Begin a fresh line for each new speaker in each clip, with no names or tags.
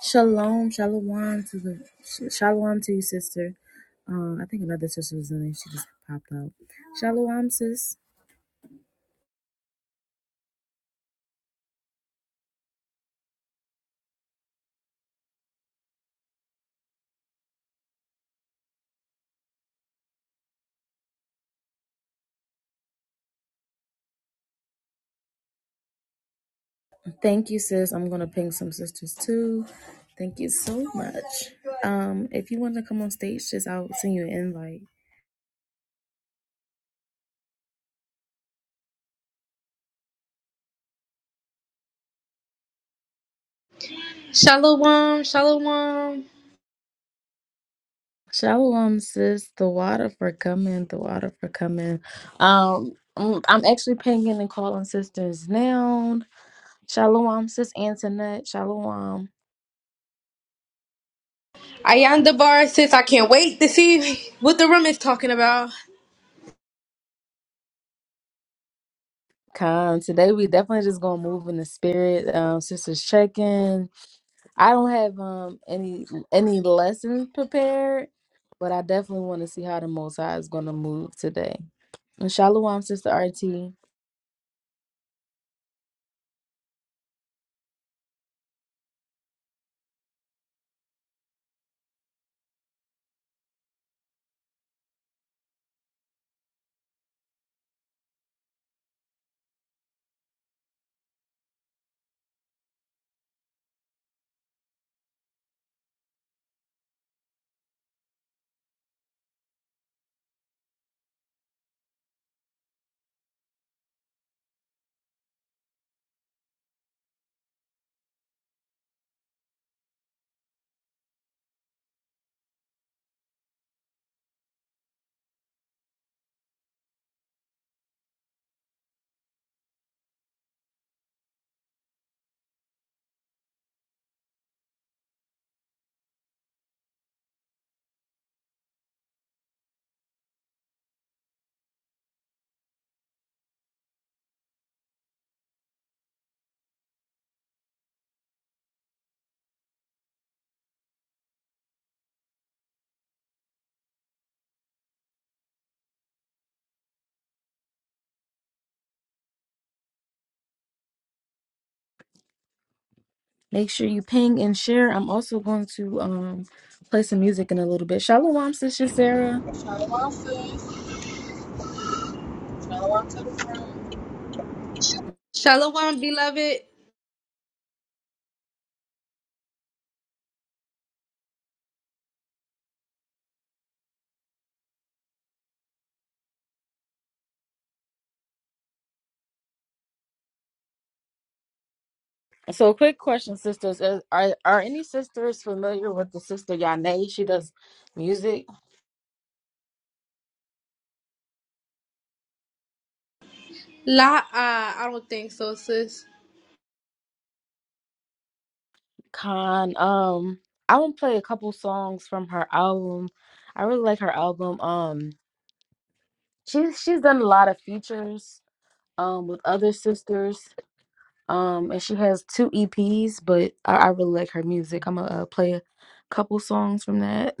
Shalom, shalom to the sh- shalom to you, sister. Uh, I think another sister was in there. She just popped out. Shalom, sis. Thank you, sis. I'm gonna ping some sisters too. Thank you so much. Um, if you want to come on stage, just I'll send you an invite.
Shalom, shalom.
Shalom, sis. The water for coming. The water for coming. Um, I'm I'm actually pinging and calling sisters now. Shalom, sis Antoinette. Shalom.
Ayandabar says, I can't wait to see what the room is talking about.
Con, today we definitely just gonna move in the spirit. Um, sisters check in. I don't have um any any lessons prepared, but I definitely want to see how the Most High is gonna move today. And Shalom, Sister RT. Make sure you ping and share. I'm also going to um play some music in a little bit. Shalom, Sister Sarah.
Shalom, sis. Shalom to the room.
Shalom, beloved.
So, quick question, sisters: Is- Are are any sisters familiar with the sister Yane? She does music.
La, uh, I don't think so, sis.
Khan. Um, I want to play a couple songs from her album. I really like her album. Um, she's she's done a lot of features um with other sisters. Um, and she has two EPs, but I, I really like her music. I'm gonna uh, play a couple songs from that.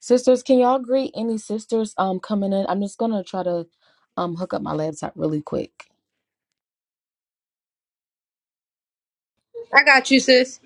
Sisters, can y'all greet any sisters um coming in? I'm just gonna try to um hook up my laptop really quick.
I got you, sis.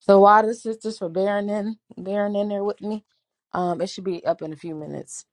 So why the sisters for bearing in bearing in there with me? Um it should be up in a few minutes.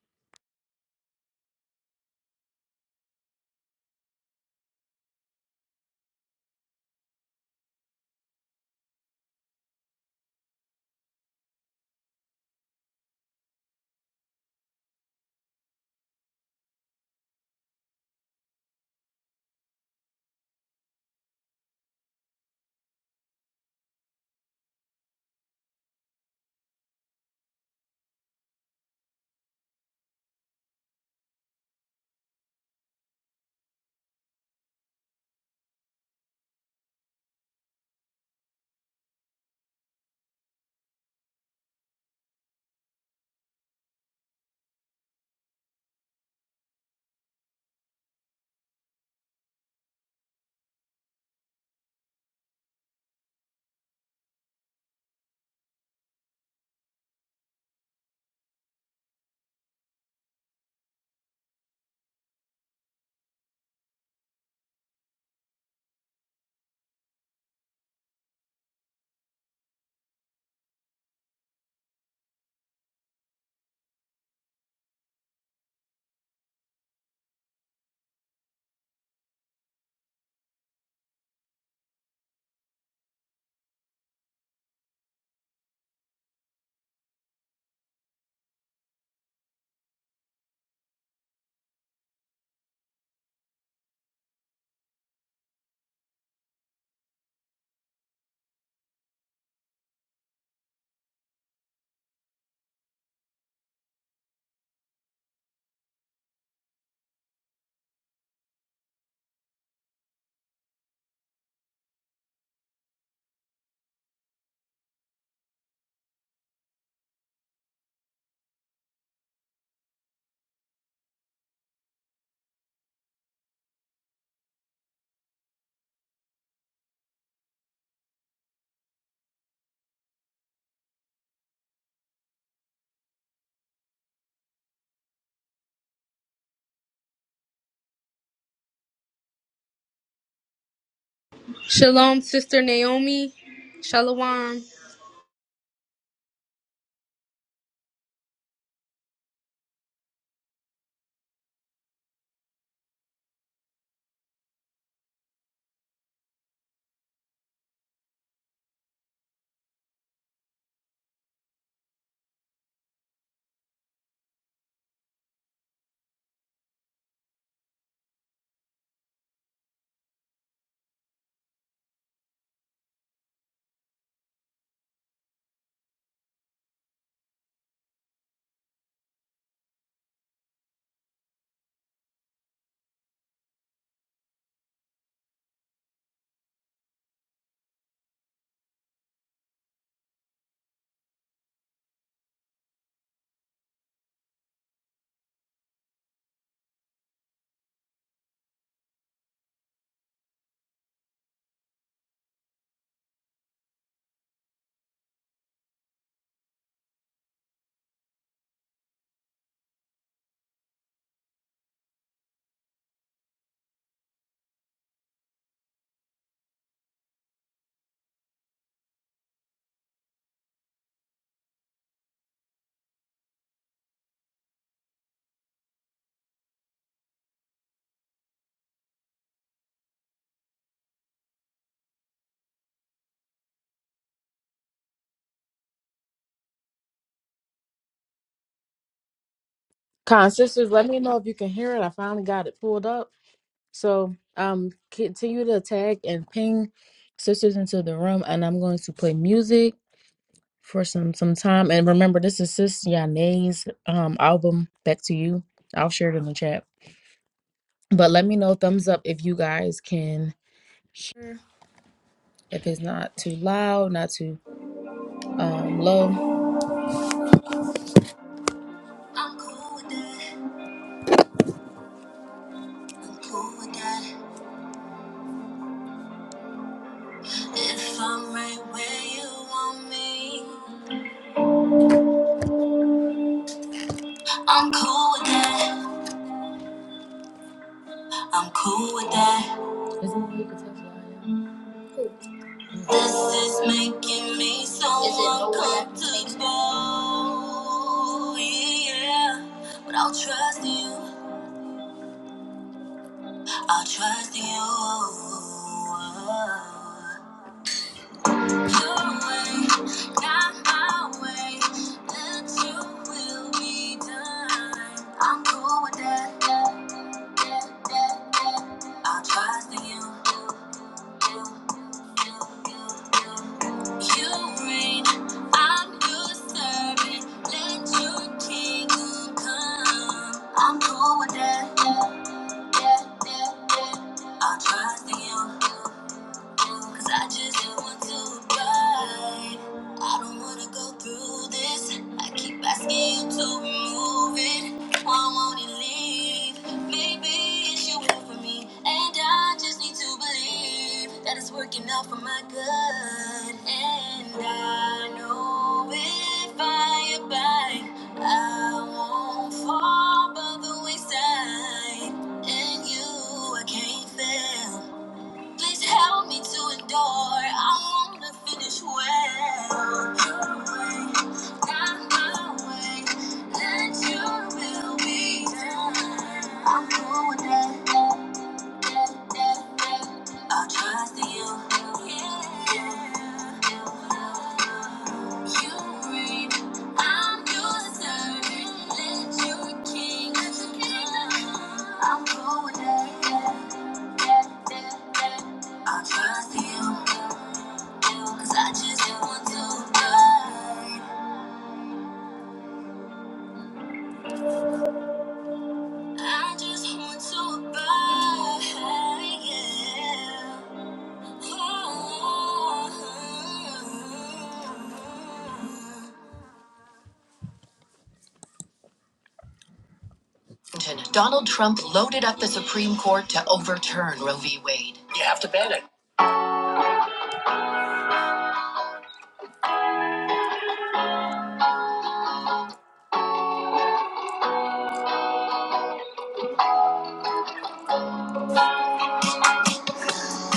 Shalom, sister Naomi. Shalom.
Con sisters, let me know if you can hear it. I finally got it pulled up. So um continue to tag and ping sisters into the room and I'm going to play music for some some time. And remember this is Sis Yane's um album Back to You. I'll share it in the chat. But let me know thumbs up if you guys can hear, if it's not too loud, not too um, low. I'm cool with that. I'm cool with that. If I'm right where you want me, I'm cool with that. I'm cool with that. Isn't it you This is making me so Is it uncomfortable. Yeah, but I'll trust you. I'll trust you. I'm cool with that. Yeah, yeah, yeah, yeah. I'll trust in you. Cause I just don't want to ride. I don't wanna go through this. I keep asking you to remove it. Why won't it leave? Maybe it's your will for me. And I just need to believe that it's working out for my good. And I know if I abide, I won't fall by the wayside. And you, I can't fail. Please help me to endure. I want to finish well. Your way, not my way. Let your will be done. I'm cool with that. I'll trust you. yeah. You I'm your servant. Let your king. I'm going there. yeah, yeah, yeah, yeah. i trust you. Cause I just want to abide. I just want to abide. Yeah. Donald Trump loaded up the Supreme Court to overturn Roe v. Wade. Yeah.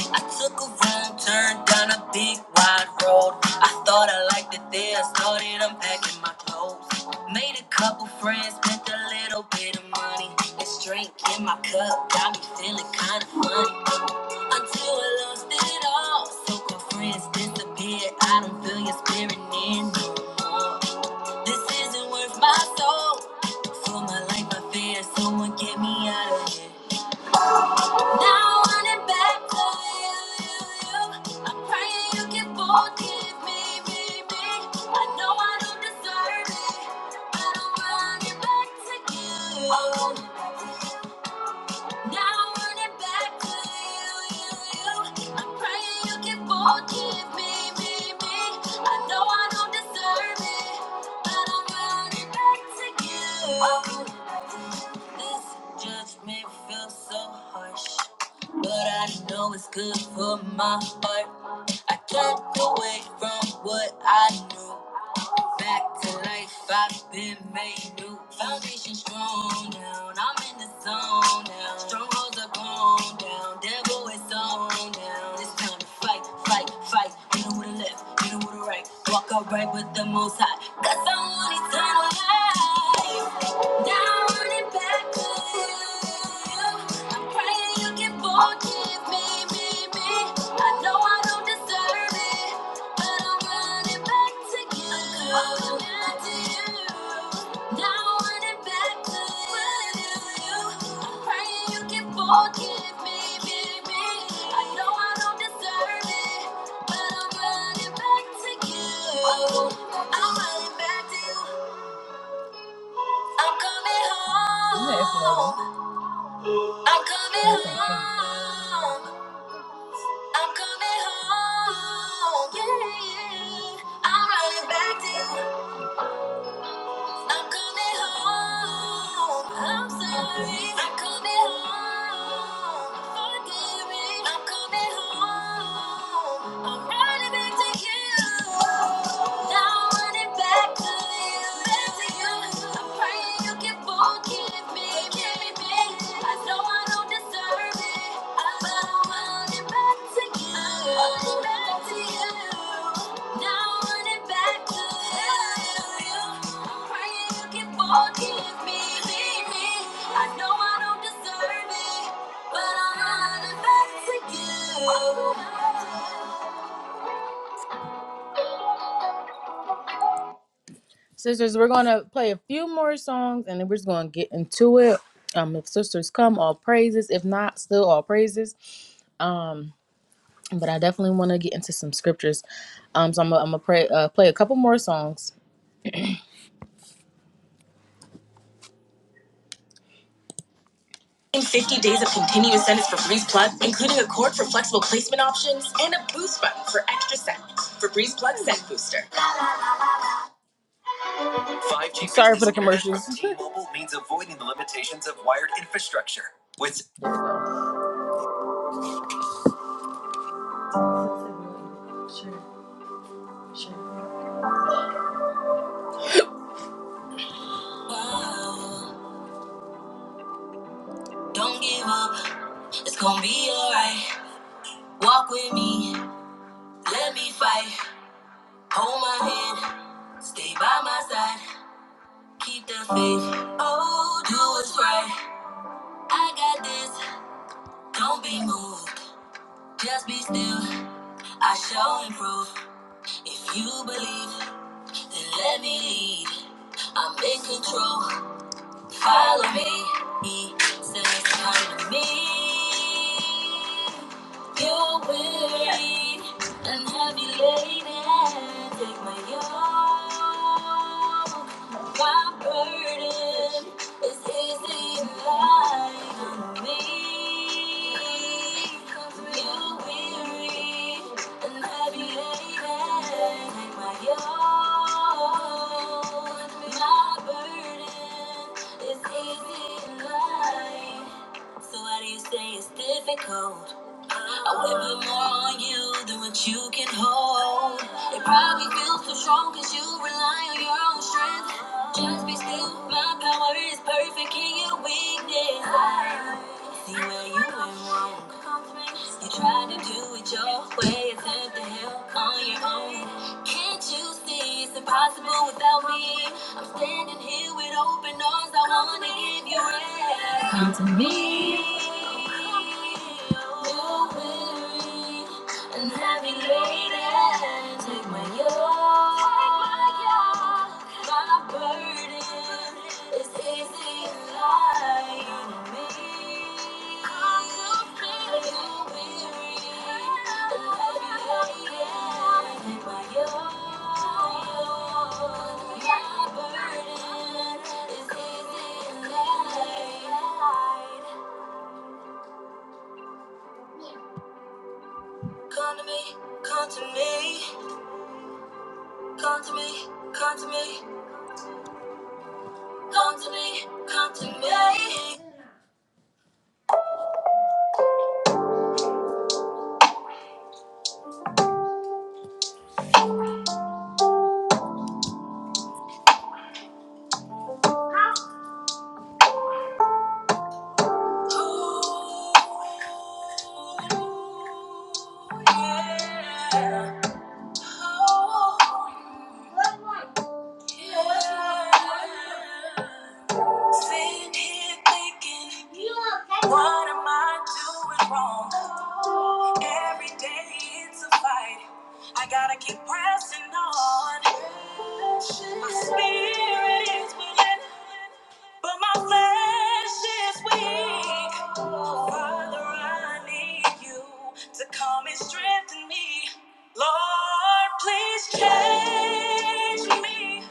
I took a wrong turn down a big wide road. I thought I liked it there. I started unpacking my clothes. Made a couple friends, spent a little bit of money. This drink in my cup got me feeling kind of funny. Until I lost it all. So my friends disappeared. I don't feel your spirit in no This isn't worth my soul. For my life, my fear someone get me out of here. Now I want it back to you, you, you. I'm praying you can forgive me, me, me. I know I don't deserve it, but I want it back to you. Oh, now I'm running back to you, you, you. I'm praying you can forgive me, me, me. I know I don't deserve it, but I'm running back to you. Oh, this judgment feels so harsh, but I know it's good for my heart. I can't away from what I knew. Back to life, I've been made new. Foundation strong down, I'm in the zone now. Strongholds are gone down, devil is on down. It's time to fight, fight, fight. Hit 'em with the left, hit 'em with the right. Walk upright with the most High, 'cause I want eternal life. Now I'm running back to you. I'm praying you can forgive me, me, me. I know I don't deserve it. I'm running back to you. I'm coming forgive me, baby. I know I don't deserve it, but I'm running back to you. I'm running back to you. I'm coming home. Yes, I'm coming Yes, I'm coming. home. I'm coming home. Yeah, yeah. I'm running back to you. I'm coming home. I'm sorry. I'm coming home. Forgive me. I'm coming home. I'm running back to you. Now I'm running back to you. Back to you. I'm praying you can forgive me. Sisters, we're gonna play a few more songs and then we're just gonna get into it. Um, if sisters come, all praises. If not, still all praises. Um, but I definitely want to get into some scriptures. Um, so I'm gonna I'm gonna pray, uh, play a couple more songs. In 50 days of continuous sentence for Breeze Plug, including a cord for flexible placement options and a boost button for extra sound for Breeze Plug Send Booster. 5G Sorry for the commercials. from T-Mobile means avoiding the limitations of wired infrastructure. With wow, don't give up, it's gonna be alright. Walk with me, let me fight. Hold my hand, stay by my side. Keep the faith. Oh, do what's right. I got this. Don't be moved. Just be still. I shall improve. If you believe, then let me lead. I'm in control. Follow me. He says, turn to me. Your weight and heavy laden, take my yoke. My burden is easy and light on me. You're weary and heavy laden, take my yoke. My burden is easy and light. So why do you say it's difficult? I would put more on you than what you can hold. It probably feels too strong because you rely on your own strength. Just be still, my power is perfect in your weakness. I see where you went wrong. You tried to do it your way, attempt to help on your own. Can't you see it's impossible without me? I'm standing here with open arms. I wanna give you it. Come to me. And heavy laden, take my yoke. Take my yoke. My burden is easy and light on me. Come completely weary and heavy laden, take my yoke. My burden is easy and light. Come to me, come to me, come to me, come to me. Come to me, come to me. Ooh, yeah. Oh, yeah. Sitting here thinking, what am I doing wrong? Every day it's a fight. I gotta keep pressing on. My spirit is willing. But my flesh is weak. Oh, Father, I need you to come and strengthen me. Lord, please change me.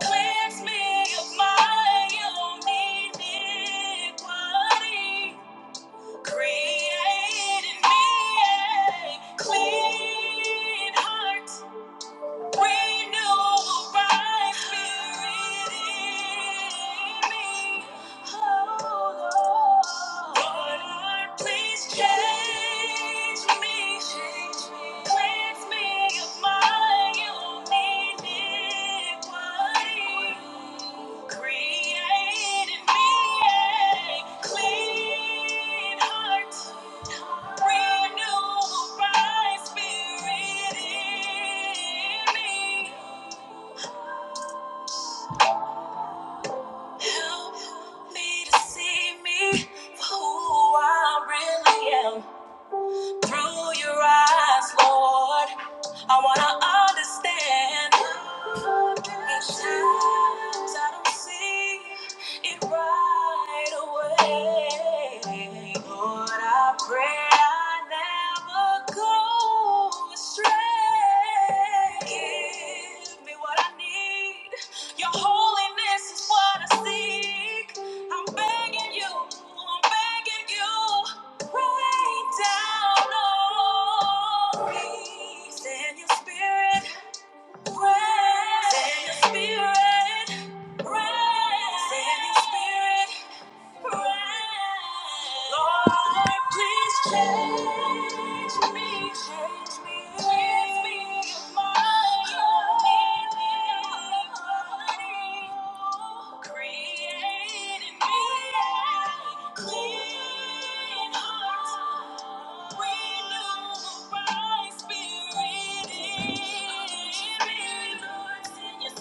Cleanse me of my own iniquity. Create in me a clean heart. Renew my spirit in me. Created me a clean heart. Renew my spirit in me. Help me to see me for who I really am. Through your eyes, Lord, I wanna understand. Each I don't see it right away. Lord, I pray I never go astray. Give me what I need. Your holiness is what I seek. I'm begging you, I'm begging you. Rain down on me. Send your spirit. Rest in your spirit. Rest in your spirit. Lord, please change me, change me, cleanse me of my iniquity. Create in me a clean heart. Renew a right spirit in me. Created me a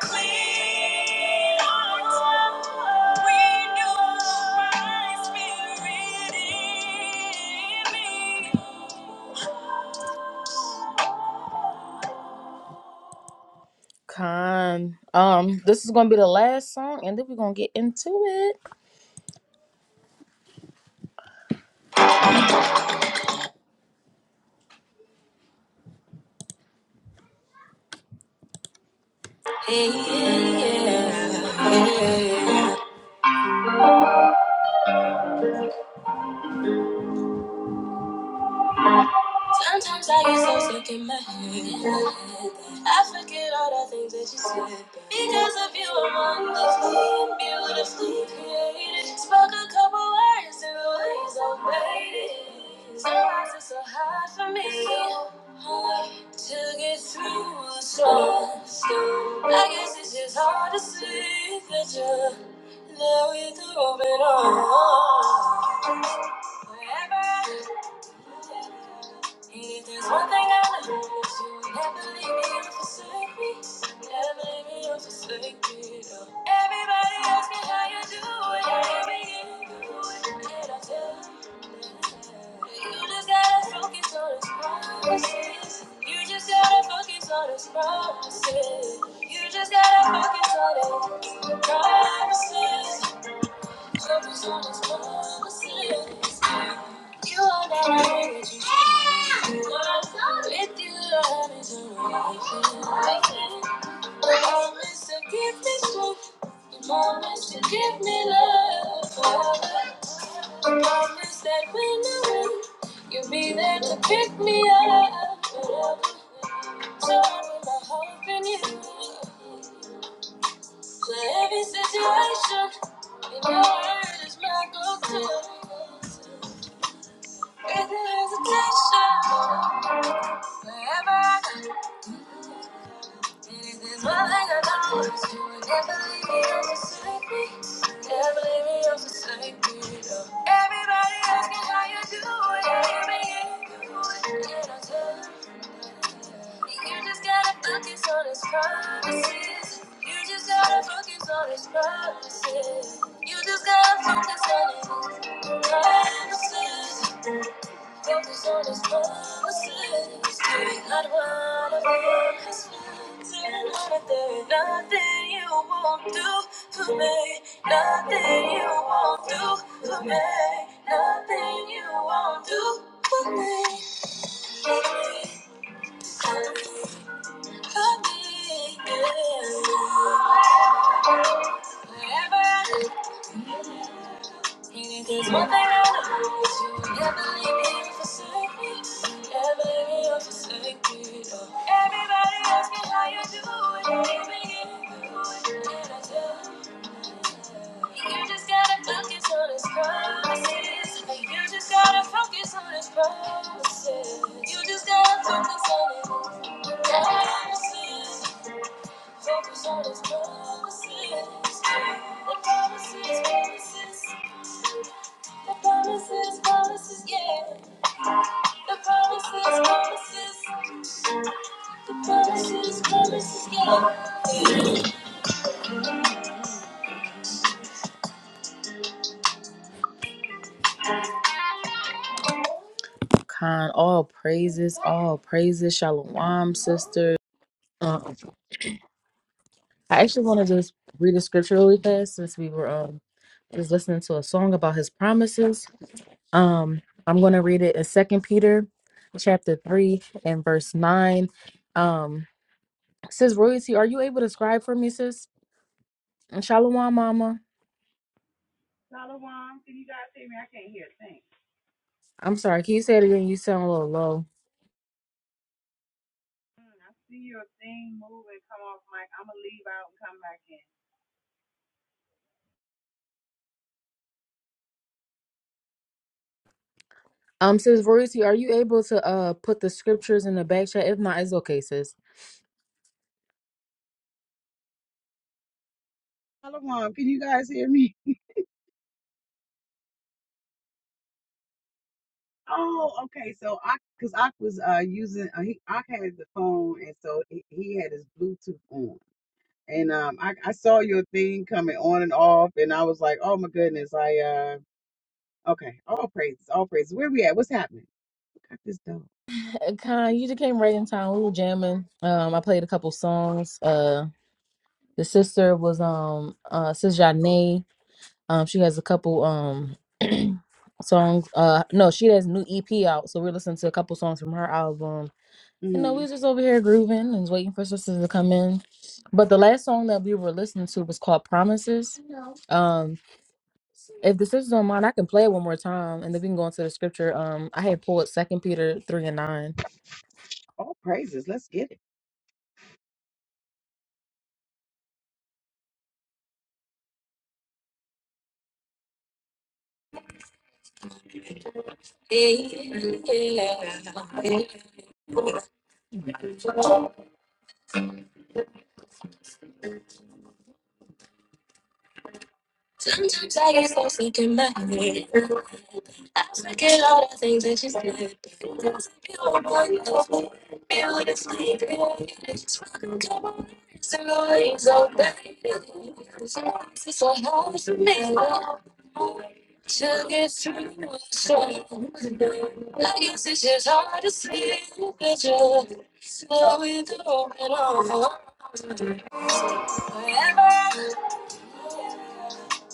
clean heart. Renew my spirit in me. Con. Um, this is gonna be the last song, and then we're gonna get into it. Sometimes I get so sick in my head. I forget all the things that you said. Because of you, I'm wonderfully and beautifully created. Spoke a couple words and the waves obeyed. waited. Sometimes it's so hard for me to get through a storm. I guess it's just hard to see that you're there with open arms. Forever. If there's one thing I know, it's you never leave me or forsake me. Never leave me or forsake me. no. Everybody ask how you do it. How you do it. And I tell them that you just gotta focus on his promises. You just gotta focus on his promises. You just gotta focus on his promises. Focus on his promises. You are that energy. With you, love is a religion. Promise to give me strength. your Promise to give me love forever. Promise that when I win, you'll be there to pick me up forever. So I put my hope in you. So every situation, in your word is my go-to. With the hesitation. Wherever I go, this is one thing I know. You will never leave me or forsake me. Never leave me or forsake me. no. Everybody asking how you do it. Yeah, man, you do it. And I tell them, you just gotta focus on his promises. You just gotta focus on his promises. You just gotta focus on his promises. Nothing you won't do for me. Nothing you won't do for me. Nothing you won't do for me. For me, yeah. Forever. There's one thing I know is you never leave me or forsake me. Never leave me or forsake me. No. Everybody asks me how you do it, how you make it, do it, and I tell them, You just gotta focus on his promises. You just gotta focus on his promises. You just gotta focus on his promises. Focus on his promises. The promises, promises. The promises, promises, yeah. The promises, promises. The promises, promises, yeah. Con, all praises, all praises. Shalom, sister. Um, I actually want to just read the scripture really fast since we were um just listening to a song about his promises. Um, I'm going to read it in Second Peter, chapter three and verse nine. Um, says royalty. Are you able to scribe for me, sis? And Shalom, mama.
Shalom, can you guys hear me? I can't hear a thing.
I'm sorry. Can you say it again? You sound a little low.
Mm, I see your thing move and come off mic. I'm gonna leave out and come back in.
Um, sis Verisi, are you able to uh put the scriptures in the back chat? If not, it's okay, sis.
Shalom, can you guys hear me? Oh, okay. So I, cause I was uh using, uh, he, I had the phone, and so he, he had his Bluetooth on, and um, I, I saw your thing coming on and off, and I was like, oh my goodness, I uh, okay, all praises, all praises. Where we at? What's happening? Look at this dog.
Uh, Kind,
Let's
you just came
see.
right in time. We were jamming. Um, I played a couple songs. Uh, the sister was um uh Sis Janae. Um, she has a couple um songs. Uh, no, she has a new EP out, so we're listening to a couple songs from her album. You know, we
Mm,
was just over here grooving and waiting for sisters to come in. But the last song that we were listening to was called Promises. If the sisters don't mind, I can play it one more time, and then we can go into the scripture. Um, I had pulled Second Peter three and nine.
all praises. Let's get it.
Sometimes I get lost thinking back. I forget all the things that you said. Because you were wonderful, beautifully created. Just welcome to my words and always obey. it's so hard for me. to get through the storm. I guess it's just hard to see the picture slowing through it all. Forever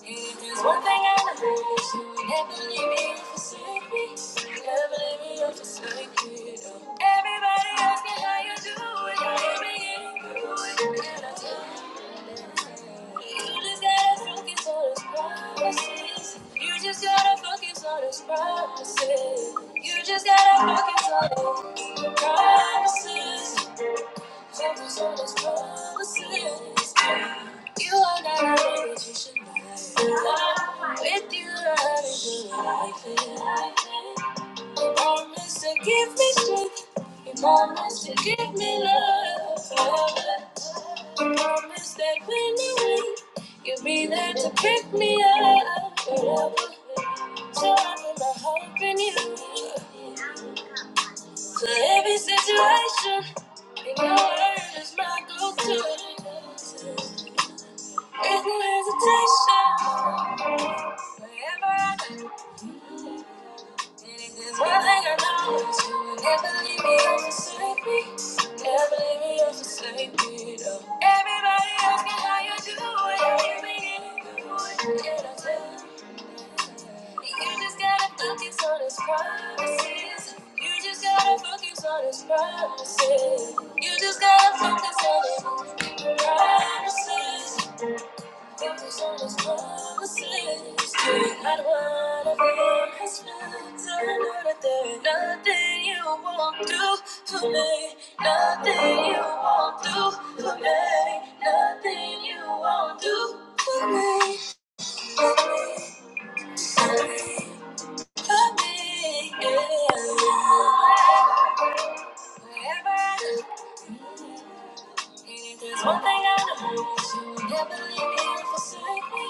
if there's one thing I know, is you would never leave me or forsake me. You Never leave me or forsake me. Everybody asking how you do it. I am you begin to do it. And I tell you, you just gotta focus on those promises. You just gotta focus on those promises. You just gotta focus on those promises. You are not alone, but you should know. With you, I feel like it. You promised to give me strength. You promised to give me love. You promised that when I wake, you'll be there to pick me up. So I put my hope in you. For every situation. My word is my go-to. There's no hesitation. Wherever I go, it is one thing I know. is you will never leave me or forsake me. Never leave me or forsake me. No. Everybody asking how you do it, how you make it do it, and I tell 'em, You just gotta focus on his promises. You just gotta focus on his promises. You just gotta focus on his promises. Nothing you won't do for me, nothing you won't do for me, nothing you won't do for me, for me, for me, yeah. Forever. And There's one thing I know is you will never leave me or forsake me.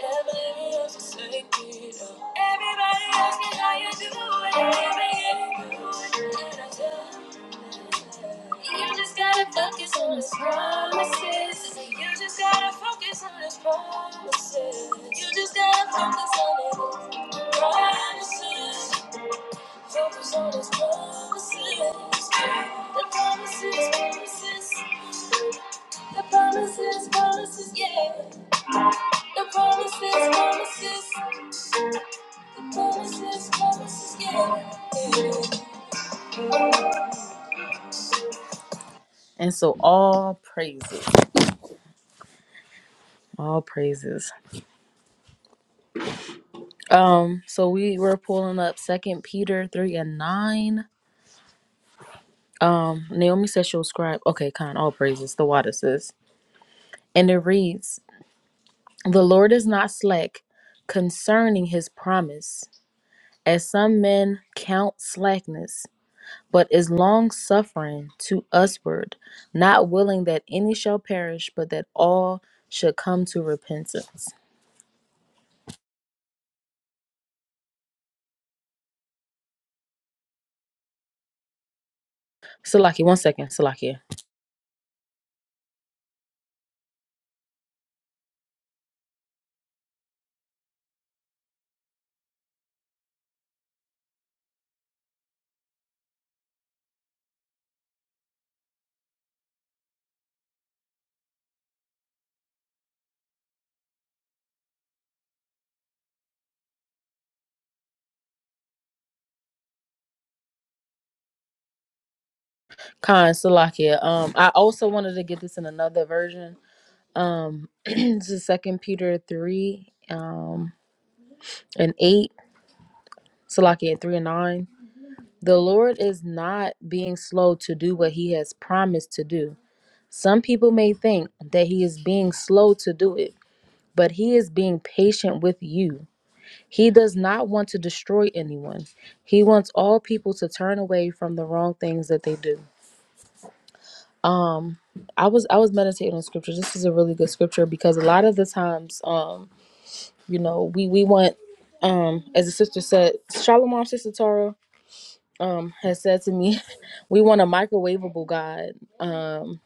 Never leave me or forsake me. No. Everybody asks me how you do it, baby. And you do it, and I tell them, you just gotta focus on his promises. You just gotta focus on his promises. You just gotta focus on his promises. Focus on his promises. The promises, promises. The promises, promises, yeah. The promises, promises. The promises, promises, yeah. yeah. And so all praises, all praises. Um, so we were pulling up Second Peter three and nine. Naomi says she'll scribe. Okay, con all praises. The water says, and it reads, "The Lord is not slack concerning His promise, as some men count slackness." but is long suffering to usward, not willing that any shall perish, but that all should come to repentance. Salaki, one second, Salakia. Khan, Salakia. Um, I also wanted to get this in another version. Um, this is Second Peter three, um, and eight. Salakia three and nine. The Lord is not being slow to do what He has promised to do. Some people may think that He is being slow to do it, but He is being patient with you He does not want to destroy anyone. He wants all people to turn away from the wrong things that they do. I was I was meditating on scripture. This is a really good scripture because a lot of the times, um, you know, we we want, um, as the sister said, Shalom, sister Tara, um, has said to me, we want a microwavable God. Um,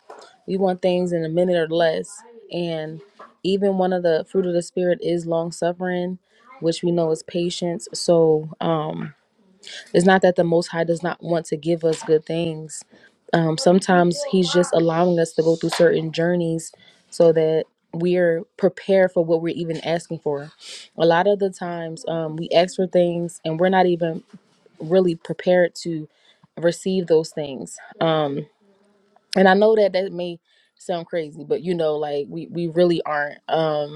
we want things in a minute or less. And even one of the fruit of the spirit is long suffering, which we know is patience. So, um It's not that the Most High does not want to give us good things. Um, sometimes He's just allowing us to go through certain journeys so that we're prepared for what we're even asking for. A lot of the times, um, we ask for things and we're not even really prepared to receive those things. Um, and I know that that may sound crazy, but you know, like we we really aren't. Um,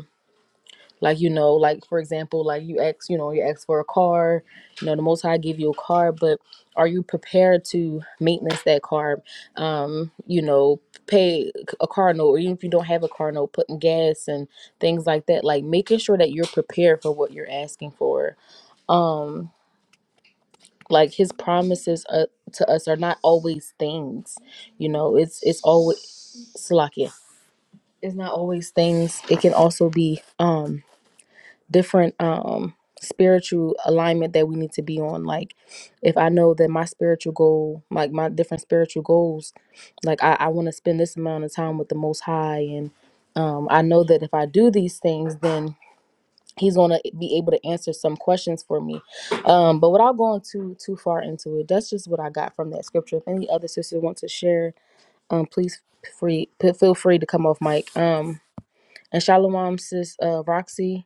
like, you know, like for example, like you ask, you know, you ask for a car, you know, the most high give you a car, but are you prepared to maintenance that car? Um, you know, pay a car note, or even if you don't have a car note, putting gas and things like that. Like making sure that you're prepared for what you're asking for. Um, like his promises uh, to us are not always things. You know, it's it's always Salakia. It's not always things. It can also be um different um spiritual alignment that we need to be on like if i know that my spiritual goal like my different spiritual goals like i, I want to spend this amount of time with the most high and um, i know that if i do these things then he's going to be able to answer some questions for me um, but without going too too far into it that's just what i got from that scripture if any other sister wants to share um, please free p- feel free to come off mic um, and shalom sis uh, roxy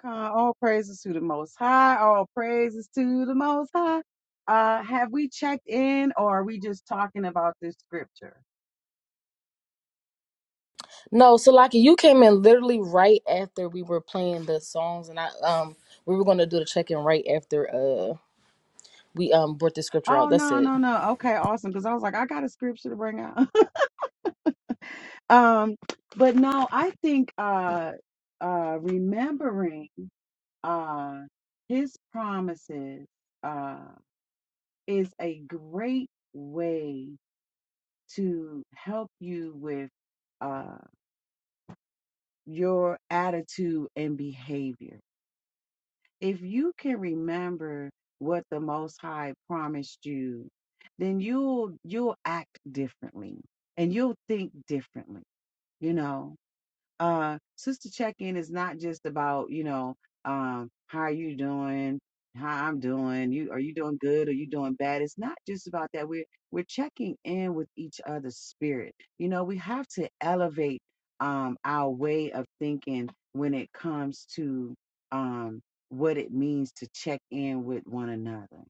Con, All praises to the Most High. All praises to the Most High. Uh, have we checked in, or are we just talking about this scripture?
No, Salaki, you came in literally right after we were playing the songs, and I um we were going to do the check in right after uh we um brought the scripture out.
Oh
That's
no,
it.
no, no. Okay, awesome. Because I was like, I got a scripture to bring out. um, but no, I think uh, uh, remembering uh His promises uh is a great way to help you with uh your attitude and behavior if you can remember what the most high promised you then you'll you'll act differently and you'll think differently you know uh sister check-in is not just about you know um how are you doing how i'm doing you are you doing good are you doing bad it's not just about that we're we're checking in with each other's spirit you know we have to elevate um our way of thinking when it comes to um what it means to check in with one another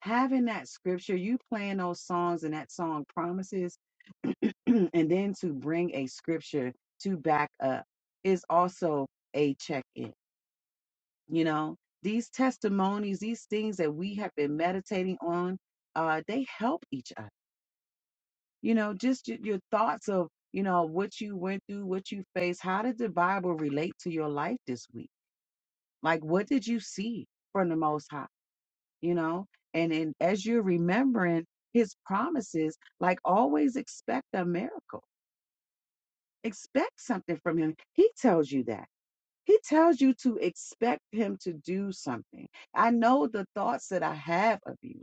having that scripture, you playing those songs and that song promises, and then to bring a scripture to back up is also a check in. You know, these testimonies, these things that we have been meditating on, uh, they help each other. You know, just your, your thoughts of, you know, what you went through, what you faced. How did the Bible relate to your life this week? Like, what did you see from the Most High? you know and and as you're remembering his promises like always expect a miracle expect something from him he tells you that he tells you to expect him to do something i know the thoughts that i have of you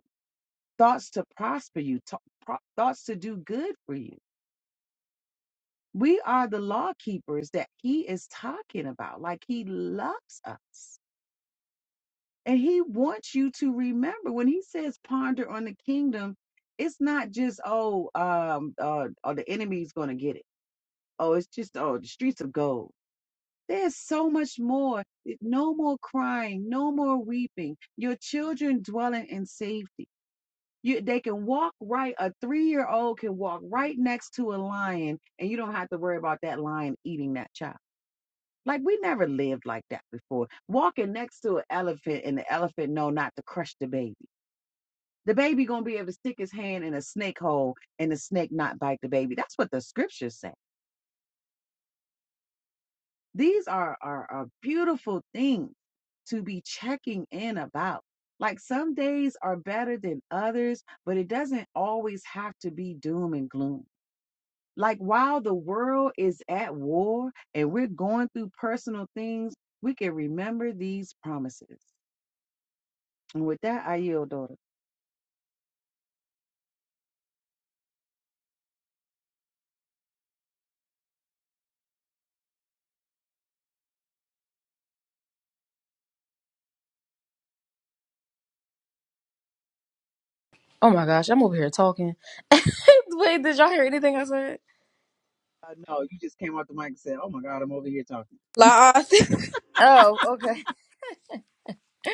thoughts to prosper you to- pro- thoughts to do good for you we are the law keepers that he is talking about like he loves us And he wants you to remember when he says ponder on the kingdom, it's not just, oh, um, uh, oh, the enemy's going to get it. Oh, it's just, oh, the streets of gold. There's so much more. It- No more crying, no more weeping. Your children dwelling in safety. You, they can walk right, a three year old can walk right next to a lion, and you don't have to worry about that lion eating that child. Like, we never lived like that before. Walking next to an elephant, and the elephant know not to crush the baby the baby gonna be able to stick his hand in a snake hole and the snake not bite the baby. That's what the scriptures say. These are are, are beautiful things to be checking in about. Like some days are better than others, but it doesn't always have to be doom and gloom. Like while the world is at war and we're going through personal things, we can remember these promises. And with that, I yield, daughter.
Oh my gosh, I'm over here talking. Wait, did y'all hear anything I said?
No, you just came on.
La,
Oh, okay.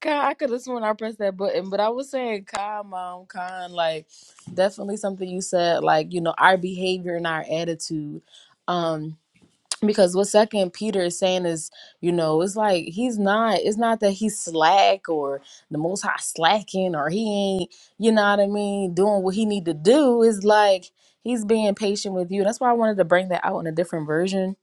God, I could have sworn I pressed that button, but I was saying, Khan, mom, Khan, like definitely something you said, like you know our behavior and our attitude. Um, because what second peter is saying is you know it's like he's not it's not that he's slack or the most high slacking or he ain't you know what i mean doing what he need to do is like he's being patient with you that's why i wanted to bring that out in a different version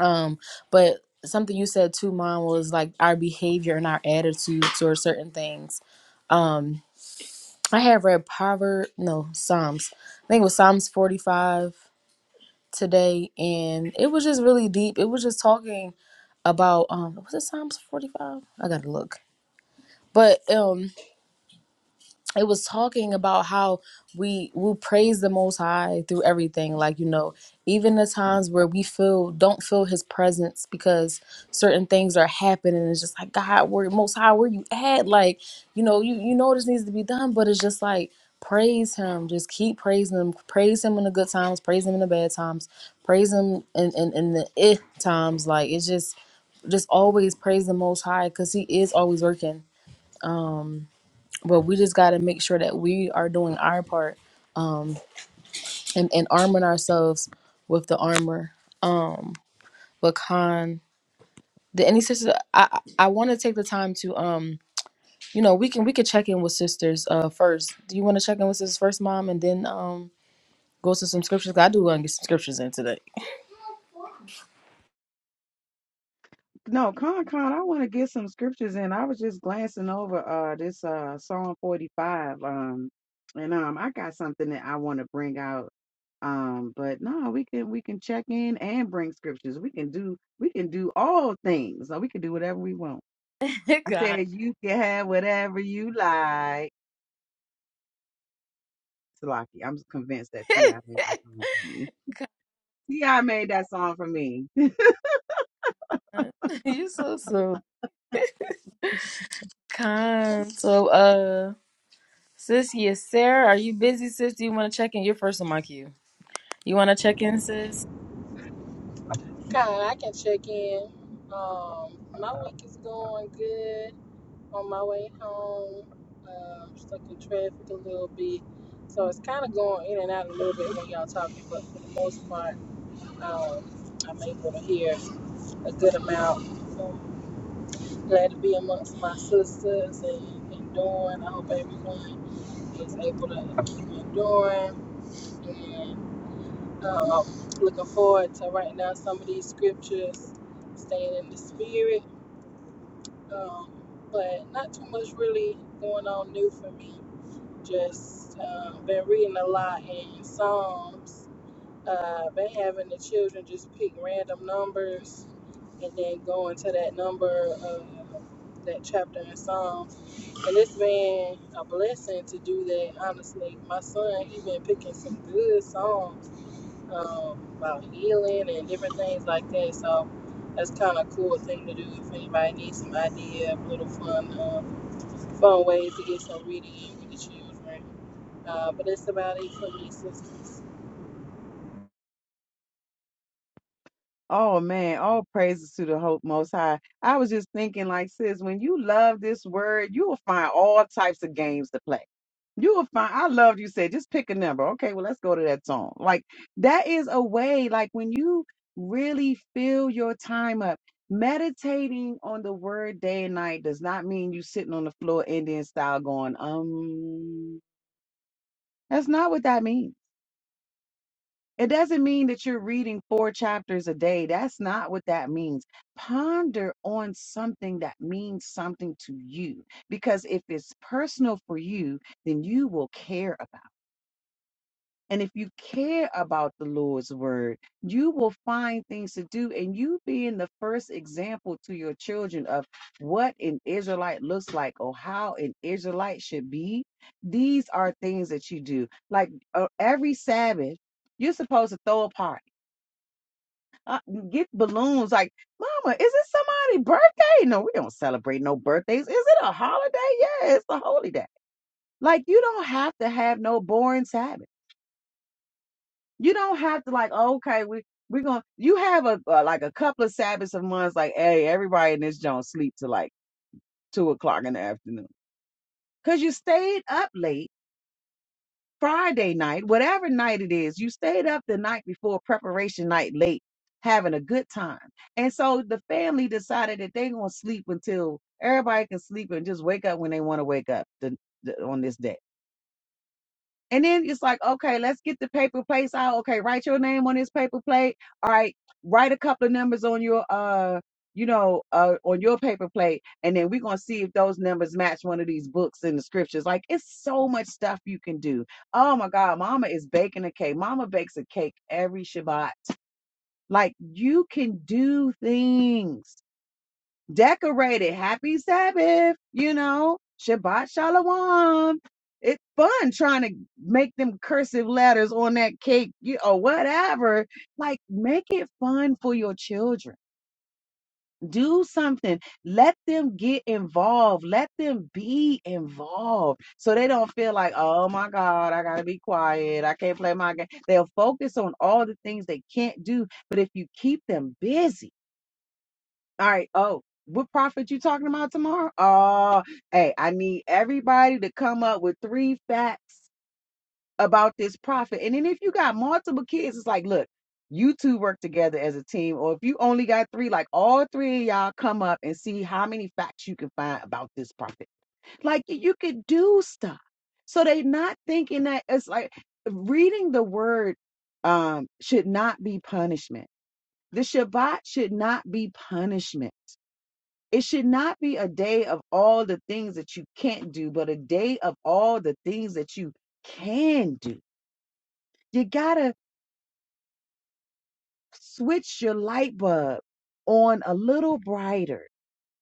um but something you said too mom was like our behavior and our attitude towards certain things um i have read proverb no psalms i think it was psalms 45 today and it was just really deep it was just talking about um was it Psalms 45? I gotta look. But um it was talking about how we we praise the most high through everything like you know even the times where we feel don't feel his presence because certain things are happening it's just like god where most high where you at like you know you you know this needs to be done but it's just like praise him just keep praising him praise him in the good times praise him in the bad times praise him in in, in the eh times like it's just just always praise the most high because he is always working but we just got to make sure that we are doing our part and, and arming ourselves with the armor um but con the any sisters i i I want to take the time to um you know we can we could check in with sisters uh first do you want to check in with sisters first mom and then um go to some scriptures 'Cause i do want to get some scriptures in today
No, Con Con, I want to get some scriptures in. I was just glancing over uh this uh Psalm 45. Um and um I got something that I want to bring out. Um, but no, we can we can check in and bring scriptures. We can do we can do all things. So we can do whatever we want. I
god
said you can have whatever you like. Salaki, I'm convinced that T.I. made that song for me. T.I. made that song for me.
you so so kind so uh sis yes sarah are you busy sis do you want to check in you're first on my queue you want to check in sis
God, I can check in. Um, my week is going good. On my way home, um, stuck in traffic a little bit, so it's kind of going in and out a little bit when y'all talking. But for the most part, um, I'm able to hear a good amount. So glad to be amongst my sisters and enduring. I hope everyone is able to keep enduring. and Um, looking forward to writing down some of these scriptures, staying in the spirit, um, but not too much really going on new for me. Just uh, been reading a lot in Psalms. Uh, been having the children just pick random numbers and then go into that number of that chapter in Psalms. And it's been a blessing to do that. Honestly, my son he been picking some good songs um, about healing and different things like that. So that's kind of a cool thing to do if anybody needs some idea, of little fun, uh, fun ways to get some reading in with the children. Uh, but that's about it for me, sisters.
Oh man, all praises to the Hope Most High. I was just thinking, like, sis, when you love this word, you will find all types of games to play. You will find, I loved you said, just pick a number. Okay, well, let's go to that song. Like, that is a way, like, when you really fill your time up, meditating on the word day and night does not mean you sitting on the floor Indian style going, um, that's not what that means. It doesn't mean that you're reading four chapters a day. That's not what that means. Ponder on something that means something to you. Because if it's personal for you, then you will care about it. And if you care about the Lord's word, you will find things to do. And you being the first example to your children of what an Israelite looks like or how an Israelite should be, these are things that you do. Like uh, every Sabbath, you're supposed to throw a party uh, get balloons. Like, Mama, is it somebody's birthday? No, we don't celebrate no birthdays. Is it a holiday? Yeah, it's a holy day. Like, you don't have to have no boring Sabbath. You don't have to like, okay, we we're gonna. You have a uh, like a couple of Sabbaths a month. Like, hey, everybody in this joint sleep till like two o'clock in the afternoon because you stayed up late Friday night, whatever night it is, you stayed up the night before preparation night late, having a good time. And so the family decided that they're going to sleep until everybody can sleep and just wake up when they want to wake up the, the, on this day. And then it's like, okay, let's get the paper plates out. Okay, write your name on this paper plate. All right, write a couple of numbers on your uh, you know, uh on your paper plate, and then we're gonna see if those numbers match one of these books in the scriptures. Like it's so much stuff you can do. Oh my god, mama is baking a cake. Mama bakes a cake every Shabbat. Like you can do things decorated. Happy Sabbath, you know, Shabbat Shalom. It's fun trying to make them cursive letters on that cake you, or whatever. Like, make it fun for your children. Do something. Let them get involved. Let them be involved so they don't feel like, oh my God, I got to be quiet. I can't play my game. They'll focus on all the things they can't do. But if you keep them busy, all right. Oh, what prophet you talking about tomorrow? Oh, hey, I need everybody to come up with three facts about this prophet. And then if you got multiple kids, it's like, look, you two work together as a team. Or if you only got three, like all three of y'all come up and see how many facts you can find about this prophet. Like y- you could do stuff. So they not thinking that it's like reading the word um should not be punishment. The Shabbat should not be punishment it should not be a day of all the things that you can't do, but a day of all the things that you can do. You got to switch your light bulb on a little brighter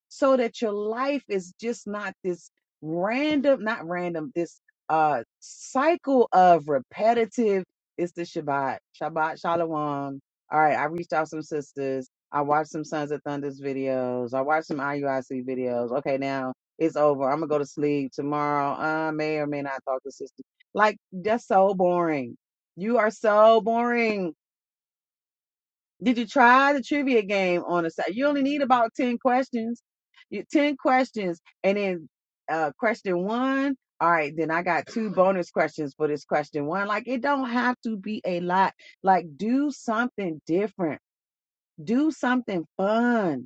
so that your life is just not this random, not random, this uh cycle of repetitive. It's the Shabbat, Shabbat Shalom. All right, I reached out some sisters. I watched some Sons of Thunders videos. I watched some IUIC videos. Okay, now it's over. I'm gonna go to sleep tomorrow. I may or may not talk to sisters. Like that's so boring. You are so boring. Did you try the trivia game on a side? You only need about 10 questions. You, 10 questions. And then uh, question one. All right, then I got two bonus questions for this question one. Like, it don't have to be a lot. Like, do something different, do something fun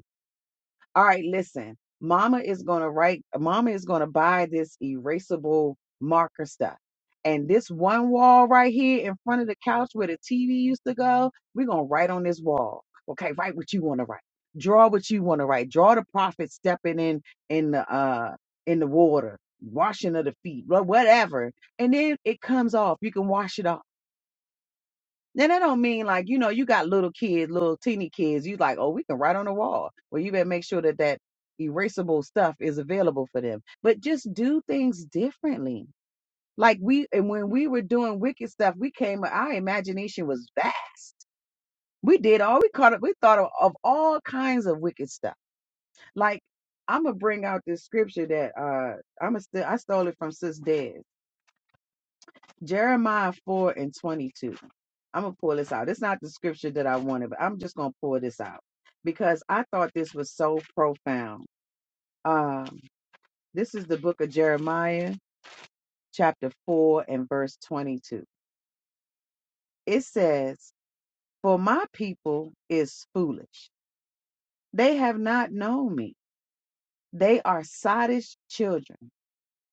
all right, listen, mama is going to write, mama is going to buy this erasable marker stuff. And this one wall right here in front of the couch where the TV used to go, we're going to write on this wall. Okay, write what you want to write. Draw what you want to write. Draw the prophet stepping in in the uh in the water, washing of the feet, wha- whatever. And then it comes off. You can wash it off then that don't mean like, you know, you got little kids, little teeny kids. You like, oh, we can write on the wall. Well, you better make sure that that erasable stuff is available for them. But just do things differently. Like we, and when we were doing wicked stuff, we came, our imagination was vast. We did all we caught up. We thought of, of all kinds of wicked stuff. Like I'm gonna bring out this scripture that uh I'm gonna st- I stole it from Sis Des. Jeremiah 4 and 22. I'm going to pull this out. It's not the scripture that I wanted, but I'm just going to pull this out because I thought this was so profound. Um, this is the book of Jeremiah, chapter 4 and verse 22. It says, For my people is foolish. They have not known me. They are sottish children,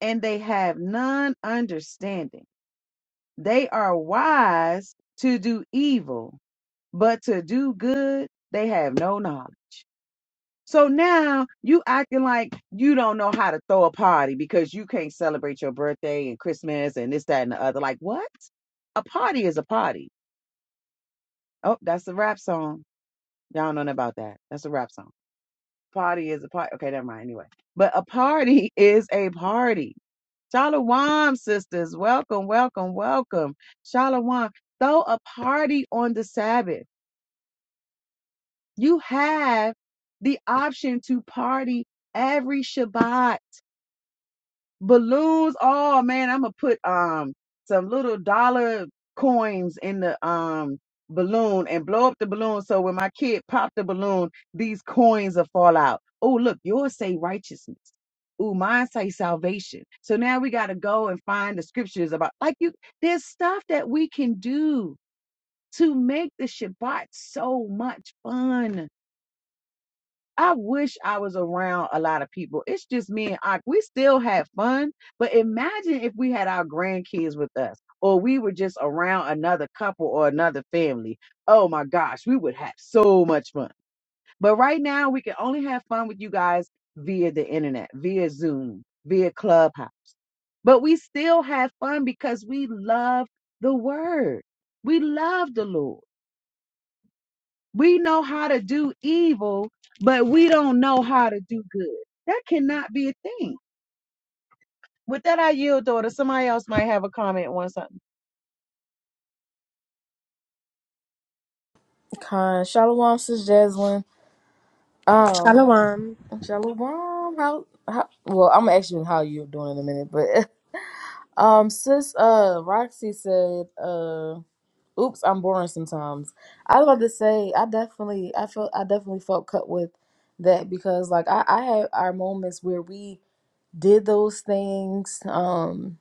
and they have none understanding. They are wise to do evil but to do good they have no knowledge. So now you acting like you don't know how to throw a party because you can't celebrate your birthday and Christmas and this, that, and the other. Like what? A party is a party. Oh, that's a rap song. Y'all don't know nothing about that. That's a rap song. Party is a party. Okay, never mind. Anyway, but a party is a party. Shalom, sisters. Welcome, welcome, welcome. Shalom. Throw a party on the Sabbath. You have the option to party every Shabbat. Balloons. Oh man, I'm gonna put um some little dollar coins in the um balloon and blow up the balloon so when my kid pop the balloon, these coins will fall out. Oh, look, yours say righteousness. Ooh, mine say salvation. So now we gotta go and find the scriptures about like you there's stuff that we can do to make the Shabbat so much fun I wish I was around a lot of people. It's just me and I. We still had fun, but imagine if we had our grandkids with us, or we were just around another couple or another family. Oh my gosh, we would have so much fun. But right now, we can only have fun with you guys via the internet, via Zoom, via Clubhouse. But we still have fun because we love the word. We love the Lord. We know how to do evil, but we don't know how to do good. That cannot be a thing. With that, I yield, daughter. Somebody else might have a comment on something.
Con Shalom, sis Jaslyn. Um,
Shalom.
Shalom, how, how? Well, I'm gonna ask you how you're doing in a minute, but um, sis, uh, Roxy said, uh, oops, I'm boring sometimes. I was about to say, I definitely, I felt, I definitely felt cut with that because, like, I, I had our moments where we did those things, um,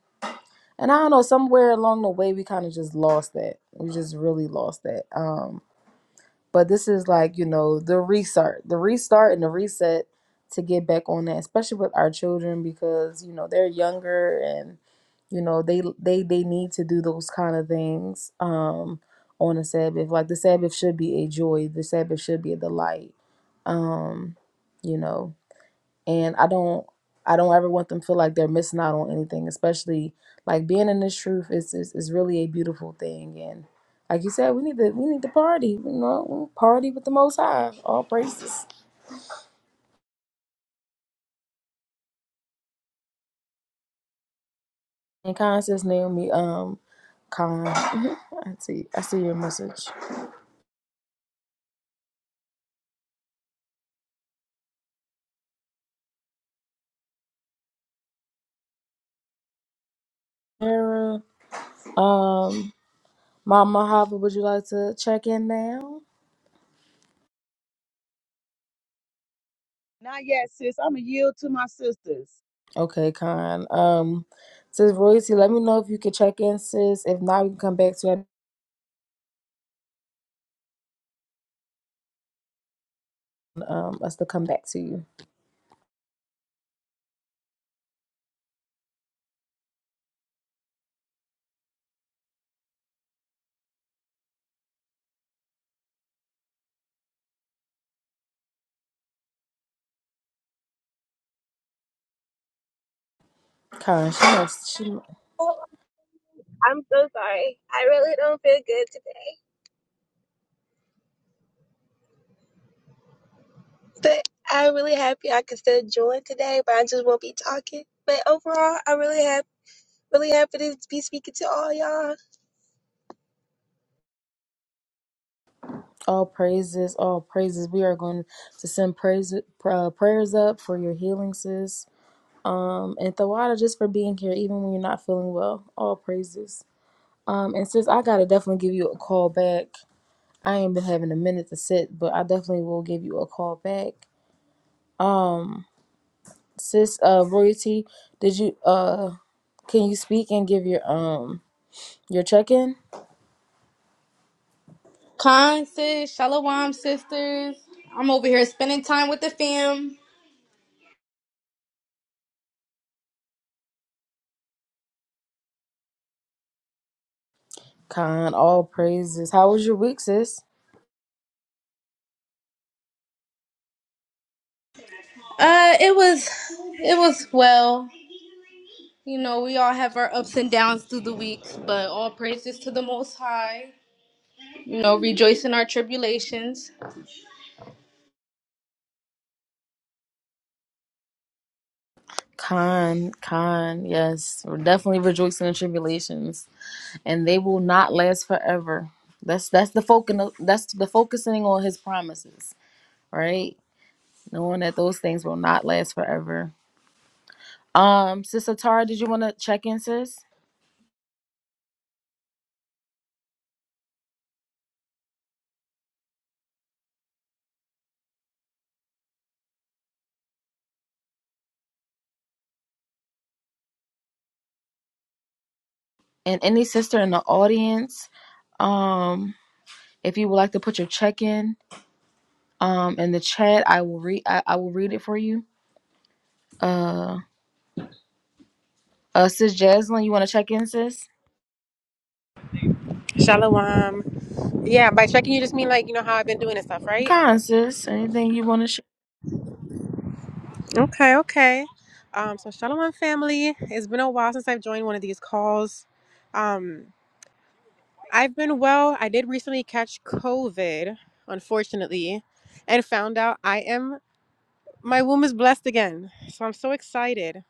and I don't know, somewhere along the way, we kind of just lost that. We just really lost that. um, but this is like you know the restart the restart and the reset to get back on that especially with our children because you know they're younger and you know they they they need to do those kind of things um on a sabbath like the sabbath should be a joy the sabbath should be a delight um you know and I don't I don't ever want them to feel like they're missing out on anything, especially like being in this truth is is, is really a beautiful thing and like you said, we need to we need to party, you know, we party with the most high. All praises. And Khan says Naomi, um, Khan I see I see your message. Sarah, um, Mama Hava, would you like to check in now?
Not yet, sis. I'm going to yield to my sisters.
Okay, Khan. Um says Royce, let me know if you can check in, sis. If not, we can come back to you. um us to come back to you. Khan, she must. She
Oh, I'm so sorry. I really don't feel good today. But I'm really happy I could still join today, but I just won't be talking. But overall, I'm really happy, really happy to be speaking to all y'all.
all praises, all praises. We are going to send praise, uh, prayers up for your healing, sis, um, and Thawada just for being here, even when you're not feeling well. All praises. Um, and sis, I gotta definitely give you a call back. I ain't been having a minute to sit, but I definitely will give you a call back, sis. Uh, royalty, did you uh, can you speak and give your um your check in?
Khan sis. Shalom, sisters. I'm over here spending time with the fam.
Khan, all praises. How was your week, sis?
Uh, it was, it was well. You know, we all have our ups and downs through the weeks, but all praises to the Most High. You know, rejoice in our tribulations.
Con, con, yes, We're definitely rejoicing in tribulations, and they will not last forever. That's that's the focus. That's the focusing on His promises, right? Knowing that those things will not last forever. Um, Sister Tara, did you want to check in, sis? And any sister in the audience, um, if you would like to put your check in, um, in the chat, I will read. I, I will read it for you. Uh, uh, Sis Jaslyn, you want to check in, sis?
Shalom. Yeah, by checking you just mean like, you know, how I've been doing and stuff, right?
Con, sis, anything you want to
Okay, okay. Um, so Shalom family. It's been a while since I've joined one of these calls. Um, I've been well. I did recently catch COVID, unfortunately, and found out I am my womb is blessed again. So I'm so excited.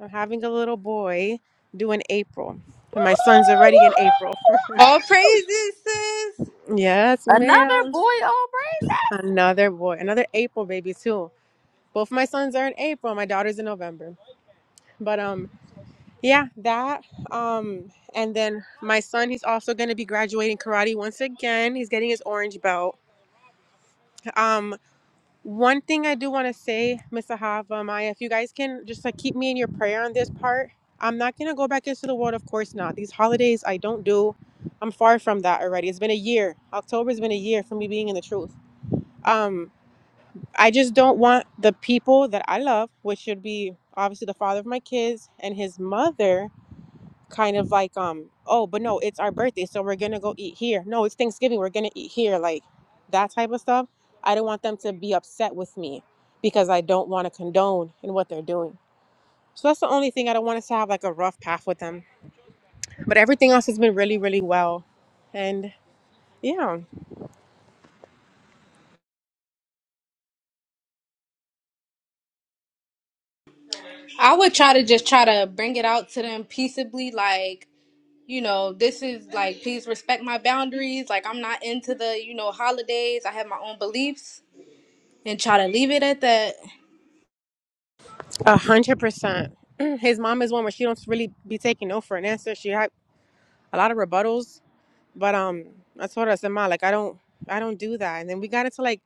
I'm having a little boy due in April. And my son's
Woohoo!
already in April.
Woohoo!
All praises, sis.
Yes, ma'am. Another boy, another April baby too. both my sons are in April, my daughter's in November. But um yeah, that um and then my son he's also going to be graduating karate once again. He's getting his orange belt. Um one thing I do want to say, Miss Ahava, Maya, if you guys can just like keep me in your prayer on this part. I'm not going to go back into the world, of course not. These holidays I don't do. I'm far from that already. It's been a year. October's been a year for me being in the truth. Um. I just don't want the people that I love, which should be obviously the father of my kids and his mother, kind of like, um, oh, but no, it's our birthday, so we're gonna go eat here. No, it's Thanksgiving, we're gonna eat here, like that type of stuff. I don't want them to be upset with me because I don't want to condone in what they're doing. So that's the only thing I don't want us to have like a rough path with them. But everything else has been really, really well. And yeah,
I would try to just try to bring it out to them peaceably, like, you know, this is like, please respect my boundaries. Like, I'm not into the, you know, holidays. I have my own beliefs and try to leave it at that.
a hundred percent. His mom is one where she don't really be taking no for an answer. She had. a lot of rebuttals. But um, I told her, I said, Ma, like I don't, I don't do that. And then we got into like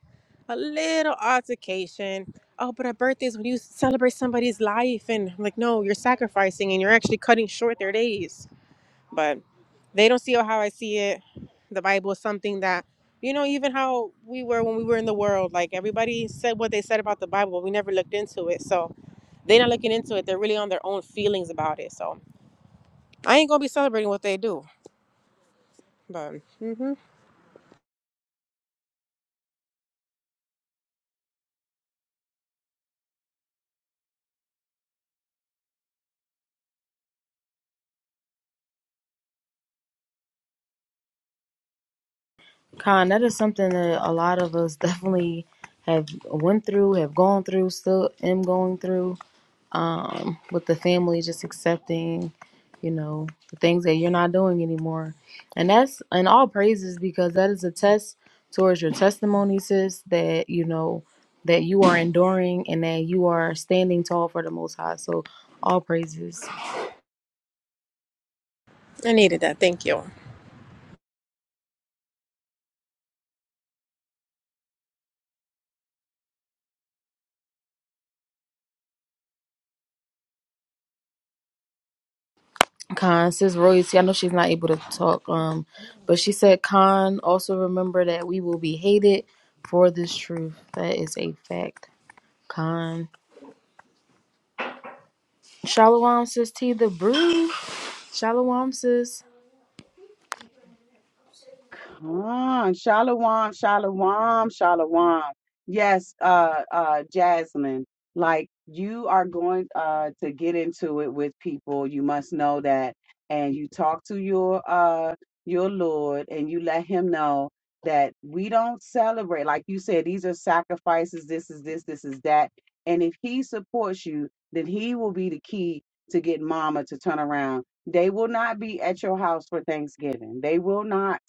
a little altercation. Oh, but a birthday's when you celebrate somebody's life, and I'm like, no, you're sacrificing, and you're actually cutting short their days. But they don't see it how I see it. The Bible is something that, you know, even how we were when we were in the world. Like everybody said what they said about the Bible, but we never looked into it. So they're not looking into it. They're really on their own feelings about it. So I ain't gonna be celebrating what they do. But mhm.
Con, that is something that a lot of us definitely have went through, have gone through, still am going through. Um, with the family just accepting, you know, the things that you're not doing anymore. And that's and all praises because that is a test towards your testimony, sis, that you know that you are enduring and that you are standing tall for the most high. So all praises.
I needed that. Thank you.
Khan, Sis Royce, I know she's not able to talk, um, but she said, Khan, also remember that we will be hated for this truth. That is a fact. Khan. Shalom, Sis T, the brew. Shalom, Sis.
Ah, Shalom, shalom, shalom. Yes, uh, uh, Jasmine, like you are going uh to get into it with people. You must know that, and you talk to your uh your Lord, and you let Him know that we don't celebrate. Like you said, these are sacrifices. This is this. This is that. And if He supports you, then He will be the key to get Mama to turn around. They will not be at your house for Thanksgiving. They will not.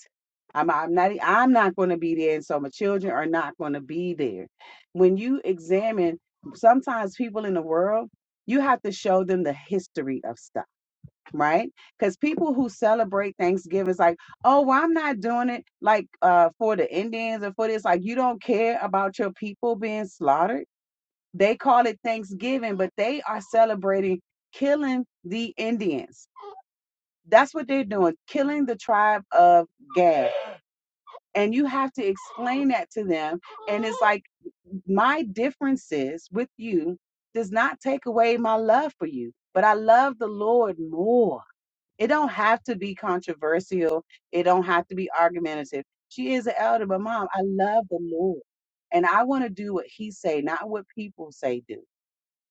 I'm, I'm not I'm not going to be there, and so my children are not going to be there. When you examine, sometimes people in the world, you have to show them the history of stuff, right? Because people who celebrate Thanksgiving is like, oh, well, I'm not doing it like uh, for the Indians or for this. Like, you don't care about your people being slaughtered. They call it Thanksgiving, but they are celebrating killing the Indians. That's what they're doing, killing the tribe of Gad and you have to explain that to them and it's like my differences with you does not take away my love for you but i love the lord more it don't have to be controversial it don't have to be argumentative she is an elder but mom i love the lord and i want to do what he say not what people say do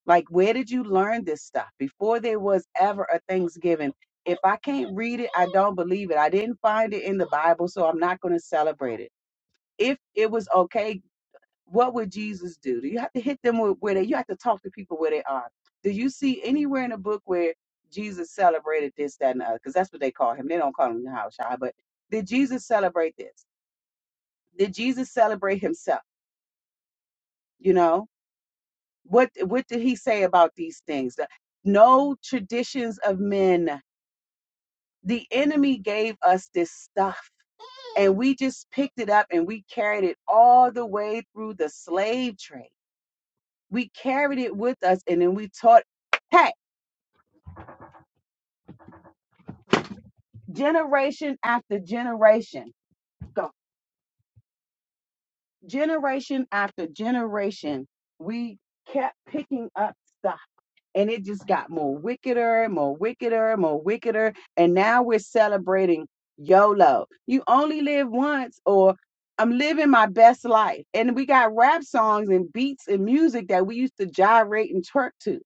like where did you learn this stuff before there was ever a thanksgiving if i can't read it i don't believe it i didn't find it in the bible so i'm not going to celebrate it if it was okay, what would Jesus do? Do you have to hit them with where they? You have to talk to people where they are. Do you see anywhere in the book where Jesus celebrated this, that, and the other? Because that's what they call him. They don't call him the house shy. but did Jesus celebrate this? Did Jesus celebrate himself? You know what? What did he say about these things? The- No traditions of men. The enemy gave us this stuff, and we just picked it up and we carried it all the way through the slave trade We carried it with us and then we taught Hey, generation after generation. Go generation after generation. We kept picking up stuff and it just got more wickeder, more wickeder, more wickeder. And now we're celebrating YOLO. You only live once or I'm living my best life. And we got rap songs and beats and music that we used to gyrate and twerk to.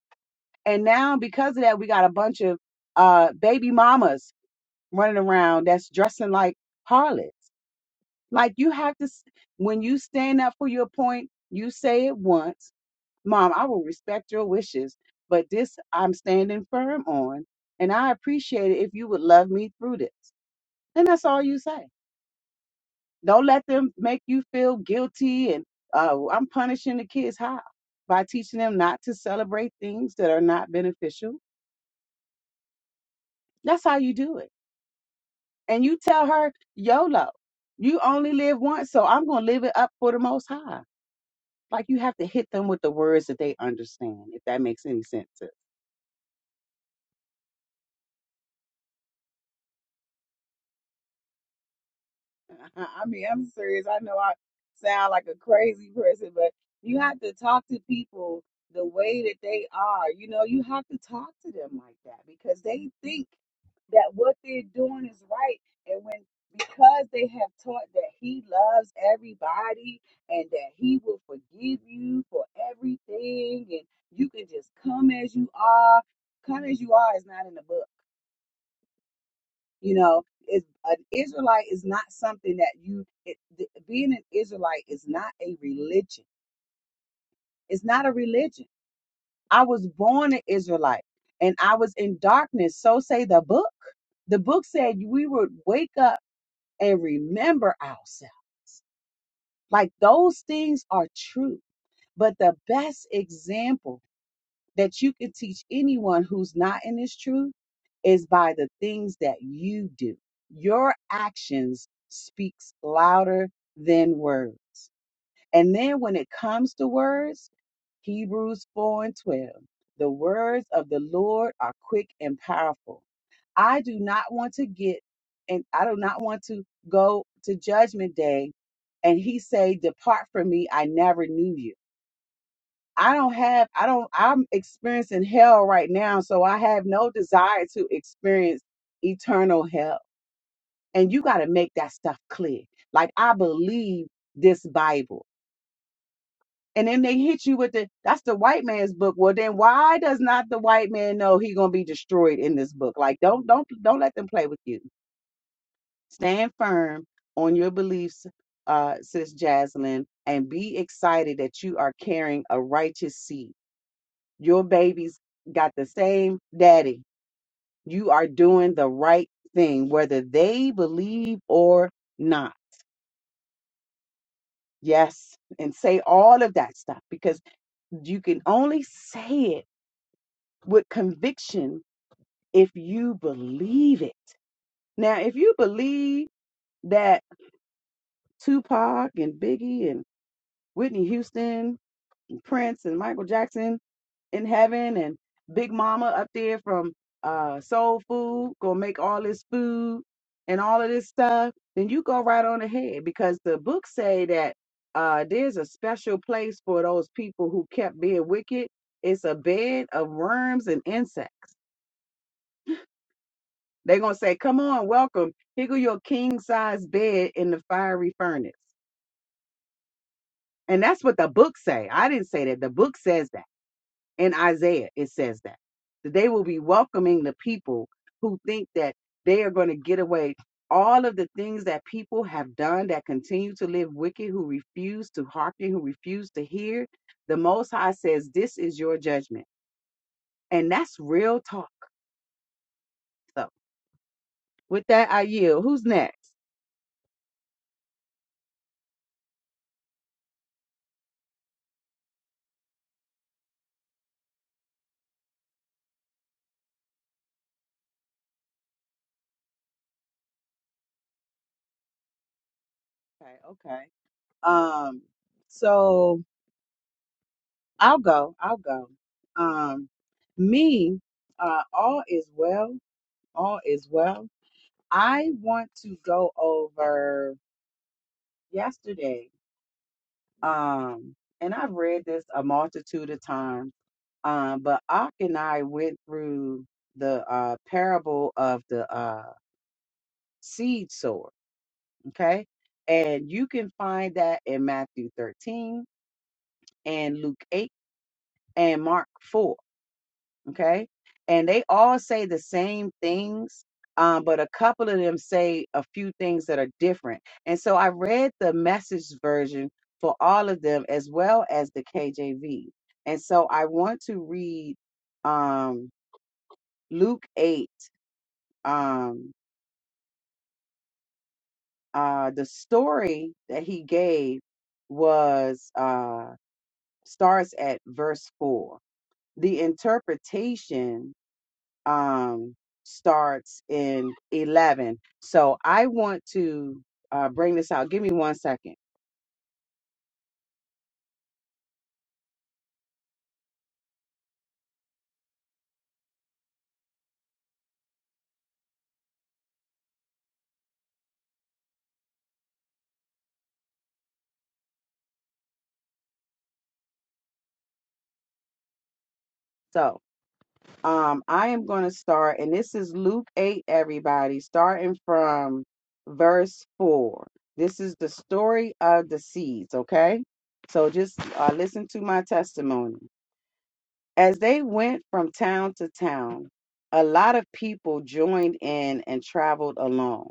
And now because of that, we got a bunch of uh baby mamas running around that's dressing like harlots. Like you have to, s- when you stand up for your point, you say it once, Mom, I will respect your wishes, but this I'm standing firm on, and I appreciate it if you would love me through this. And that's all you say. Don't let them make you feel guilty and uh, I'm punishing the kids. How? By teaching them not to celebrate things that are not beneficial. That's how you do it. and you tell her, YOLO, you only live once, so I'm going to live it up for the most high. Like you have to hit them with the words that they understand, if that makes any sense. I mean, I'm serious. I know I sound like a crazy person, but you have to talk to people the way that they are. You know, you have to talk to them like that because they think that what they're doing is right. And when, because they have taught that he loves everybody and that he will forgive you for everything and you can just come as you are, come as you are is not in the book. You know, it's, an Israelite is not something that you, it, th- being an Israelite is not a religion. It's not a religion. I was born an Israelite and I was in darkness. So say the book. The book said we would wake up and remember ourselves. Like those things are true. But the best example that you could teach anyone who's not in this truth is by the things that you do. Your actions speaks louder than words. And then when it comes to words, Hebrews 4 and 12, the words of the Lord are quick and powerful. I do not want to get and I do not want to go to judgment day and he say depart from me I never knew you. I don't have, I don't, I'm experiencing hell right now. So I have no desire to experience eternal hell. And you got to make that stuff clear. Like, I believe this Bible. And then they hit you with the, that's the white man's book. Well, then why does not the white man know he going to be destroyed in this book? Like, don't, don't, don't let them play with you. Stand firm on your beliefs, uh, sis Jaslyn, and be excited that you are carrying a righteous seed Your babies got the same daddy. You are doing the right thing, whether they believe or not. Yes. And say all of that stuff because you can only say it with conviction if you believe it. Now, if you believe that Tupac and Biggie and Whitney Houston and Prince and Michael Jackson in heaven and Big Mama up there from uh Soul Food gonna make all this food and all of this stuff, then you go right on ahead because the books say that uh there's a special place for those people who kept being wicked. It's a bed of worms and insects. They're gonna say, Come on, welcome. Here go your king size bed in the fiery furnace. And that's what the book say. I didn't say that. The book says that. In Isaiah, it says that. That they will be welcoming the people who think that they are going to get away all of the things that people have done that continue to live wicked, who refuse to hearken, who refuse to hear. The Most High says, This is your judgment. And that's real talk. So, with that, I yield. Who's next? Okay, okay. Um, so I'll go. I'll go. Um, me, uh, all is well. All is well. I want to go over yesterday, um, and I've read this a multitude of times, um, but Ak and I went through the uh, parable of the uh, seed sower, okay? And you can find that in Matthew 13 and Luke 8 and Mark 4. okay and they all say the same things um, but a couple of them say a few things that are different and so i read the message version for all of them as well as the kjv and so i want to read um, luke 8 um, uh, the story that he gave was uh, starts at verse 4 the interpretation um, starts in 11. So I want to uh, bring this out. Give me one second. So um, I am going to start, and this is Luke 8, everybody, starting from verse 4. This is the story of the seeds, okay? So just uh, listen to my testimony. As they went from town to town, a lot of people joined in and traveled along.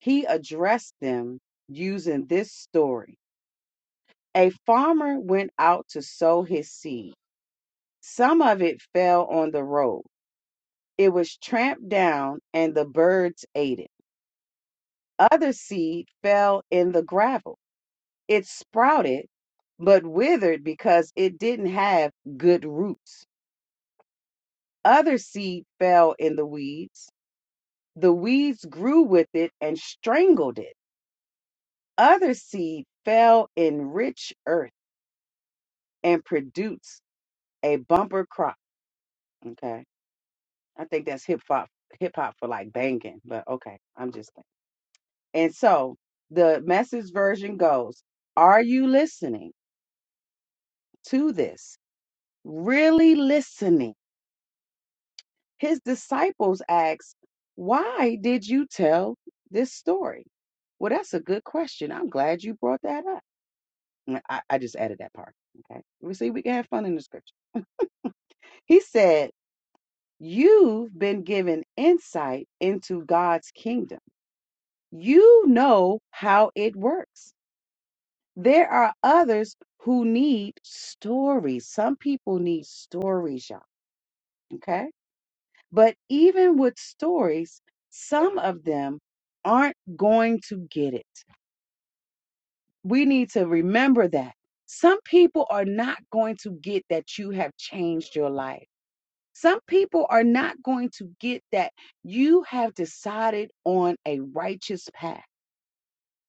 He addressed them using this story. A farmer went out to sow his seed. Some of it fell on the road. It was tramped down and the birds ate it. Other seed fell in the gravel. It sprouted, but withered because it didn't have good roots. Other seed fell in the weeds. The weeds grew with it and strangled it. Other seed fell in rich earth and produced a bumper crop. Okay I think that's hip hop hip hop for like banging, but okay, I'm just thinking. And so the message version goes, Are you listening to this? Really listening? His disciples asked, Why did you tell this story? Well, that's a good question. I'm glad you brought that up. And I, I just added that part. Okay. We see we can have fun in the scripture. He said, You've been given insight into God's kingdom You know how it works. There are others who need stories. Some people need stories, y'all. Okay. But even with stories, some of them aren't going to get it. We need to remember that. Some people are not going to get that you have changed your life. Some people are not going to get that you have decided on a righteous path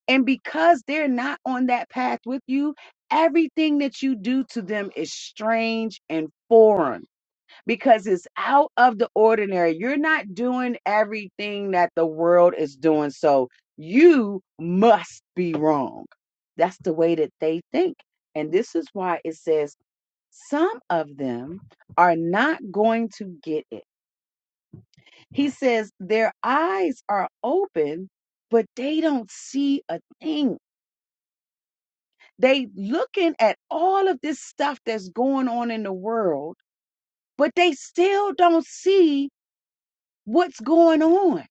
And because they're not on that path with you, everything that you do to them is strange and foreign because it's out of the ordinary. You're not doing everything that the world is doing. So you must be wrong. That's the way that they think. And this is why it says some of them are not going to get it. He says their eyes are open, but they don't see a thing They looking at all of this stuff that's going on in the world, but they still don't see what's going on.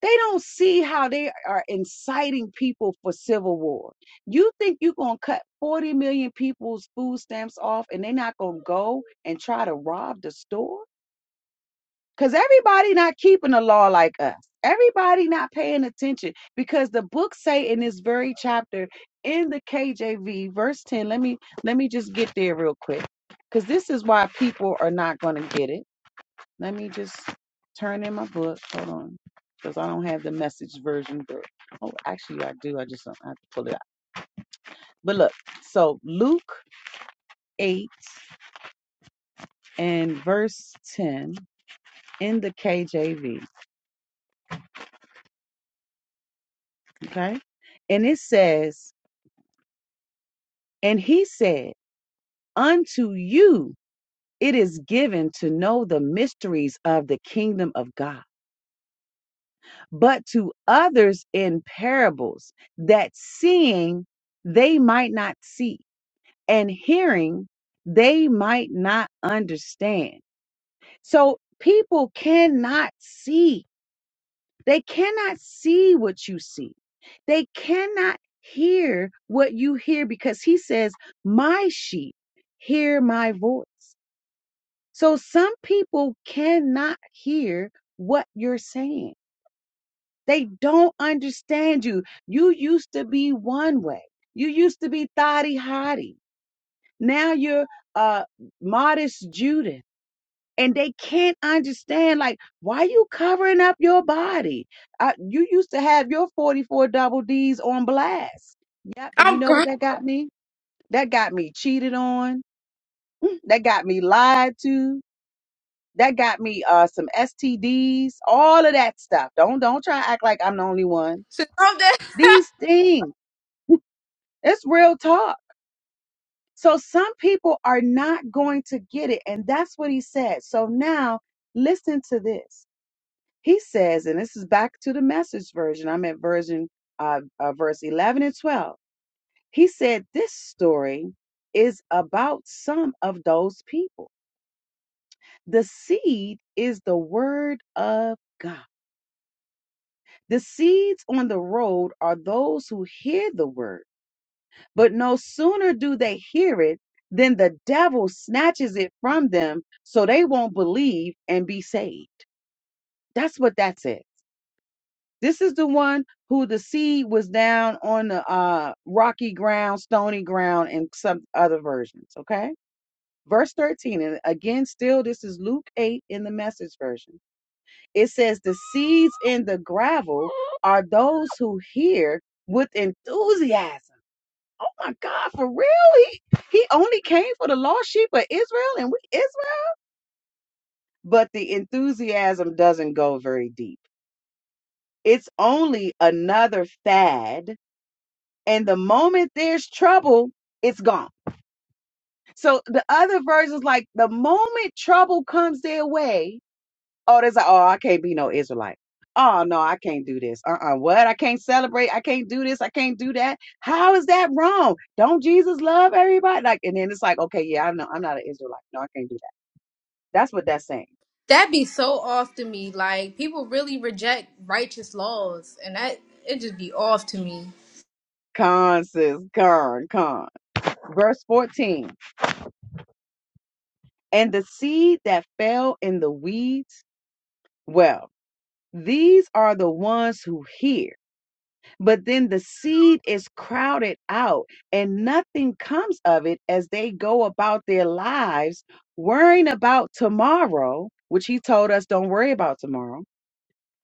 They don't see how they are inciting people for civil war. You think you're going to cut 40 million people's food stamps off and they're not going to go and try to rob the store? Because everybody not keeping the law like us. Everybody not paying attention because the book say in this very chapter in the KJV verse 10. Let me let me just get there real quick. Cuz this is why people are not going to get it. Let me just turn in my book. Hold on. Cuz I don't have the message version book. Oh, actually I do. I just don't I have to pull it out. But look. So Luke 8 and verse 10 in the KJV, okay? And it says And he said, Unto you it is given to know the mysteries of the kingdom of God, but to others in parables, that seeing they might not see, and hearing they might not understand. So people cannot see. They cannot see what you see. They cannot hear what you hear because he says, My sheep hear my voice So some people cannot hear what you're saying. They don't understand you. You used to be one way. You used to be thotty hotty. Now you're uh modest Judith. And they can't understand, like, why you covering up your body? Uh, you used to have your 44 double D's on blast. Yep. And you
I'm
know what
crying.
that got me? That got me cheated on. That got me lied to. That got me uh some STDs, all of that stuff. Don't don't try to act like I'm the only one.
Sis, calm down.
These things, it's real talk. So some people are not going to get it, and that's what he said. So now listen to this. He says, and this is back to the message version. I'm at version uh, uh verse 11 and 12. He said, "This story is about some of those people. The seed is the word of God." The seeds on the road are those who hear the word, but no sooner do they hear it than the devil snatches it from them so they won't believe and be saved. That's what that says. This is the one who the seed was down on the uh, rocky ground, stony ground, and some other versions. Okay. Verse 13, and again, still, this is Luke 8 in the message version. It says, The seeds in the gravel are those who hear with enthusiasm. Oh my God, for real? He, he only came for the lost sheep of Israel and we Israel. But the enthusiasm doesn't go very deep. It's only another fad. And the moment there's trouble, it's gone. So the other versions, like the moment trouble comes their way, Oh, that's like, oh, I can't be no Israelite. Oh no, I can't do this. Uh-uh. What? I can't celebrate. I can't do this. I can't do that. How is that wrong? Don't Jesus love everybody? Like, and then it's like, okay, yeah, I know I'm not an Israelite. No, I can't do that. That's what that's saying.
That be so off to me. Like, people really reject righteous laws, and that, it just be off to me.
Con sis, con, con. Verse 14. And the seed that fell in the weeds, well, these are the ones who hear But then the seed is crowded out and nothing comes of it as they go about their lives worrying about tomorrow, which he told us don't worry about tomorrow,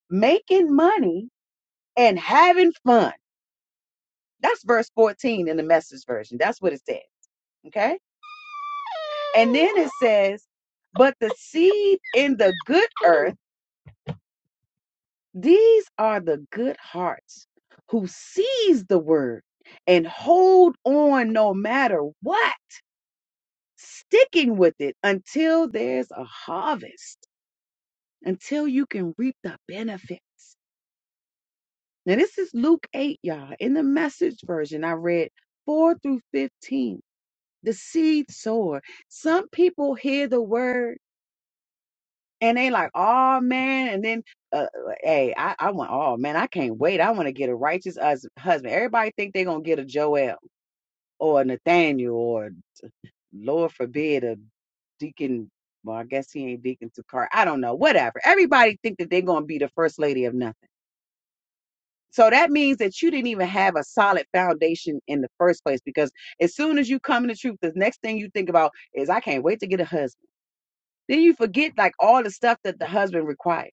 making money and having fun. That's verse 14 in the message version. That's what it said. Okay. And then it says, but the seed in the good earth, these are the good hearts who seize the word and hold on no matter what sticking with it until there's a harvest, until you can reap the benefits. Now, this is Luke 8, y'all. In the message version, I read 4 through 15. The seed sower. Some people hear the word and they like, oh man. And then, uh, uh, hey, I, I want, oh man, I can't wait. I want to get a righteous hus- husband. Everybody think they're going to get a Joel or a Nathaniel or Lord forbid a deacon well, I guess he ain't deacon to car. I don't know. Whatever. Everybody think that they're gonna be the first lady of nothing. So that means that you didn't even have a solid foundation in the first place because as soon as you come in the truth, the next thing you think about is I can't wait to get a husband. Then you forget like all the stuff that the husband requires.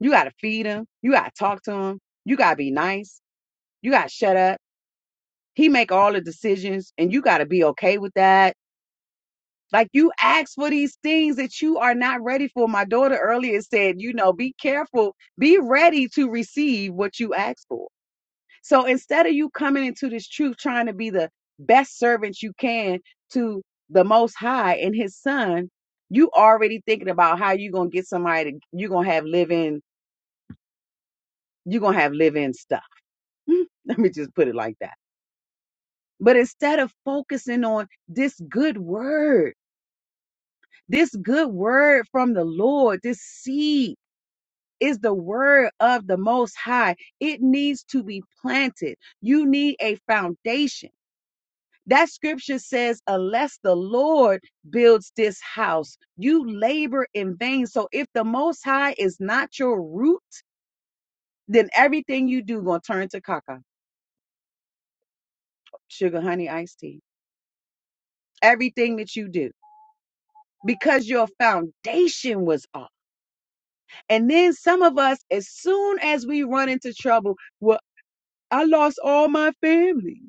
You gotta feed him, you gotta talk to him, you gotta be nice, you gotta shut up. He make all the decisions and you gotta be okay with that Like you ask for these things that you are not ready for. My daughter earlier said, you know, be careful, be ready to receive what you ask for. So instead of you coming into this truth trying to be the best servant you can to the most high and his son, you already thinking about how you gonna get somebody to you gonna have living, you gonna have living stuff. Hmm, Let me just put it like that. But instead of focusing on this good word, this good word from the Lord, this seed. is the word of the most high. It needs to be planted. You need a foundation. That scripture says, unless the Lord builds this house, you labor in vain. So if the most high is not your root, then everything you do gonna turn to caca. Sugar, honey, iced tea. Everything that you do. Because your foundation was off. And then some of us, as soon as we run into trouble, well, I lost all my family.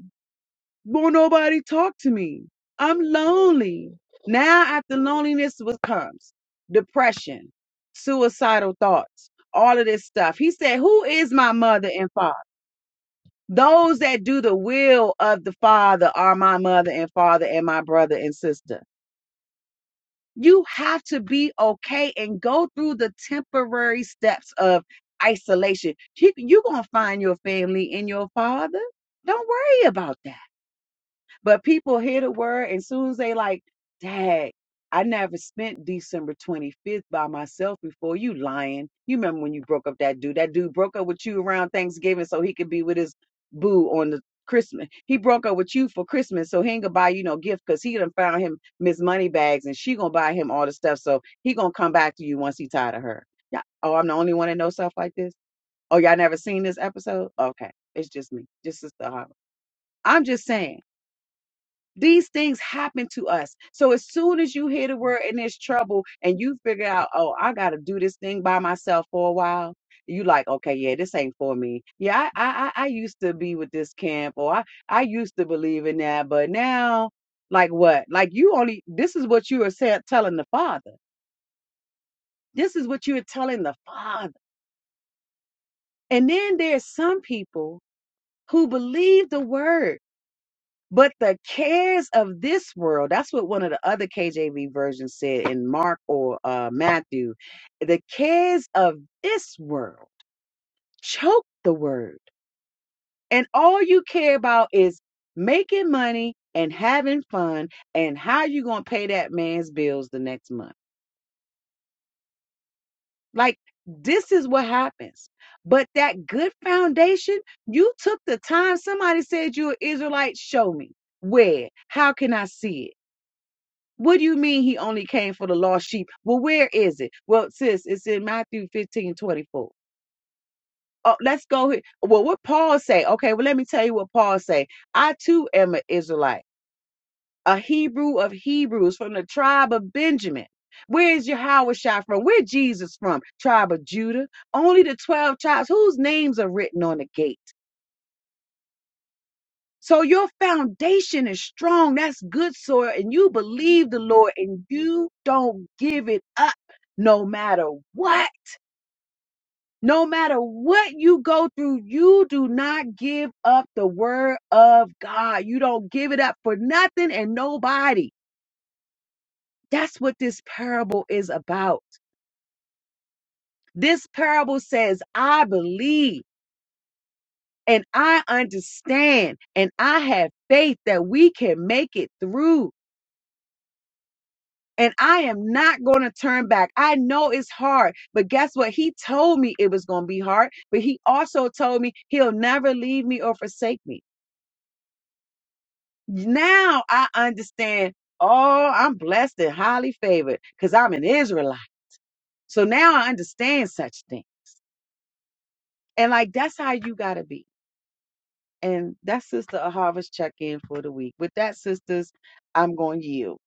Won't nobody talk to me. I'm lonely. Now after loneliness was comes depression, suicidal thoughts, all of this stuff. He said, Who is my mother and father? Those that do the will of the Father are my mother and father and my brother and sister. You have to be okay and go through the temporary steps of isolation. You're going to find your family in your father. Don't worry about that. But people hear the word and soon as they like, Dad, I never spent December 25th by myself before. You lying. You remember when you broke up that dude. That dude broke up with you around Thanksgiving so he could be with his boo on the Christmas. He broke up with you for Christmas so he ain't gonna buy you no gift because he done found him Miss Moneybags and she gonna buy him all the stuff. So he gonna come back to you once he tired of her. Yeah. Oh, I'm the only one that knows stuff like this? Oh, y'all never seen this episode? Okay. It's just me. Just Sister Harlow. I'm just saying. These things happen to us. So as soon as you hear the word and there's trouble and you figure out, oh, I gotta do this thing by myself for a while, you like, okay, yeah, this ain't for me. Yeah, I I I I used to be with this camp or I, I used to believe in that, but now like what? Like you only this is what you are saying telling the father. This is what you are telling the father. And then there's some people who believe the word But the cares of this world, that's what one of the other KJV versions said in Mark or uh, Matthew. The cares of this world choke the word. And all you care about is making money and having fun and how you going to pay that man's bills the next month. Like, this is what happens. But that good foundation, you took the time. Somebody said you're an Israelite. Show me. Where? How can I see it? What do you mean he only came for the lost sheep? Well, where is it? Well, sis, it's in Matthew 15 24. Oh, let's go here. Well, what Paul say? Okay, well, let me tell you what Paul say. I too am an Israelite, a Hebrew of Hebrews from the tribe of Benjamin. Where is Yahushua from? Where Jesus from? Tribe of Judah. Only the 12 tribes whose names are written on the gate. So your foundation is strong. That's good soil. And you believe the Lord and you don't give it up no matter what. No matter what you go through, you do not give up the word of God. You don't give it up for nothing and nobody. That's what this parable is about. This parable says, I believe and I understand and I have faith that we can make it through. and I am not going to turn back. I know it's hard, but guess what? He told me it was going to be hard, but he also told me he'll never leave me or forsake me. Now I understand, oh, I'm blessed and highly favored because I'm an Israelite. So now I understand such things. And like, that's how you got to be. And that's Sister a Harvest check in for the week. With that, sisters, I'm going to yield.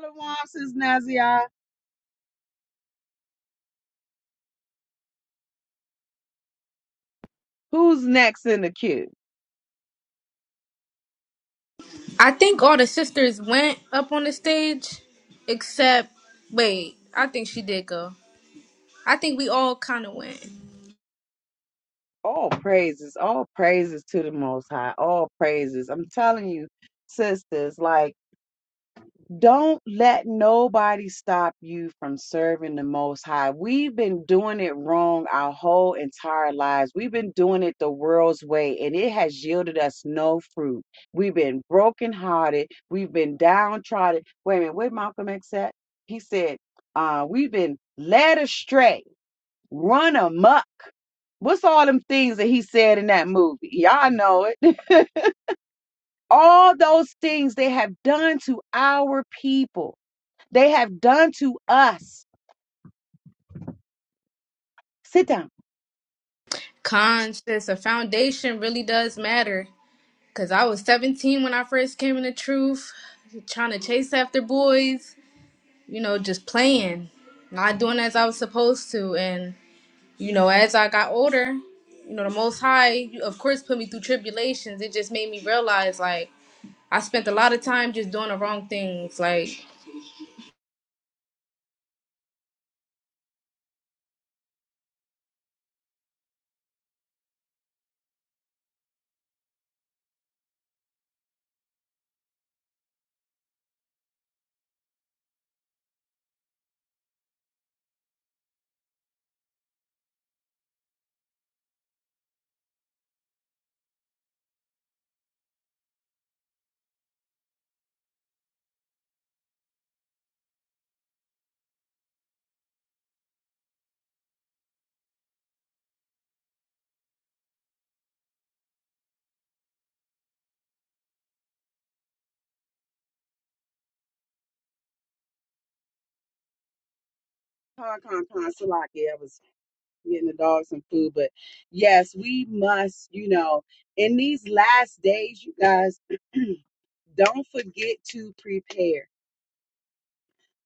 Shalom, Sis Nazia. Who's next in the queue?
I think all the sisters went up on the stage, except wait, I think she did go. I think we all kind of went.
all praises, all praises to the Most High, all praises. I'm telling you, sisters, like, don't let nobody stop you from serving the Most High. We've been doing it wrong our whole entire lives. We've been doing it the world's way, and it has yielded us no fruit. We've been brokenhearted. We've been downtrodden. Wait a minute, where Malcolm X at? He said, uh, we've been led astray Run amok. What's all them things that he said in that movie? Y'all know it. all those things they have done to our people, they have done to us. Sit down.
Conscious, a foundation really does matter. Cause I was 17 when I first came into truth, trying to chase after boys, you know, just playing, not doing as I was supposed to. And you know, as I got older, you know, the Most High, of course, put me through tribulations. It just made me realize, like, I spent a lot of time just doing the wrong things, like
Con, con, con, Salaki. I was getting the dog some food, but yes, we must, you know, in these last days, you guys, don't forget to prepare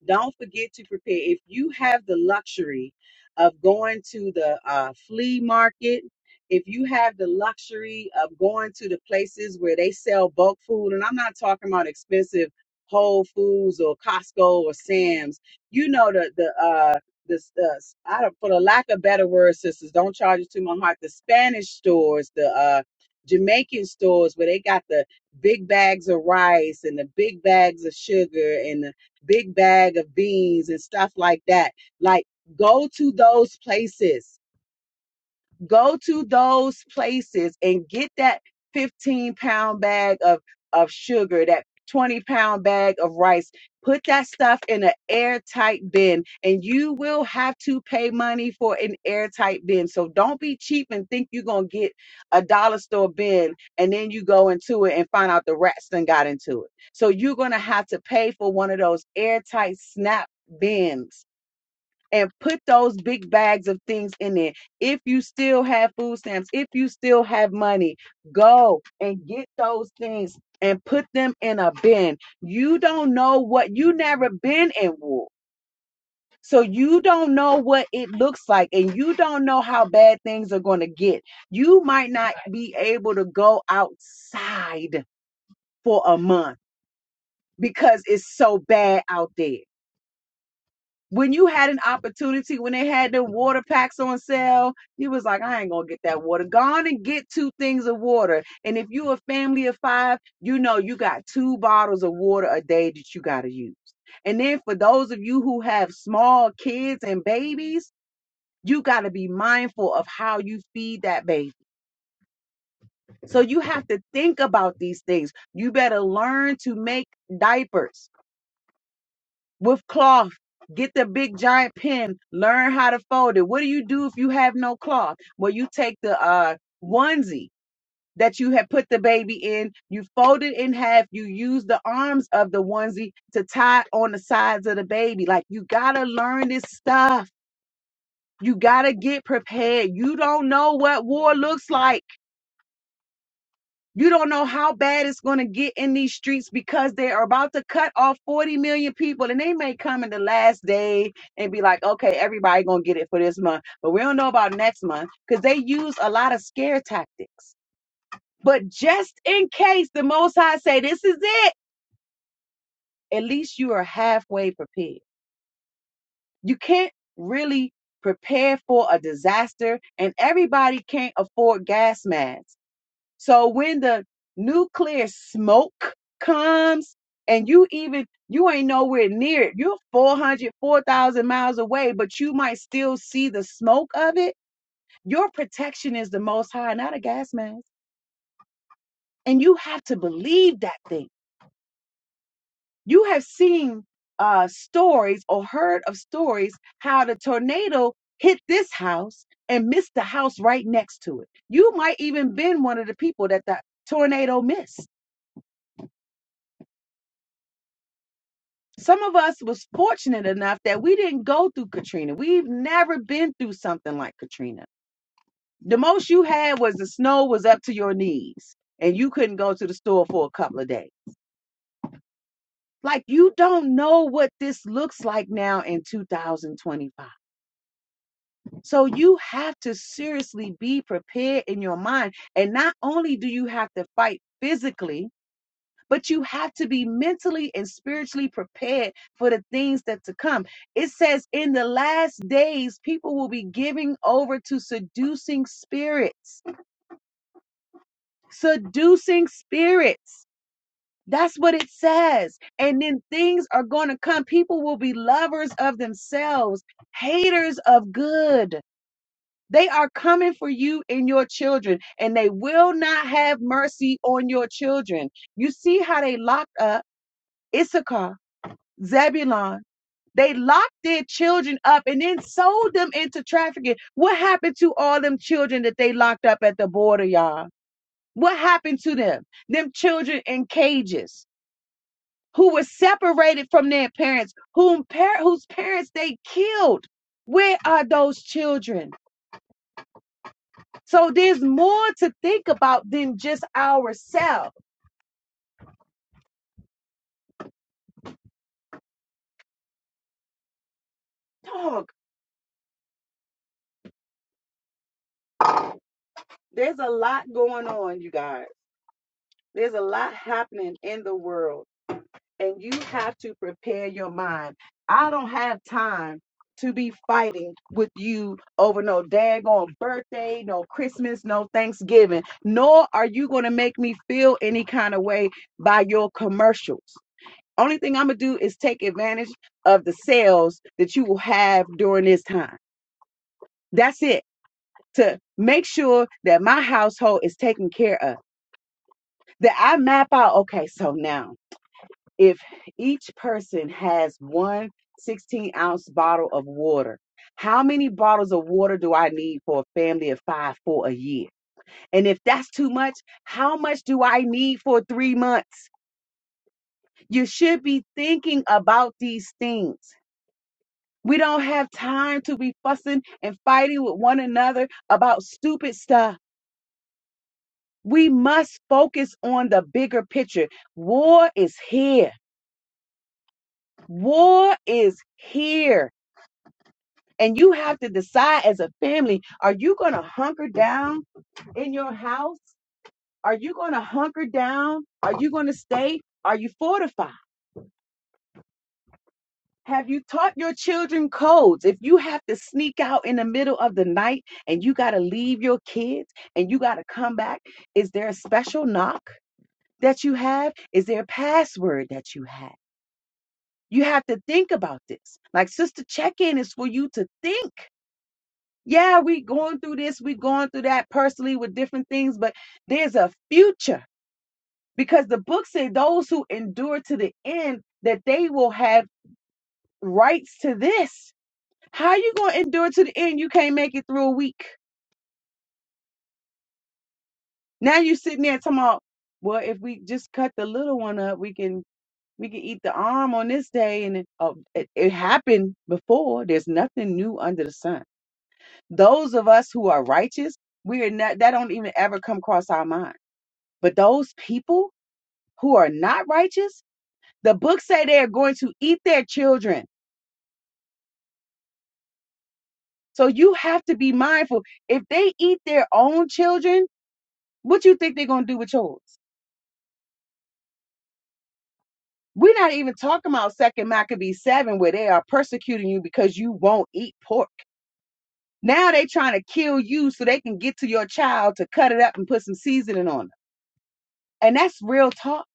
Don't forget to prepare. If you have the luxury of going to the uh, flea market, if you have the luxury of going to the places where they sell bulk food, and I'm not talking about expensive Whole Foods or Costco or Sam's, you know the the uh the uh, I don't for the lack of better words, sisters, don't charge it to my heart. The Spanish stores, the uh Jamaican stores where they got the big bags of rice and the big bags of sugar and the big bag of beans and stuff like that. Like, go to those places go to those places and get that 15 pound bag of, of sugar, that 20 pound bag of rice. Put that stuff in an airtight bin, and you will have to pay money for an airtight bin. So don't be cheap and think you're going to get a dollar store bin and then you go into it and find out the rats done got into it. So you're going to have to pay for one of those airtight snap bins and put those big bags of things in there. If you still have food stamps, if you still have money, go and get those things and put them in a bin. You don't know what you never been in war. So you don't know what it looks like and you don't know how bad things are going to get. You might not be able to go outside for a month because it's so bad out there. when you had an opportunity, when they had the water packs on sale, you was like, I ain't gonna get that water. Go on and get two things of water. And if you a family of five, you know you got two bottles of water a day that you gotta use. And then for those of you who have small kids and babies, you gotta be mindful of how you feed that baby. So you have to think about these things. You better learn to make diapers. with cloth. Get the big giant pen. Learn how to fold it. What do you do if you have no cloth? Well, you take the uh, onesie that you have put the baby in. You fold it in half. You use the arms of the onesie to tie on the sides of the baby. Like you gotta learn this stuff. You gotta get prepared. You don't know what war looks like. You don't know how bad it's going to get in these streets because they are about to cut off 40 million people and they may come in the last day and be like, okay, everybody going to get it for this month, but we don't know about next month because they use a lot of scare tactics. But just in case the Most High say, this is it, at least you are halfway prepared. You can't really prepare for a disaster and everybody can't afford gas masks. So when the nuclear smoke comes and you even you ain't nowhere near it. You're 400, 4,000 miles away, but you might still see the smoke of it. Your protection is the most high, not a gas mask. And you have to believe that thing. You have seen uh, stories or heard of stories how the tornado hit this house and missed the house right next to it. You might even been one of the people that the tornado missed some of us was fortunate enough that we didn't go through Katrina. We've never been through something like Katrina. The most you had was the snow was up to your knees and you couldn't go to the store for a couple of days. Like you don't know what this looks like now in 2025. So you have to seriously be prepared in your mind. And not only do you have to fight physically, but you have to be mentally and spiritually prepared for the things that to come. It says, in the last days, people will be giving over to seducing spirits. Seducing spirits. That's what it says. And then things are going to come. People will be lovers of themselves, haters of good. They are coming for you and your children, and they will not have mercy on your children. You see how they locked up Issachar Zebulon. They locked their children up and then sold them into trafficking. What happened to all them children that they locked up at the border, y'all? What happened to them? Them children in cages who were separated from their parents, whom par- whose parents they killed. Where are those children? So there's more to think about than just ourselves. Dog, there's a lot going on, you guys. There's a lot happening in the world and you have to prepare your mind. I don't have time to be fighting with you over no daggone birthday, no Christmas, no Thanksgiving. Nor are you going to make me feel any kind of way by your commercials. Only thing I'm going to do is take advantage of the sales that you will have during this time. That's it. To make sure that my household is taken care of, that I map out, okay, so now if each person has one 16 ounce bottle of water, how many bottles of water do I need for a family of five for a year? And if that's too much, how much do I need for three months? You should be thinking about these things. We don't have time to be fussing and fighting with one another about stupid stuff. We must focus on the bigger picture. War is here. War is here. And you have to decide as a family are you going to hunker down in your house? Are you going to hunker down? Are you going to stay? Are you fortified? Have you taught your children codes? If you have to sneak out in the middle of the night and you got to leave your kids and you got to come back, is there a special knock that you have? Is there a password that you have? You have to think about this. Like Sister Check In is for you to think. Yeah, we going through this, we going through that personally with different things, but there's a future because the book said those who endure to the end that they will have rights to this. How you going to endure to the end? You can't make it through a week. Now you sitting there talking about, well, if we just cut the little one up, we can we can eat the arm on this day and it, oh, it, it happened before. There's nothing new under the sun. Those of us who are righteous, we are not that don't even ever come across our mind But those people who are not righteous, the book say they are going to eat their children. So you have to be mindful. If they eat their own children, what you think they're going to do with yours? We're not even talking about Second Maccabees seven, where they are persecuting you because you won't eat pork. Now they trying to kill you so they can get to your child to cut it up and put some seasoning on it. And that's real talk.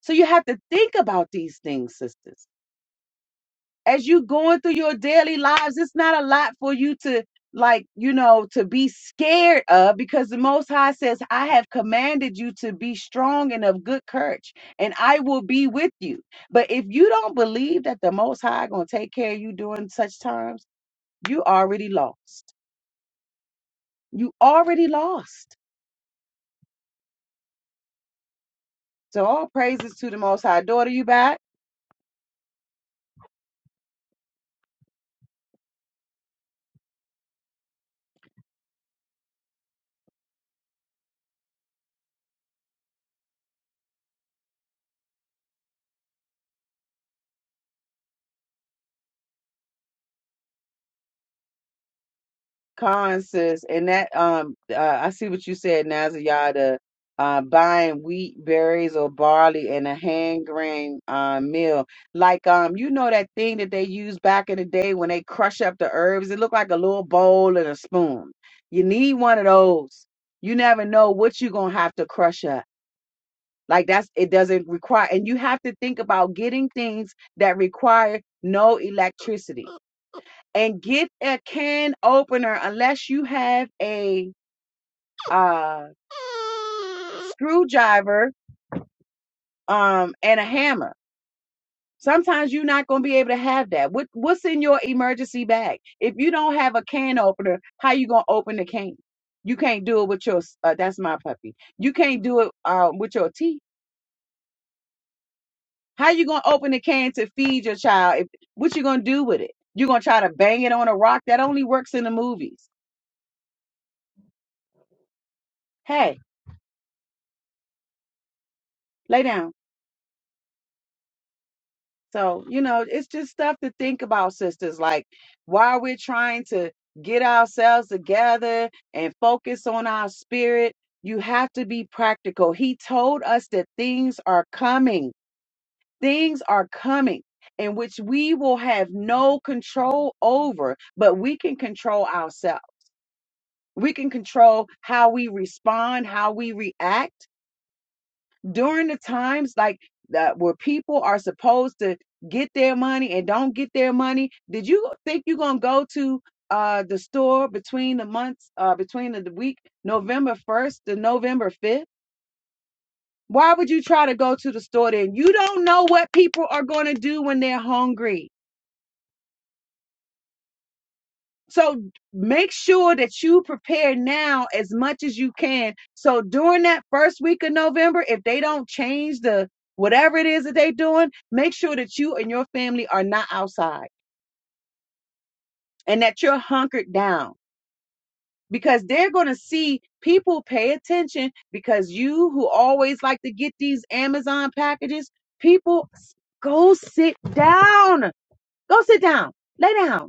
So you have to think about these things, sisters. as you going through your daily lives, it's not a lot for you to like, you know, to be scared of because the most high says, I have commanded you to be strong and of good courage, and I will be with you. But if you don't believe that the most high gonna take care of you during such times, you already lost. You already lost. So all praises to the most high. Daughter, you back? Con says, and that um, uh, I see what you said, Nazayada. Uh, buying wheat, berries, or barley in a hand grain uh, mill like um, you know that thing that they used back in the day when they crush up the herbs. It looked like a little bowl and a spoon. You need one of those. You never know what you're gonna have to crush up. Like that's it doesn't require, and you have to think about getting things that require no electricity and get a can opener unless you have a uh, screwdriver um, and a hammer. Sometimes you're not going to be able to have that. What, what's in your emergency bag? If you don't have a can opener, how you going to open the can? You can't do it with your. Uh, that's my puppy. You can't do it uh, with your teeth. How you going to open the can to feed your child? If, what you going to do with it? You're going to try to bang it on a rock? That only works in the movies. Hey, lay down So, you know, it's just stuff to think about, sisters. Like, while we're trying to get ourselves together and focus on our spirit, you have to be practical. He told us that things are coming, things are coming. In which we will have no control over, but we can control ourselves. We can control how we respond, how we react during the times like that where people are supposed to get their money and don't get their money did you think you're going to go to uh the store between the months uh between the week november 1st to november 5th why would you try to go to the store then you don't know what people are going to do when they're hungry So make sure that you prepare now as much as you can. So during that first week of November, if they don't change the whatever it is that they're doing, make sure that you and your family are not outside and that you're hunkered down because they're going to see people pay attention because you who always like to get these Amazon packages, people go sit down. Go sit down. Lay down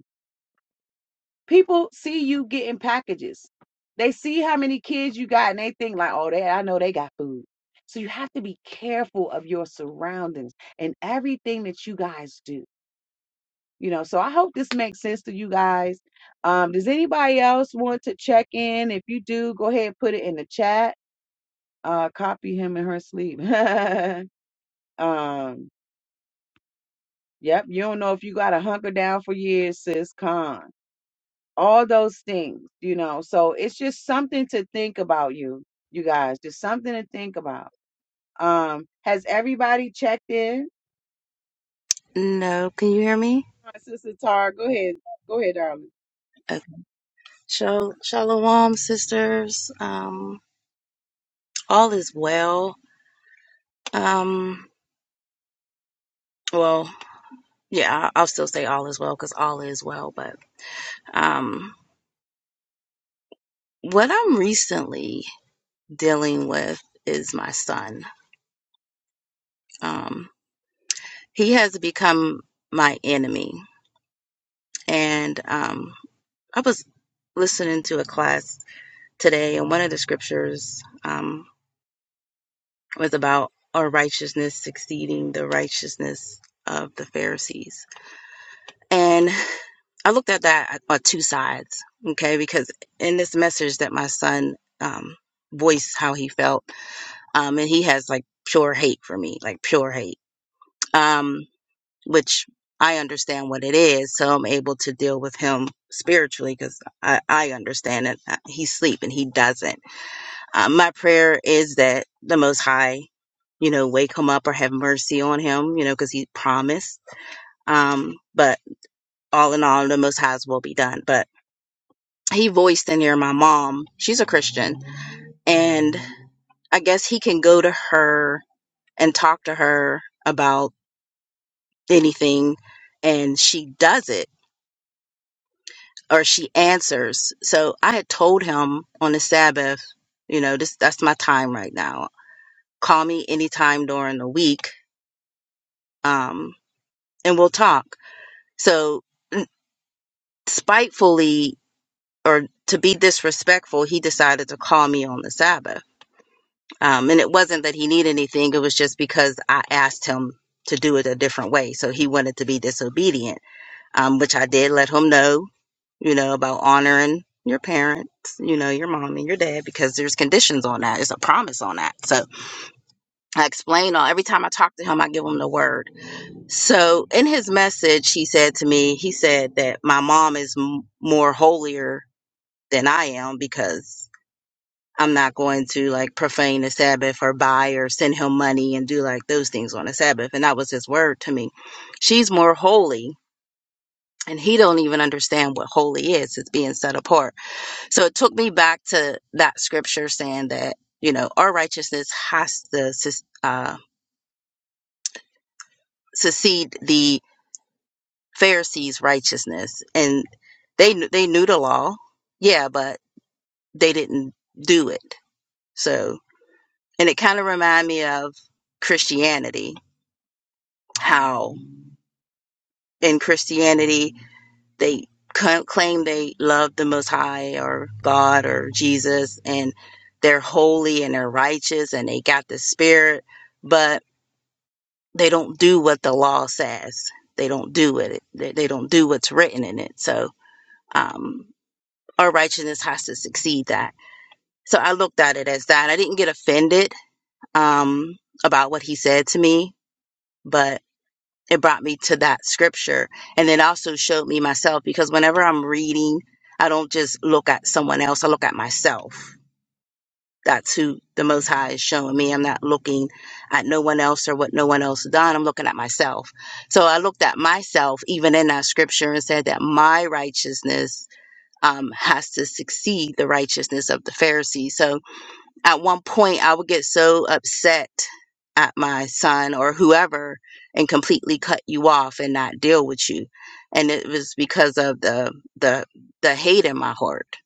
People see you getting packages. They see how many kids you got and they think like, oh, they I know they got food. So you have to be careful of your surroundings and everything that you guys do. You know, so I hope this makes sense to you guys. Um, does anybody else want to check in? If you do, go ahead and put it in the chat. Uh, copy him in her sleep. um, yep, you don't know if you got to hunker down for years, sis. Con. all those things, you know. So it's just something to think about, you you guys, just something to think about. Um, has everybody checked in?
No, can you hear me?
Come on, Sister Tara, go ahead, go ahead, darling.
Okay. Shal- Shalom, sisters. Um, all is well. Um, well, yeah, I- I'll still say all is well because all is well. But um, what I'm recently dealing with is my son. Um, he has become my enemy, and um, I was listening to a class today, and one of the scriptures. Um, was about our righteousness succeeding the righteousness of the Pharisees. And I looked at that on two sides, okay, because in this message that my son um, voiced how he felt, um, and he has like pure hate for me, like pure hate, um, which I understand what it is, so I'm able to deal with him spiritually because I, I understand it. Uh, He's sleep and he doesn't. Uh, my prayer is that the Most High, you know, wake him up or have mercy on him, you know, because he promised. Um, but all in all, the Most High's will be done. But he voiced in there my mom. She's a Christian. And I guess he can go to her and talk to her about anything. And she does it or she answers. So I had told him on the Sabbath, you know, this that's my time right now. Call me anytime during the week. Um, and we'll talk. So spitefully or to be disrespectful, he decided to call me on the Sabbath. Um, and it wasn't that he needed anything. It was just because I asked him to do it a different way. So he wanted to be disobedient, um, which I did let him know, you know, about honoring your parents, you know, your mom and your dad, because there's conditions on that. It's a promise on that. So I explain all every time I talk to him, I give him the word So in his message, he said to me, he said that my mom is m- more holier than I am because I'm not going to like profane the Sabbath or buy or send him money and do like those things on the Sabbath. And that was his word to me. She's more holy and he don't even understand what holy is. It's being set apart. So it took me back to that scripture saying that, you know, our righteousness has to sus- uh, succeed the Pharisees' righteousness, and they kn- they knew the law, yeah, but they didn't do it. So, and it kind of remind me of Christianity, how in Christianity they c- claim they love the Most High or God or Jesus, and they're holy and they're righteous and they got the Spirit, but they don't do what the law says. They don't do it. They they don't do what's written in it. So. Um, our righteousness has to succeed that. So I looked at it as that. I didn't get offended um, about what he said to me, but it brought me to that scripture. And it also showed me myself because whenever I'm reading, I don't just look at someone else, I look at myself. That's who the Most High is showing me. I'm not looking at no one else or what no one else done. I'm looking at myself. So I looked at myself even in that scripture and said that my righteousness um, has to succeed the righteousness of the Pharisees. So at one point, I would get so upset at my son or whoever and completely cut you off and not deal with you. And it was because of the the the hate in my heart.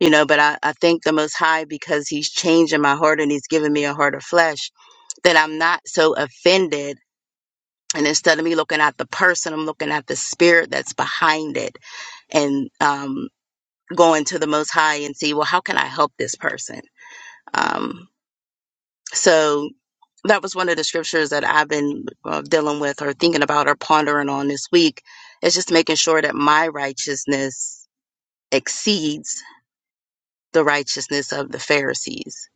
You know, but I, I thank the most high because he's changing my heart and he's giving me a heart of flesh that I'm not so offended. And instead of me looking at the person, I'm looking at the spirit that's behind it. And um going to the most high and see well how can i help this person um, so that was one of the scriptures that i've been uh, dealing with or thinking about or pondering on this week is just making sure that my righteousness exceeds the righteousness of the pharisees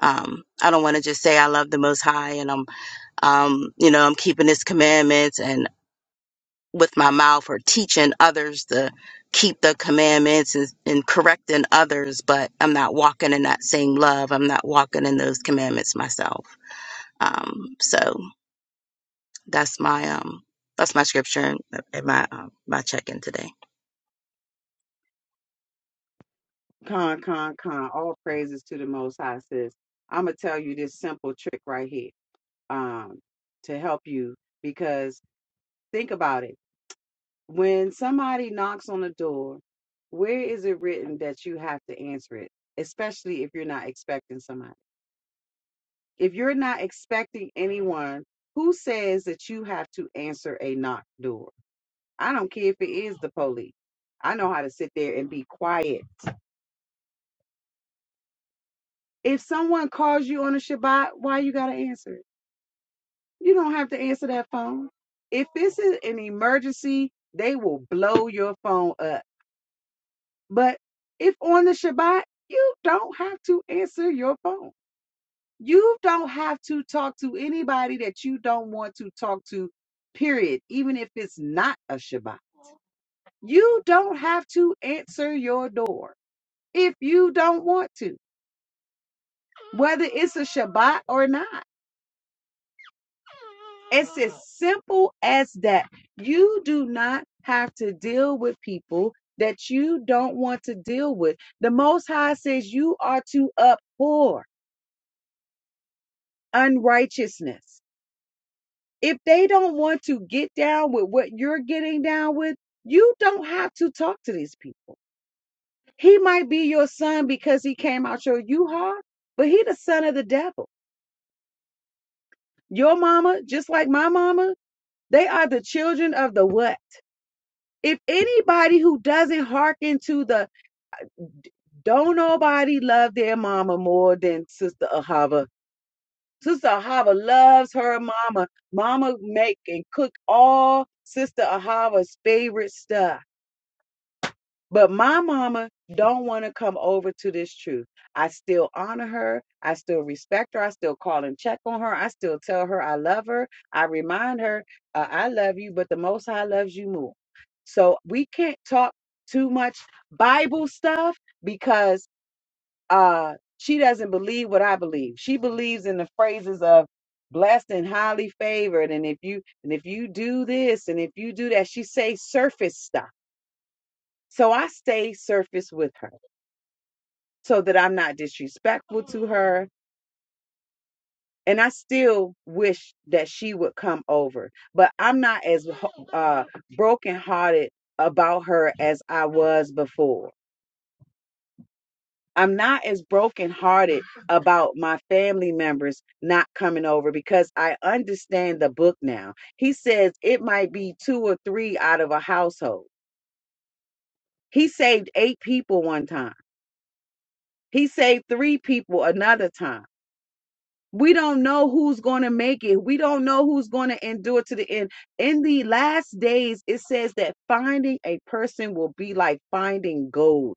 um, i don't want to just say i love the most high and i'm um, you know i'm keeping his commandments and. with my mouth or teaching others to keep the commandments and, and correcting others, but I'm not walking in that same love. I'm not walking in those commandments myself. Um, so that's my um that's my scripture and and my um, my check in today.
Con, con, con. All praises to the Most High, sis. I'm gonna tell you this simple trick right here, um, to help you because think about it. When somebody knocks on the door, where is it written that you have to answer it, especially if you're not expecting somebody? If you're not expecting anyone, who says that you have to answer a knock door? I don't care if it is the police. I know how to sit there and be quiet. If someone calls you on a Shabbat, why you got to answer it? You don't have to answer that phone. If this is an emergency, they will blow your phone up. But if on the Shabbat, you don't have to answer your phone. You don't have to talk to anybody that you don't want to talk to, period, even if it's not a Shabbat. You don't have to answer your door if you don't want to, whether it's a Shabbat or not. It's as simple as that. You do not have to deal with people that you don't want to deal with. The Most High says you are to abhor unrighteousness. If they don't want to get down with what you're getting down with, you don't have to talk to these people. He might be your son because he came out your U-Haul, but he the son of the devil. Your mama, just like my mama, they are the children of the what? If anybody who doesn't hearken to the don't nobody love their mama more than Sister Ahava. Sister Ahava loves her mama. Mama make and cook all Sister Ahava's favorite stuff But my mama don't want to come over to this truth. I still honor her. I still respect her. I still call and check on her. I still tell her I love her. I remind her uh, I love you, but the Most High loves you more. So we can't talk too much Bible stuff because uh, she doesn't believe what I believe. She believes in the phrases of blessed and highly favored, and if you and if you do this and if you do that, she say surface stuff so I stay surface with her so that I'm not disrespectful to her. And I still wish that she would come over, but I'm not as ho- uh, brokenhearted about her as I was before. I'm not as brokenhearted about my family members not coming over because I understand the book now. He says it might be two or three out of a household. He saved eight people one time. He saved three people another time. We don't know who's going to make it. We don't know who's going to endure to the end. In the last days, it says that finding a person will be like finding gold,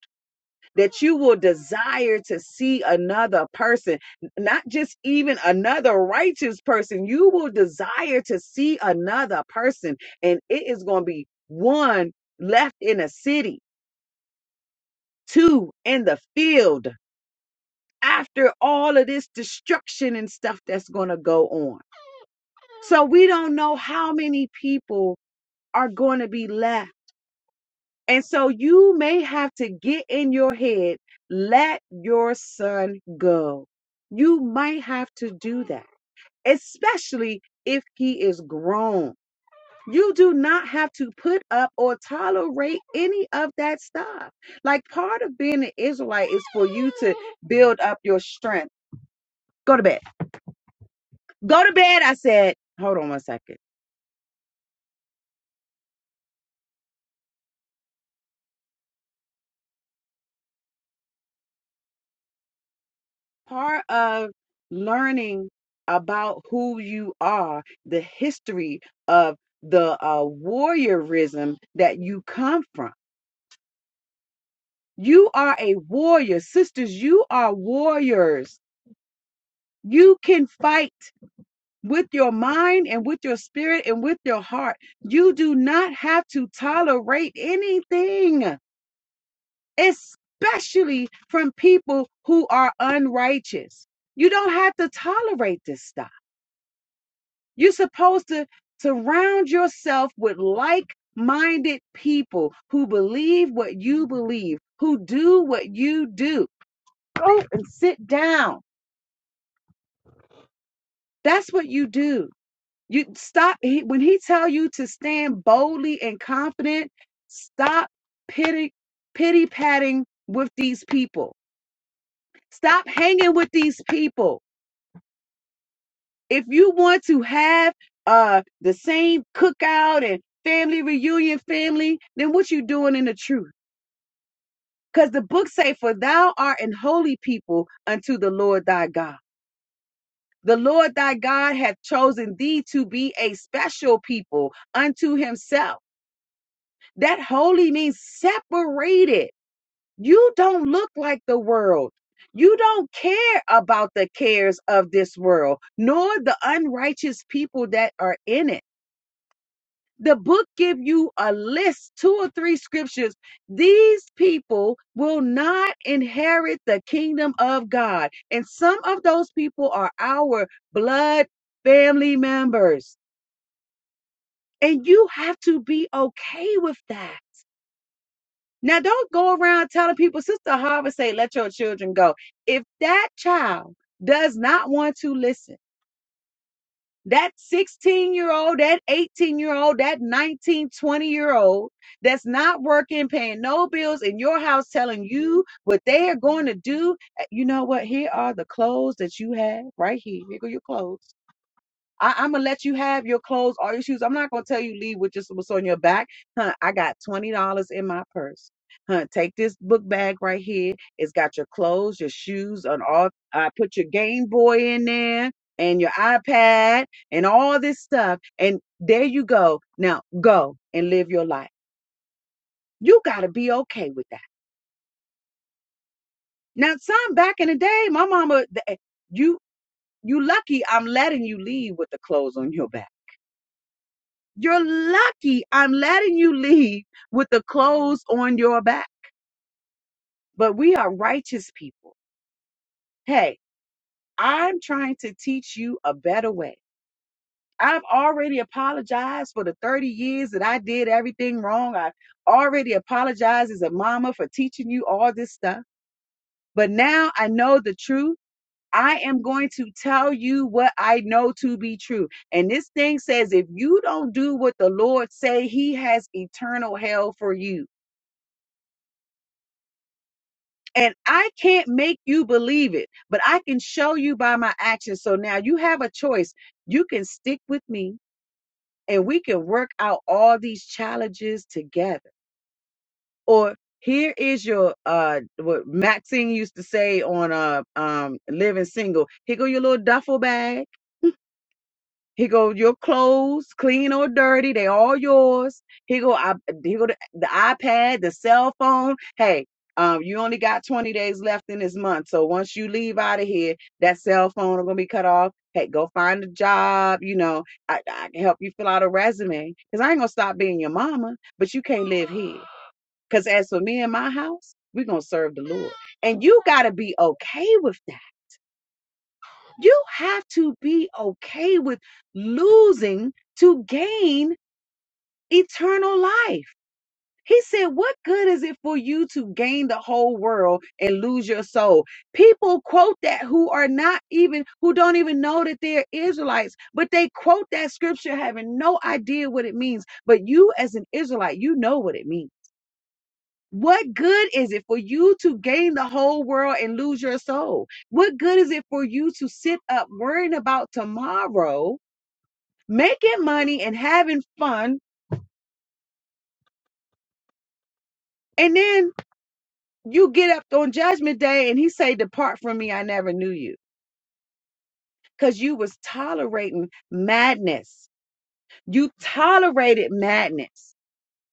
that you will desire to see another person, not just even another righteous person. You will desire to see another person, and it is going to be one left in a city, two in the field after all of this destruction and stuff that's going to go on. So we don't know how many people are going to be left. And so you may have to get in your head, let your son go. You might have to do that, especially if he is grown. You do not have to put up or tolerate any of that stuff. Like part of being an Israelite is for you to build up your strength. Go to bed. Go to bed, I said. Hold on one second. part of learning about who you are, the history of the uh, warriorism that you come from. You are a warrior, sisters. You are warriors. You can fight with your mind and with your spirit and with your heart. You do not have to tolerate anything, especially from people who are unrighteous. You don't have to tolerate this stuff. You're supposed to surround yourself with like minded people who believe what you believe, who do what you do. Go and sit down. That's what you do. You stop he, when he tell you to stand boldly and confident, stop pity pity patting with these people. Stop hanging with these people. if you want to have uh the same cookout and family reunion family then what you doing in the truth because the book say for thou art an holy people unto the lord thy god the lord thy god hath chosen thee to be a special people unto himself that holy means separated you don't look like the world you don't care about the cares of this world, nor the unrighteous people that are in it The book give you a list, two or three scriptures. These people will not inherit the kingdom of God. And some of those people are our blood family members. And you have to be okay with that. Now, don't go around telling people, Sister Harvard say, let your children go. If that child does not want to listen, that 16 year old, that 18 year old, that 1920 year old that's not working, paying no bills in your house, telling you what they are going to do. uh, You know what? Here are the clothes that you have right here. Here go your clothes. I, I'm gonna let you have your clothes or your shoes. I'm not gonna tell you leave with just what's on your back. Huh, I got twenty dollars in my purse. Huh, take this book bag right here. It's got your clothes, your shoes, and all I put your Game Boy in there and your iPad and all this stuff. And there you go. Now go and live your life. You gotta be okay with that. Now, some back in the day, my mama, th- eh, you you lucky I'm letting you leave with the clothes on your back. You're lucky I'm letting you leave with the clothes on your back. But we are righteous people. Hey, I'm trying to teach you a better way. I've already apologized for the 30 years that I did everything wrong. I already apologized as a mama for teaching you all this stuff. But now I know the truth. I am going to tell you what I know to be true. And this thing says if you don't do what the Lord say, he has eternal hell for you. And I can't make you believe it, but I can show you by my actions. So now you have a choice. You can stick with me and we can work out all these challenges together. Or here is your uh what Maxine used to say on uh um living single. Here go your little duffel bag he go, your clothes, clean or dirty, they all yours. He go, I, he go, the, the iPad, the cell phone. Hey, um, you only got 20 days left in this month. So once you leave out of here, that cell phone are gonna be cut off. Hey, go find a job. You know, I, I can help you fill out a resume. Cause I ain't gonna stop being your mama, but you can't live here. Cause as for me and my house, we gonna serve the Lord. And you gotta be okay with that. You have to be okay with losing to gain eternal life. He said, What good is it for you to gain the whole world and lose your soul? People quote that who are not even, who don't even know that they're Israelites, but they quote that scripture having no idea what it means. But you, as an Israelite, you know what it means what good is it for you to gain the whole world and lose your soul? What good is it for you to sit up worrying about tomorrow, making money and having fun, and then you get up on judgment day and he say, "Depart from me, I never knew you." Cuz you was tolerating madness. You tolerated madness.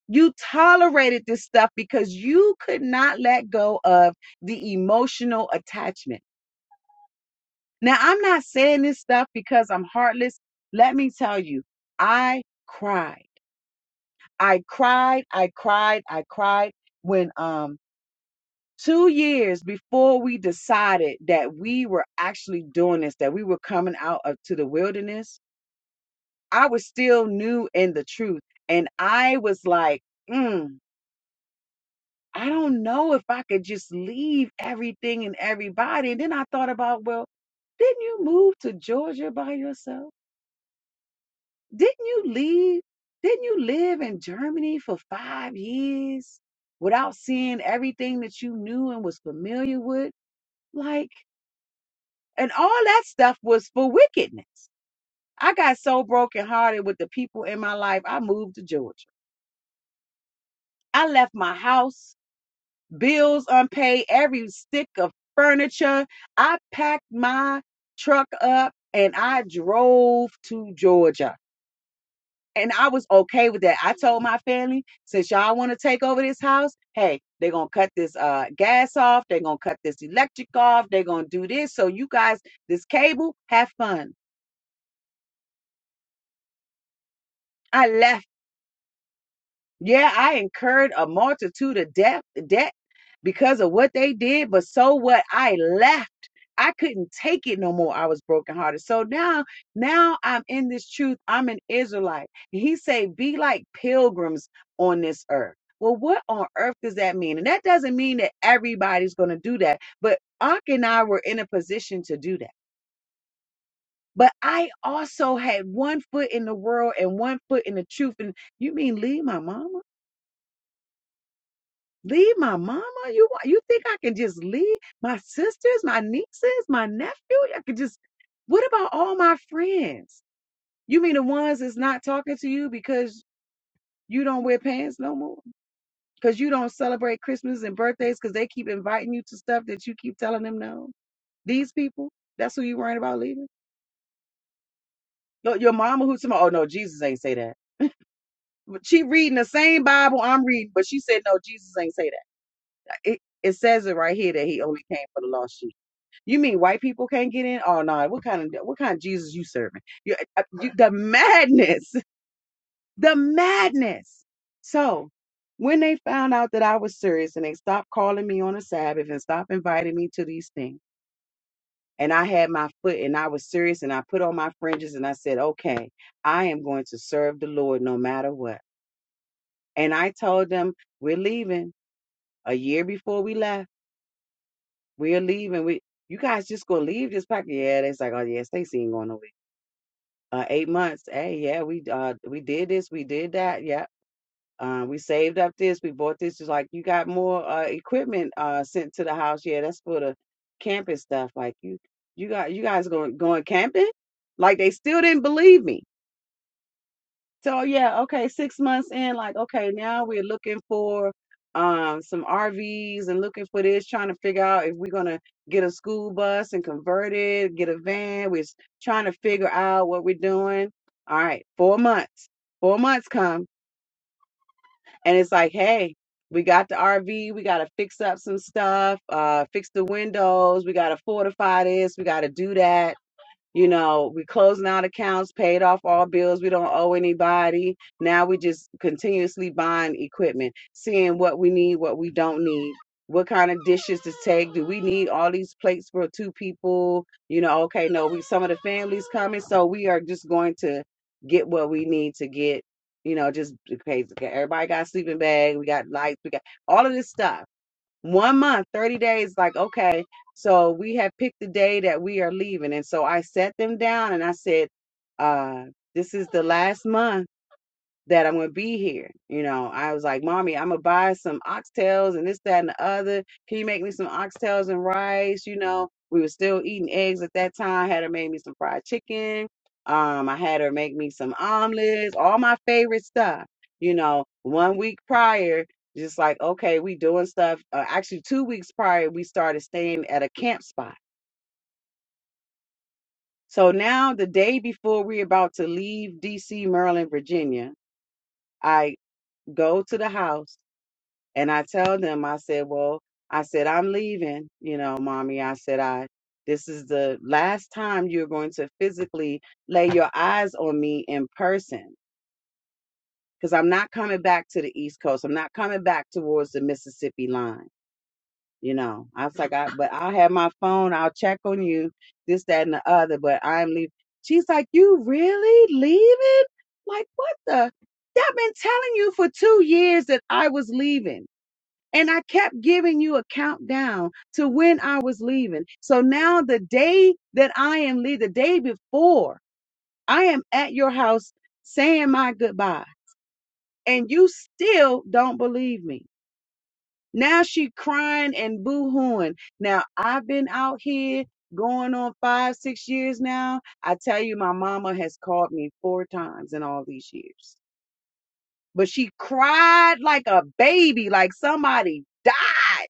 You tolerated this stuff because you could not let go of the emotional attachment Now, I'm not saying this stuff because I'm heartless. Let me tell you, I cried. I cried, I cried, I cried when um 2 years before we decided that we were actually doing this, that we were coming out of, to the wilderness, I was still new in the truth and I was like, mm, I don't know if I could just leave everything and everybody. And then I thought about, well, didn't you move to Georgia by yourself? Didn't you leave? Didn't you live in Germany for five years without seeing everything that you knew and was familiar with? Like, and all that stuff was for wickedness. I got so brokenhearted with the people in my life, I moved to Georgia. I left my house, bills unpaid, every stick of furniture. I packed my truck up and I drove to Georgia. and I was okay with that. I told my family, since y'all want to take over this house, hey, they're gonna cut this uh gas off, they're gonna cut this electric off, they're gonna do this. So you guys, this cable, have fun. I left Yeah, I incurred a multitude of debt, debt because of what they did, but so what? I left. I couldn't take it no more. I was brokenhearted. So now, now I'm in this truth. I'm an Israelite. And he say, be like pilgrims on this earth. Well, what on earth does that mean? And that doesn't mean that everybody's going to do that, but Ak and I were in a position to do that. But I also had one foot in the world and one foot in the truth. And you mean leave my mama? Leave my mama? You wa- you think I can just leave my sisters, my nieces, my nephew? I could just What about all my friends? You mean the ones that's not talking to you because you don't wear pants no more? Because you don't celebrate Christmas and birthdays because they keep inviting you to stuff that you keep telling them no? These people? That's who you worrying about leaving? Your, your mama who's tomorrow? Oh no, Jesus ain't say that. But She reading the same Bible I'm reading, but she said no, Jesus ain't say that. It, it says it right here that he only came for the lost sheep. You mean white people can't get in? Oh no! what kind of what kind of Jesus you serving? You, uh, you, the madness, the madness. So when they found out that I was serious and they stopped calling me on the Sabbath and stopped inviting me to these things, and I had my foot and I was serious and I put on my fringes and I said, okay, I am going to serve the Lord no matter what. And I told them we're leaving a year before we left. We're leaving. We you guys just gonna leave this pocket? Yeah, they's like, oh yeah, Stacey ain't going nowhere. uh, eight months. Hey, yeah, we uh we did this, we did that. Yeah, uh, we saved up this, we bought this. It's like you got more uh equipment uh sent to the house. Yeah, that's for the camping stuff. Like you, you got you guys going going camping? Like they still didn't believe me. So yeah, okay, six months in, like, okay, now we're looking for um some RVs and looking for this, trying to figure out if we're gonna get a school bus and convert it, get a van. We're s- trying to figure out what we're doing. All right, four months. Four months come and it's like, hey, we got the RV, we gotta fix up some stuff, uh, fix the windows, we gotta fortify this, we gotta do that you know, we closing out accounts, paid off all bills. We don't owe anybody. Now we just continuously buying equipment, seeing what we need, what we don't need, what kind of dishes to take. Do we need all these plates for two people? You know, okay, no, we some of the families coming, so we are just going to get what we need to get. You know, just okay. okay, Everybody got a sleeping bag. We got lights. We got all of this stuff one month 30 days like okay so we have picked the day that we are leaving and so i sat them down and i said uh this is the last month that I'm gonna be here. You know, I was like, Mommy, I'm gonna buy some oxtails and this, that, and the other. Can you make me some oxtails and rice? You know, we were still eating eggs at that time. Had her make me some fried chicken. Um, I had her make me some omelets, all my favorite stuff. You know, one week prior, just like, okay, we doing stuff. Uh, actually, two weeks prior, we started staying at a camp spot. So now, the day before we're about to leave DC, Maryland, Virginia, I go to the house And I tell them, I said, well, I said, I'm leaving, you know, mommy. I said, I, this is the last time you're going to physically lay your eyes on me in person because I'm not coming back to the East Coast. I'm not coming back towards the Mississippi line. You know, I was like, I, but I'll have my phone. I'll check on you, this, that, and the other, but I'm leaving. She's like, you really leaving? Like, what the? I've been telling you for two years that I was leaving. And I kept giving you a countdown to when I was leaving. So now the day that I am leaving, the day before, I am at your house saying my goodbye. And you still don't believe me. Now she crying and boo-hooing. Now I've been out here going on five, six years now. I tell you, my mama has called me four times in all these years. But she cried like a baby, like somebody died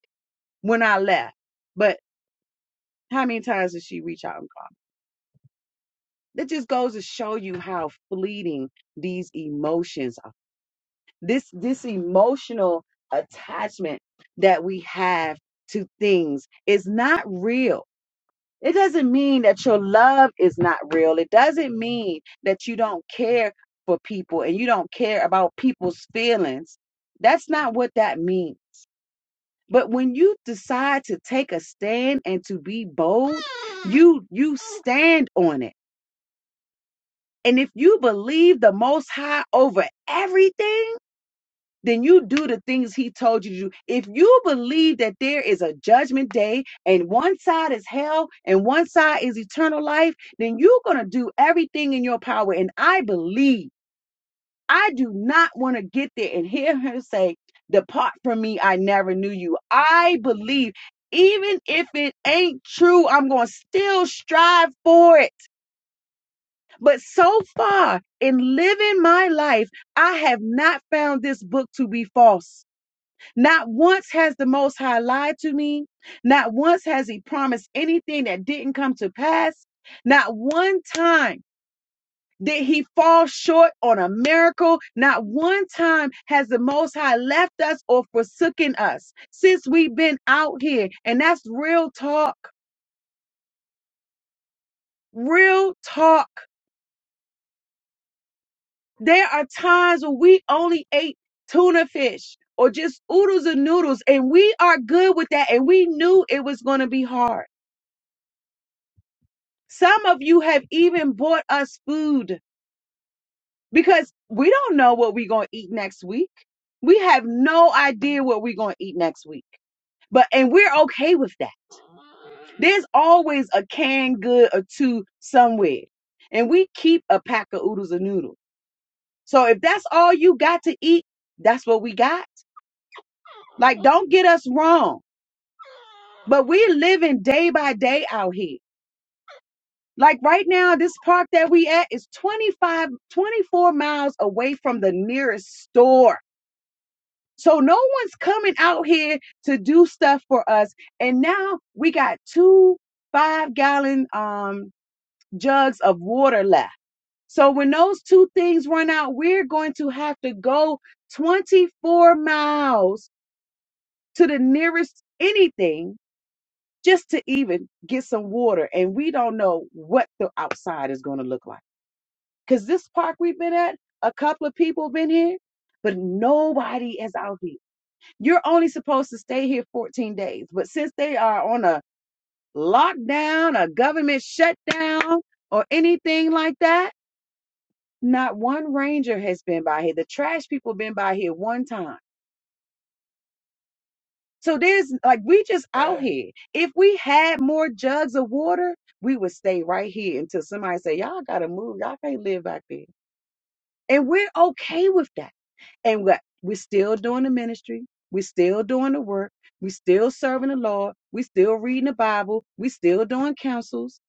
when I left. But How many times did she reach out and call? That just goes to show you how fleeting these emotions are. This this emotional attachment that we have to things is not real. It doesn't mean that your love is not real. It doesn't mean that you don't care for people and you don't care about people's feelings. That's not what that means. But when you decide to take a stand and to be bold, you you stand on it And if you believe the Most High over everything, then you do the things He told you to do. If you believe that there is a judgment day and one side is hell and one side is eternal life, then you're going to do everything in your power. And I believe, I do not want to get there and hear her say, Depart from me, I never knew you. I believe. Even if it ain't true, I'm going to still strive for it. But so far in living my life, I have not found this book to be false. Not once has the Most High lied to me. Not once has He promised anything that didn't come to pass. Not one time did He fall short on a miracle. Not one time has the Most High left us or forsaken us since we've been out here. And that's real talk. Real talk. There are times when we only ate tuna fish or just oodles and noodles, and we are good with that. And we knew it was going to be hard. Some of you have even bought us food because we don't know what we're going to eat next week. We have no idea what we're going to eat next week. But, and we're okay with that. There's always a canned good or two somewhere. And we keep a pack of oodles and noodles. So if that's all you got to eat, that's what we got Like, don't get us wrong, but we're living day by day out here. Like right now, this park that we at is 25, 24 miles away from the nearest store. So no one's coming out here to do stuff for us. And now we got two five gallon um, jugs of water left. So when those two things run out, we're going to have to go 24 miles to the nearest anything just to even get some water. And we don't know what the outside is going to look like. Because this park we've been at, a couple of people been here, but nobody is out here. You're only supposed to stay here 14 days. But since they are on a lockdown, a government shutdown, or anything like that, not one ranger has been by here. The trash people been by here one time. So there's like we just out here. If we had more jugs of water, we would stay right here until somebody say, "Y'all gotta move. Y'all can't live back there." And we're okay with that. And what we're still doing the ministry. We're still doing the work. We're still serving the Lord. We're still reading the Bible. We're still doing councils.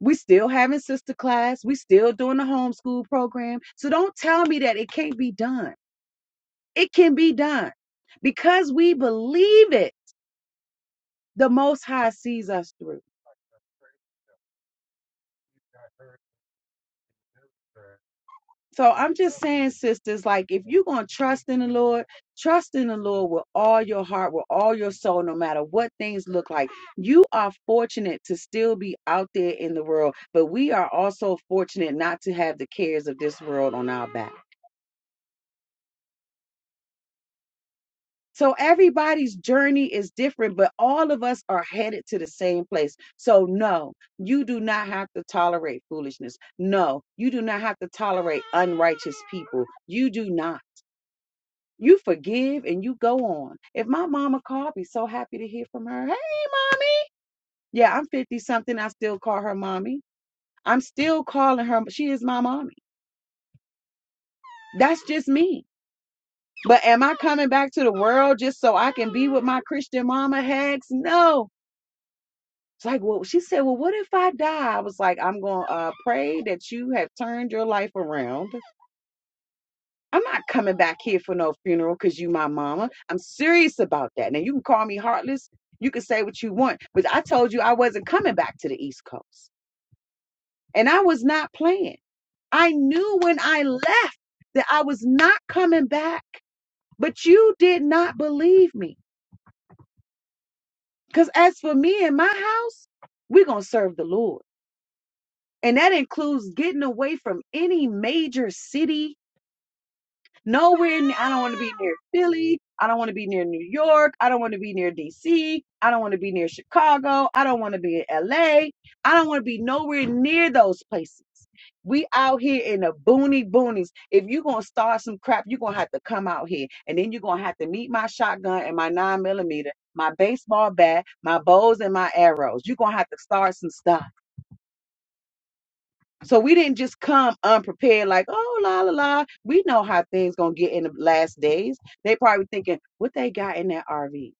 We're still having sister class. We're still doing the homeschool program. So don't tell me that it can't be done. It can be done because we believe it the most high sees us through. So I'm just saying, sisters, like if you're gonna trust in the Lord, trust in the Lord with all your heart, with all your soul, no matter what things look like. You are fortunate to still be out there in the world, but we are also fortunate not to have the cares of this world on our back. So everybody's journey is different, but all of us are headed to the same place. So, no, you do not have to tolerate foolishness. No, you do not have to tolerate unrighteous people. You do not. You forgive and you go on. If my mama called, I'd be so happy to hear from her. Hey, mommy. Yeah, I'm 50 something. I still call her mommy. I'm still calling her. She is my mommy. That's just me. But am I coming back to the world just so I can be with my Christian mama? Hex, no. It's like, well, she said, well, what if I die? I was like, I'm going to uh, pray that you have turned your life around. I'm not coming back here for no funeral because you my mama. I'm serious about that. Now, you can call me heartless. You can say what you want. But I told you I wasn't coming back to the East Coast. And I was not playing. I knew when I left that I was not coming back. But you did not believe me. Because as for me and my house, we're going to serve the Lord. And that includes getting away from any major city. Nowhere, I I don't want to be near Philly. I don't want to be near New York. I don't want to be near DC. I don't want to be near Chicago. I don't want to be in LA. I don't want to be nowhere near those places. We out here in the boony boonies. If you're going to start some crap, you're going to have to come out here. And then you're going to have to meet my shotgun and my nine millimeter, my baseball bat, my bows and my arrows. You're going to have to start some stuff. So we didn't just come unprepared, like, oh la la la. We know how things gonna get in the last days. They probably thinking what they got in that RV.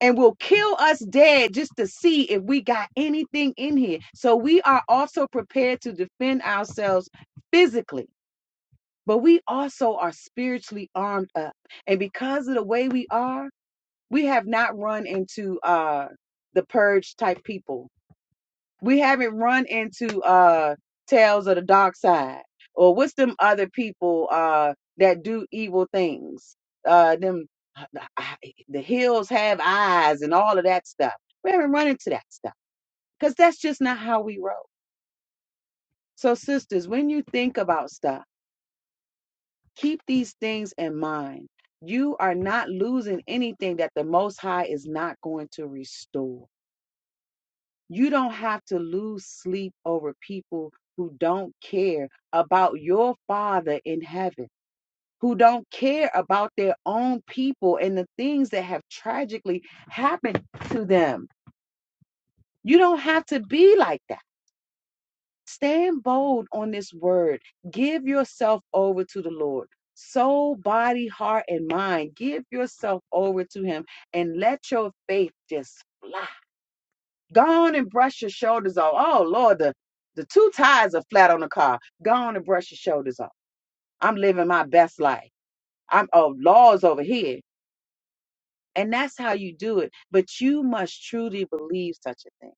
And will kill us dead just to see if we got anything in here. So we are also prepared to defend ourselves physically, but we also are spiritually armed up. And because of the way we are, we have not run into uh the purge type people we haven't run into uh tales of the dark side or what's them other people uh that do evil things uh them uh, the hills have eyes and all of that stuff we haven't run into that stuff because that's just not how we roll so sisters when you think about stuff keep these things in mind you are not losing anything that the most high is not going to restore You don't have to lose sleep over people who don't care about your Father in heaven, who don't care about their own people and the things that have tragically happened to them. You don't have to be like that. Stand bold on this word. Give yourself over to the Lord. Soul, body, heart, and mind. Give yourself over to Him and let your faith just fly Go on and brush your shoulders off. Oh Lord, the, the two tires are flat on the car. Go on and brush your shoulders off. I'm living my best life. I'm oh laws over here. And that's how you do it. But you must truly believe such a thing.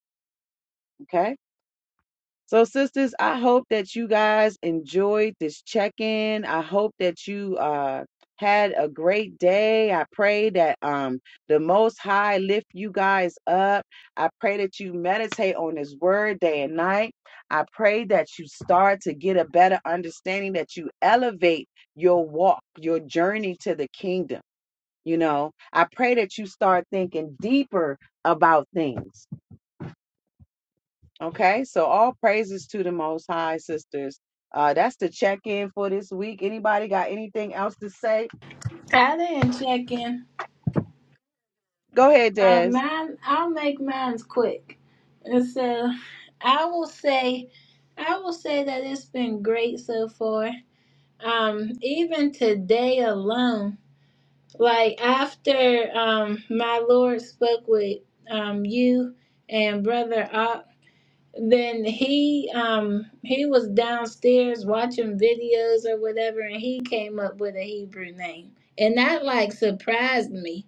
Okay So, sisters, I hope that you guys enjoyed this check in. I hope that you uh, had a great day. I pray that um, the Most High lift you guys up. I pray that you meditate on His Word day and night. I pray that you start to get a better understanding, that you elevate your walk, your journey to the kingdom. You know, I pray that you start thinking deeper about things. Okay, so all praises to the Most High, sisters. Uh, that's the check in for this week. Anybody got anything else to say?
I didn't check in.
Go ahead, Des.
Um, mine, I'll make mine's quick. And so I will say, I will say that it's been great so far. Um, even today alone, like after um my Lord spoke with um you and Brother Op, then he um he was downstairs watching videos or whatever, and he came up with a Hebrew name, and that like surprised me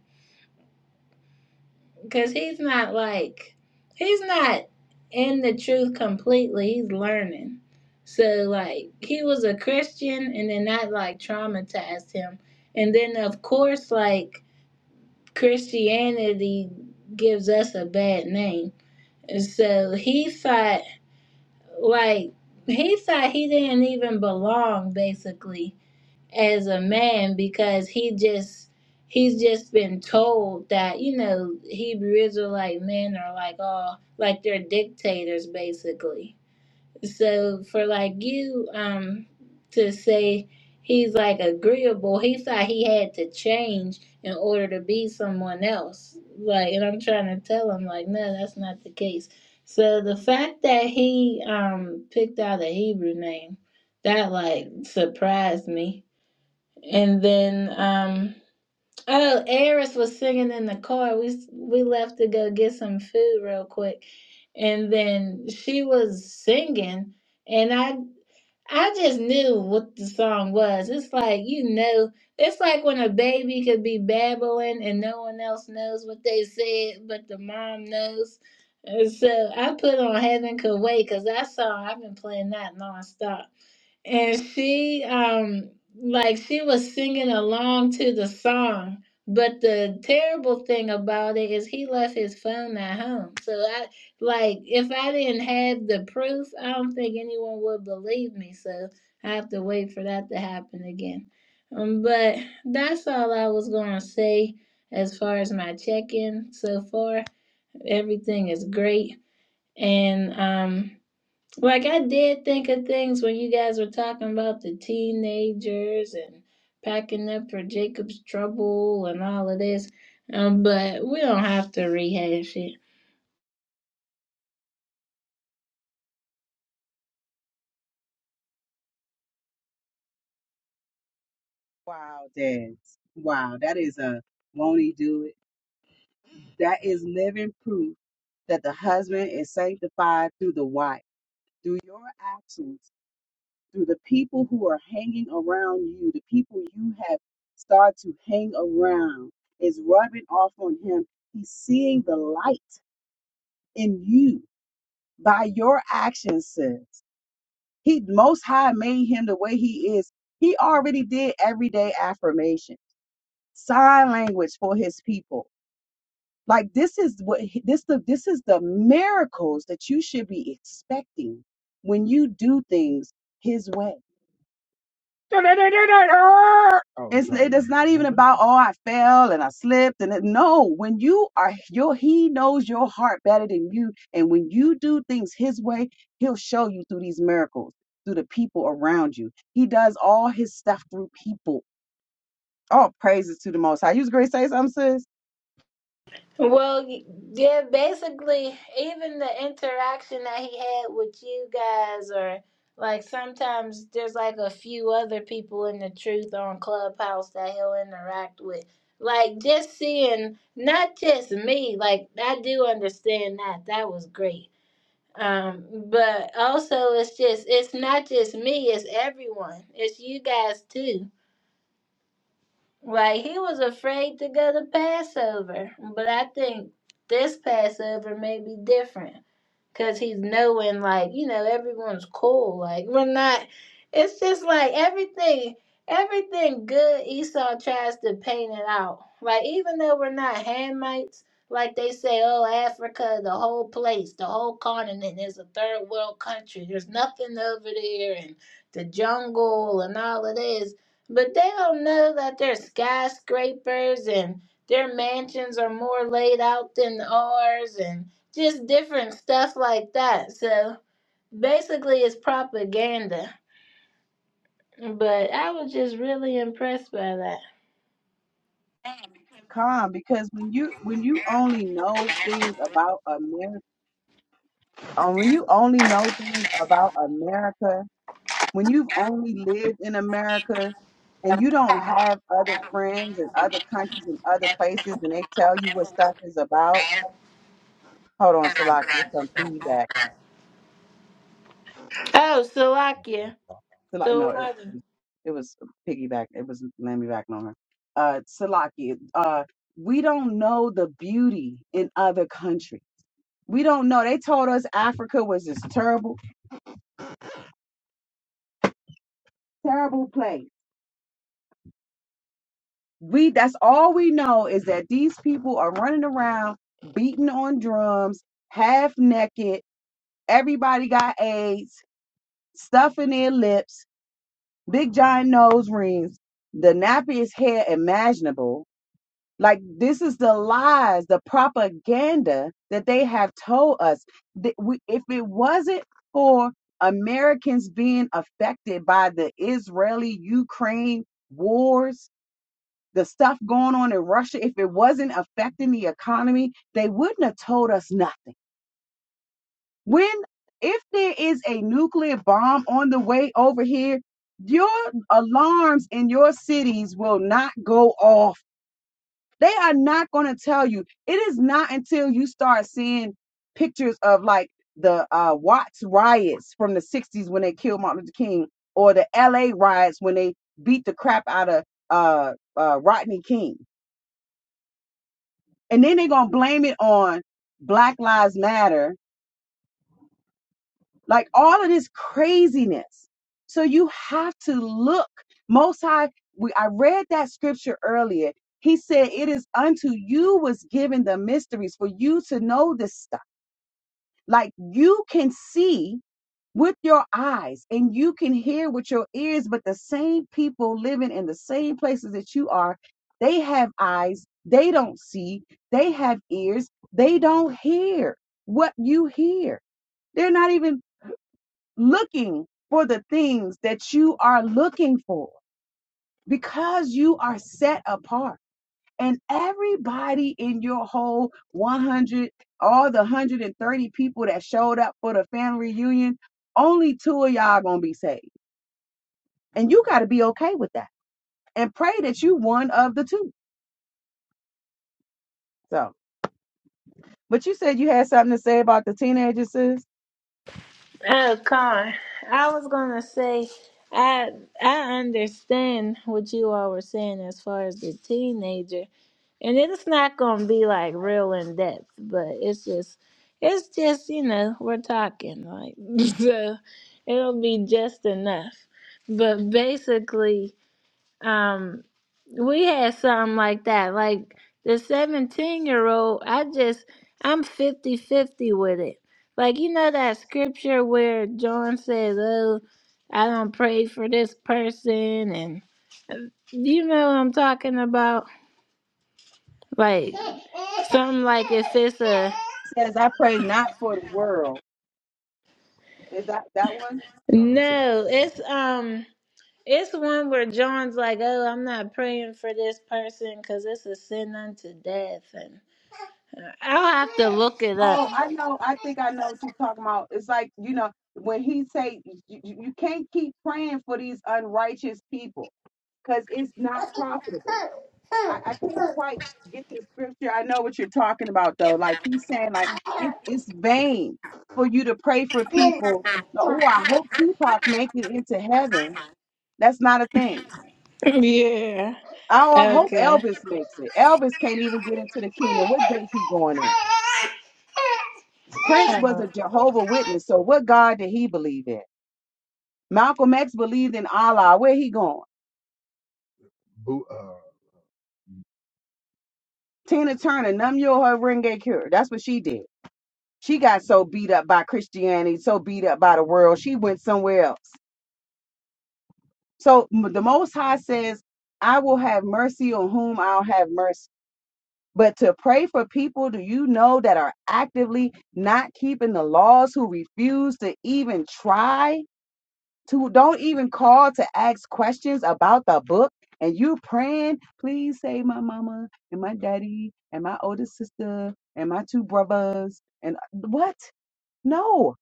Because he's not like, he's not in the truth completely. He's learning. So, like, he was a Christian and then that, like, traumatized him. And then, of course, like, Christianity gives us a bad name. And so he thought, like, he thought he didn't even belong, basically as a man because he just he's just been told that you know Hebrew Israelite men are like all like they're dictators basically. So for like you um to say he's like agreeable, he thought he had to change in order to be someone else. Like and I'm trying to tell him like no, that's not the case. So the fact that he um picked out a Hebrew name that like surprised me and then um oh, Eris was singing in the car. We we left to go get some food real quick. And then she was singing and I I just knew what the song was. It's like you know, it's like when a baby could be babbling and no one else knows what they said, but the mom knows. And so I put on Heaven Could Wait because that song I've been playing that nonstop and she um like she was singing along to the song but the terrible thing about it is he left his phone at home so i like if i didn't have the proof i don't think anyone would believe me so i have to wait for that to happen again um, but that's all i was going to say as far as my check-in so far everything is great and um like I did think of things when you guys were talking about the teenagers and packing up for Jacob's trouble and all of this, um, but we don't have to rehash it.
Wow, Des. Wow, that is a won't he do it? That is living proof that the husband is sanctified through the wife, through your actions, through the people who are hanging around you, the people you have started to hang around is rubbing off on him. He's seeing the light in you by your actions, sis. He most high made him the way he is. He already did everyday affirmation, sign language for his people. Like this is what he- this the this is the miracles that you should be expecting when you do things his way. Oh It's no, it is not even no. about oh I fell and I slipped and it, no when you are your he knows your heart better than you and when you do things his way he'll show you through these miracles through the people around you he does all his stuff through people all praises to the Most High you was great say something sis
Well, yeah, basically, even the interaction that he had with you guys, or like sometimes there's like a few other people in the truth on Clubhouse that he'll interact with. Like just seeing, not just me, like I do understand that. That was great Um, but also it's just it's not just me, it's everyone. It's you guys too. Like he was afraid to go to Passover, but I think this Passover may be different because he's knowing, like you know, everyone's cool. Like we're not. It's just like everything, everything good. Esau tries to paint it out. Like even though we're not Hamites, like they say, oh Africa, the whole place, the whole continent is a third world country. There's nothing over there, and the jungle and all of that. But they don't know that their skyscrapers and their mansions are more laid out than ours and just different stuff like that. So basically, it's propaganda. But I was just really impressed by that.
calm because when you when you only know things about America when you only know things about America when you've only lived in America and you don't have other friends in other countries and other places and they tell you what stuff is about. Hold on, Salaki, there's some piggyback.
Oh, Salakia,
Salaki, no,
the
it,
water.
it was piggyback. It was let me on her. Uh, Salaki, uh, we don't know the beauty in other countries. We don't know. They told us Africa was this terrible, terrible place we that's all we know is that these people are running around beating on drums half naked everybody got aids stuff in their lips big giant nose rings the nappiest hair imaginable like this is the lies the propaganda that they have told us that we, if it wasn't for americans being affected by the israeli ukraine wars the stuff going on in Russia, if it wasn't affecting the economy, they wouldn't have told us nothing. When, if there is a nuclear bomb on the way over here, your alarms in your cities will not go off. They are not going to tell you. It is not until you start seeing pictures of like the uh, Watts riots from the 60s when they killed Martin Luther King or the LA riots when they beat the crap out of uh, uh, Rodney King and then they're gonna blame it on Black Lives Matter, like all of this craziness. So you have to look. Most High, we, I read that scripture earlier. He said, "It is unto you was given the mysteries for you to know this stuff." Like you can see with your eyes and you can hear with your ears, but the same people living in the same places that you are, they have eyes, they don't see, they have ears, they don't hear what you hear. They're not even looking for the things that you are looking for because you are set apart and everybody in your whole 100 all the 130 people that showed up for the family reunion only two of y'all gonna be saved and you got to be okay with that and pray that you one of the two so but you said you had something to say about the teenagers sis?
Oh God, I was gonna say, I I understand what you all were saying as far as the teenager, and it's not gonna be like real in depth, but it's just, it's just you know we're talking like so, it'll be just enough. But basically, um we had something like that like the 17 year old i just i'm fifty-fifty with it like you know that scripture where john says oh i don't pray for this person and you know what i'm talking about like something like if it's a
says i pray not for the world is that that one
no it's um it's one where john's like oh i'm not praying for this person because it's a sin unto death and i'll have to look it up
Oh, I know. I think I know what you're talking about. It's like, you know, when he say you, you you can't keep praying for these unrighteous people because it's not profitable. I, I can't quite get the scripture. I know what you're talking about though. Like he's saying, like it, it's vain for you to pray for people. Oh, I hope Tupac make it into heaven. That's not a thing.
Yeah.
Oh,
Uh,
I hope Elvis makes it. Elvis can't even get into the kingdom. What gate he going in? Prince was
uh,
a Jehovah Witness. So what God did he believe in? Malcolm X believed in Allah. Where he going? Boo, uh, Tina Turner, Namyo her Renge Cure. That's what she did. She got so beat up by Christianity, so beat up by the world, she went somewhere else. So m- the Most High says, I will have mercy on whom I'll have mercy. But to pray for people, do you know that are actively not keeping the laws, who refuse to even try? to don't even call to ask questions about the book and you praying please save my mama and my daddy and my older sister and my two brothers and uh, what no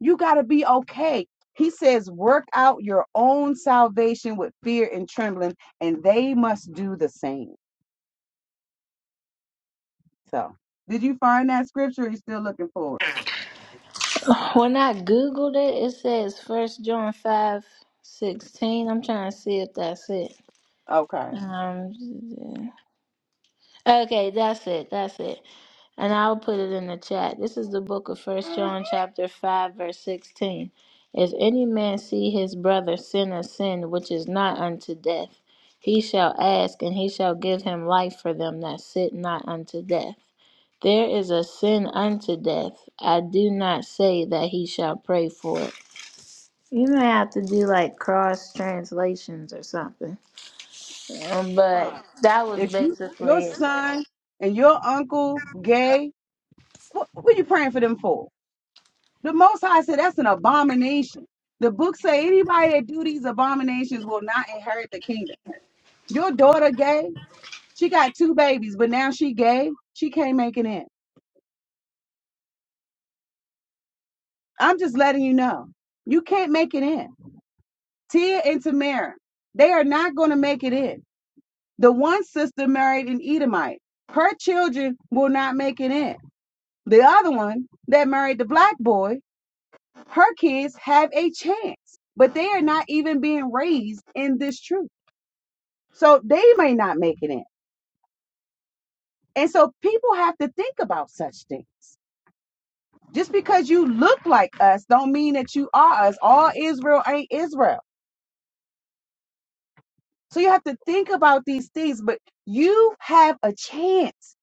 you got to be okay he says work out your own salvation with fear and trembling and they must do the same so did you find that scripture or you still looking for
when I googled it, it says First John five sixteen. I'm trying to see if that's it.
it okay
Um. Okay, that's it. That's it. and I'll put it in the chat. This is the book of First John chapter five verse sixteen. If any man see his brother sin a sin which is not unto death, he shall ask, and he shall give him life for them that sit not unto death. There is a sin unto death. I do not say that he shall pray for it. You may have to do like cross translations or something. Um, but
fine
that was
if you your
basically
son and your uncle gay what, what are you praying for them for The Most High said that's an abomination. The book say anybody that do these abominations will not inherit the kingdom. Your daughter gay. She got two babies, but now she gay. She can't make it in. I'm just letting you know. You can't make it in. Tia and Tamara, they are not going to make it in. The one sister married an Edomite. Her children will not make it in. The other one that married the black boy, her kids have a chance, but they are not even being raised in this truth. So they may not make it in. And so people have to think about such things. Just because you look like us don't mean that you are us. All Israel ain't Israel. So you have to think about these things, but you have a chance.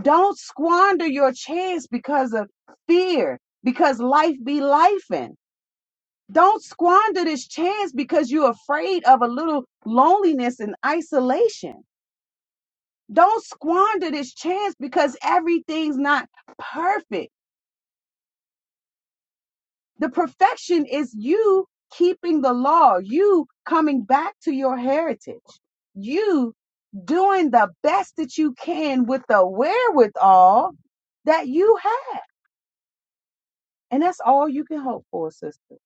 Don't squander your chance because of fear, because life be lifing. Don't squander this chance because you're afraid of a little loneliness and isolation. Don't squander this chance because everything's not perfect The perfection is you keeping the law, you coming back to your heritage, you doing the best that you can with the wherewithal that you have. And that's all you can hope for, sister.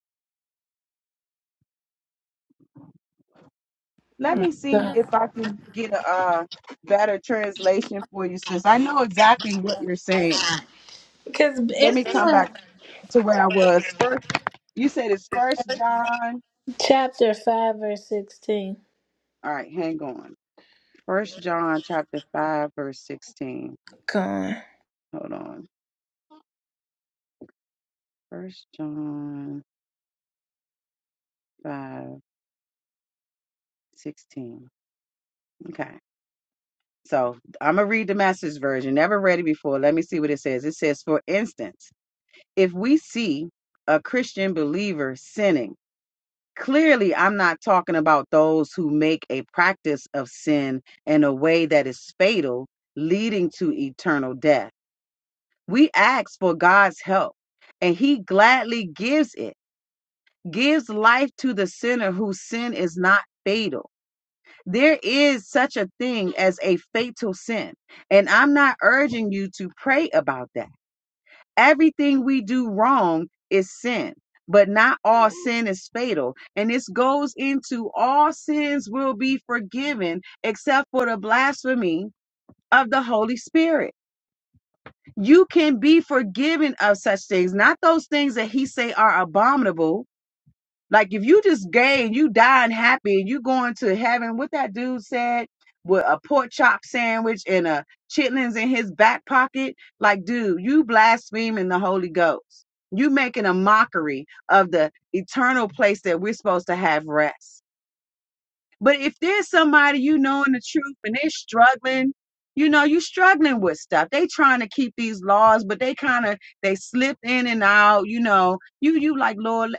Let me see
it.
if I can get a uh, better translation for you, sis. I know exactly what you're saying.
Because
Let
it's
me come
not.
back to where I was. First, you said it's First John.
Chapter 5, verse 16.
All right, hang on. First John chapter five, verse sixteen.
Gone.
Hold on. First John 5 16. Okay. So I'm gonna read the master's version. Never read it before. Let me see what it says. It says, for instance, if we see a Christian believer sinning, clearly I'm not talking about those who make a practice of sin in a way that is fatal, leading to eternal death. We ask for God's help, and He gladly gives it, gives life to the sinner whose sin is not fatal There is such a thing as a fatal sin. And I'm not urging you to pray about that. Everything we do wrong is sin, but not all sin is fatal. And this goes into all sins will be forgiven except for the blasphemy of the Holy Spirit. You can be forgiven of such things, not those things that he say are abominable, like if you just gay and you dying happy and you going to heaven, what that dude said with a pork chop sandwich and a chitlins in his back pocket, like dude, you blaspheming the Holy Ghost. You making a mockery of the eternal place that we're supposed to have rest. But if there's somebody you know in the truth and they're struggling, you know, you struggling with stuff. They trying to keep these laws, but they kind of they slip in and out, you know. You you like, Lord,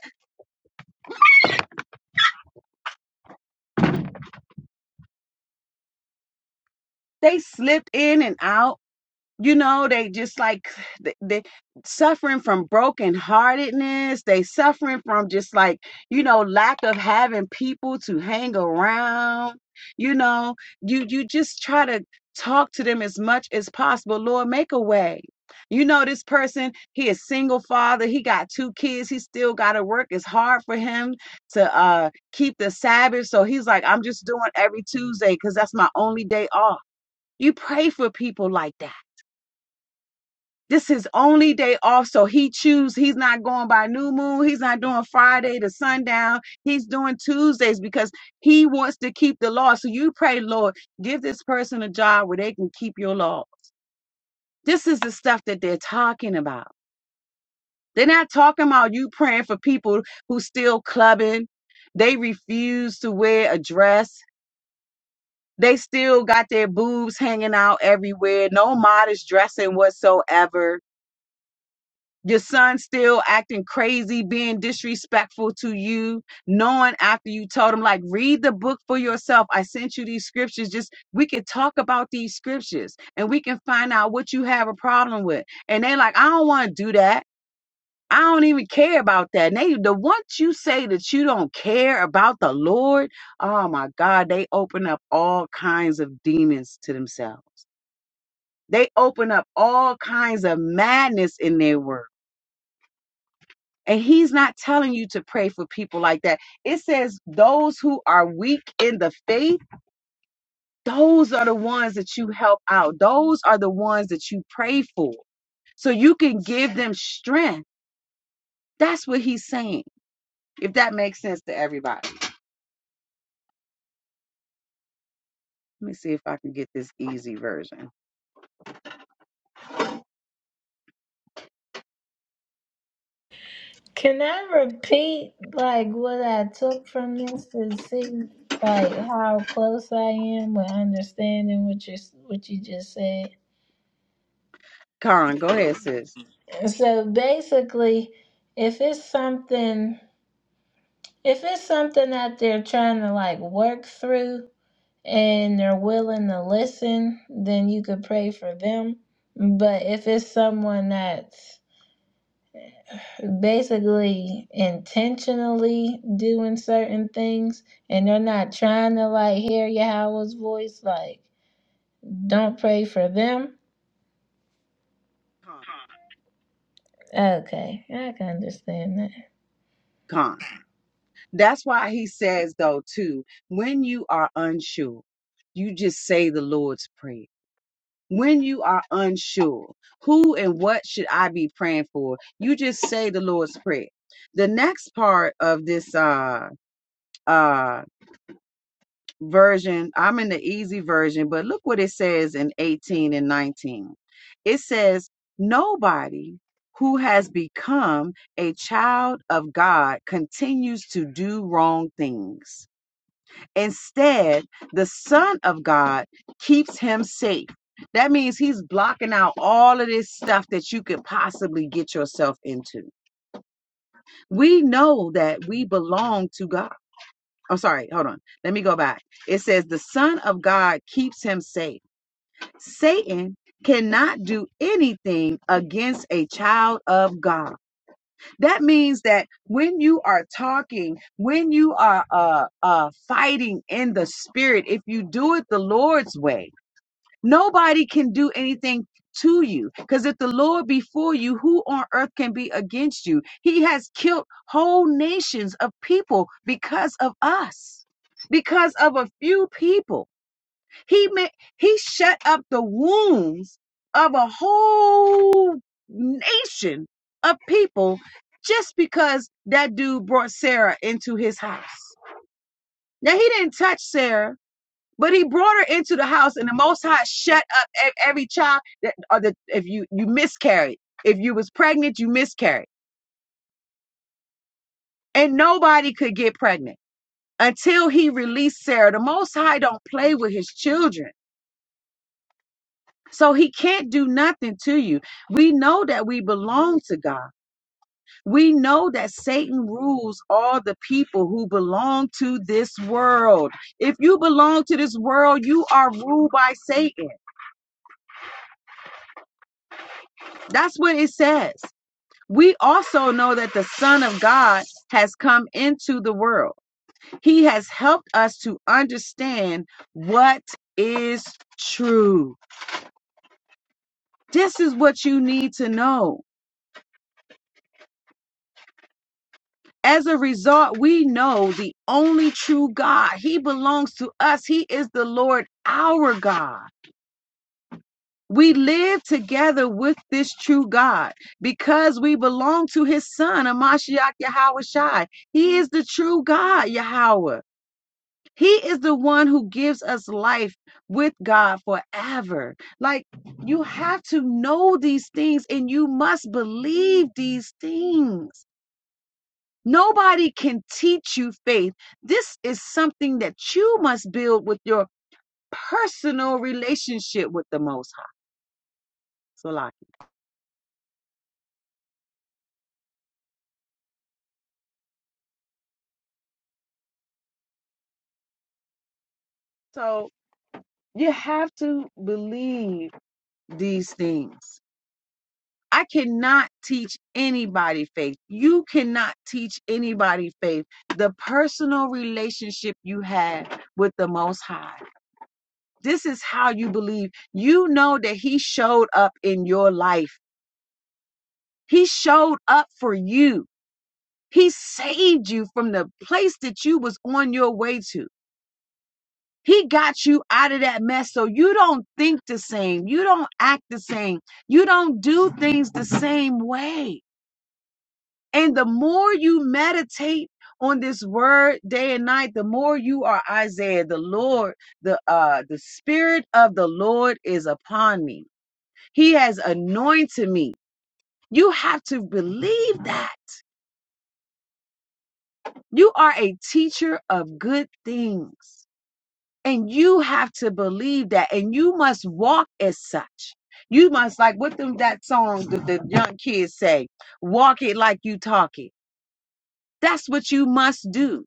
they slipped in and out you know they just like they, they suffering from brokenheartedness they suffering from just like you know lack of having people to hang around you know you you just try to talk to them as much as possible lord make a way you know this person he is single father he got two kids he still got to work it's hard for him to uh keep the sabbath so he's like i'm just doing every tuesday because that's my only day off you pray for people like that this is his only day off, so he choose. He's not going by new moon. He's not doing Friday to sundown. He's doing Tuesdays because he wants to keep the law. So you pray, Lord, give this person a job where they can keep your law. This is the stuff that they're talking about. They're not talking about you praying for people who still clubbing. They refuse to wear a dress. They still got their boobs hanging out everywhere. No modest dressing whatsoever Your son still acting crazy, being disrespectful to you, knowing after you told him, like, read the book for yourself. I sent you these scriptures. Just we can talk about these scriptures and we can find out what you have a problem with. And they like, I don't want to do that. I don't even care about that. And they the once you say that you don't care about the Lord, oh my God, they open up all kinds of demons to themselves. They open up all kinds of madness in their world And he's not telling you to pray for people like that. It says those who are weak in the faith, those are the ones that you help out. Those are the ones that you pray for. So you can give them strength. That's what he's saying. If that makes sense to everybody. Let me see if I can get this easy version.
Can I repeat, like, what I took from this to see, like, how close I am with understanding what you, what you just said?
Con, go ahead, sis.
so basically, if it's something, if it's something that they're trying to, like, work through and they're willing to listen, then you could pray for them. But if it's someone that's basically intentionally doing certain things and they're not trying to like hear Yahweh's voice, like don't pray for them.
Con.
Okay, I can understand that.
Con. That's why he says though too, when you are unsure, you just say the Lord's prayer when you are unsure who and what should i be praying for you just say the lord's prayer the next part of this uh uh version i'm in the easy version but look what it says in 18 and 19 it says nobody who has become a child of god continues to do wrong things Instead, the Son of God keeps him safe. That means he's blocking out all of this stuff that you could possibly get yourself into. We know that we belong to God. I'm sorry, hold on. Let me go back. It says, The Son of God keeps him safe. Satan cannot do anything against a child of God. That means that when you are talking, when you are uh, uh, fighting in the spirit, if you do it the Lord's way, nobody can do anything to you. Because if the Lord be for you, who on earth can be against you? He has killed whole nations of people because of us, because of a few people. He made he shut up the wombs of a whole nation of people just because that dude brought Sarah into his house. Now he didn't touch Sarah, but he brought her into the house, and the Most High shut up ev- every child that or the if you you miscarried, if you was pregnant, you miscarried, and nobody could get pregnant until he released Sarah. The Most High don't play with his children. So he can't do nothing to you. We know that we belong to God. We know that Satan rules all the people who belong to this world. If you belong to this world, you are ruled by Satan. That's what it says. We also know that the Son of God has come into the world. He has helped us to understand what is true. This is what you need to know. As a result, we know the only true God. He belongs to us. He is the Lord our God. We live together with this true God because we belong to his son, Amashiach Yahweh Shai. He is the true God, Yahweh. He is the one who gives us life with God forever. Like you have to know these things and you must believe these things. Nobody can teach you faith. This is something that you must build with your personal relationship with the Most High. So you have to believe these things. I cannot teach anybody faith. You cannot teach anybody faith. The personal relationship you had with the Most High. This is how you believe. You know that He showed up in your life, He showed up for you. He saved you from the place that you was on your way to. He got you out of that mess so you don't think the same. You don't act the same. You don't do things the same way. And the more you meditate on this word day and night, the more you are Isaiah, the Lord, the uh the spirit of the Lord is upon me. He has anointed me. You have to believe that. You are a teacher of good things. And you have to believe that. And you must walk as such. You must, like what them that song that the young kids say, walk it like you talk it. That's what you must do.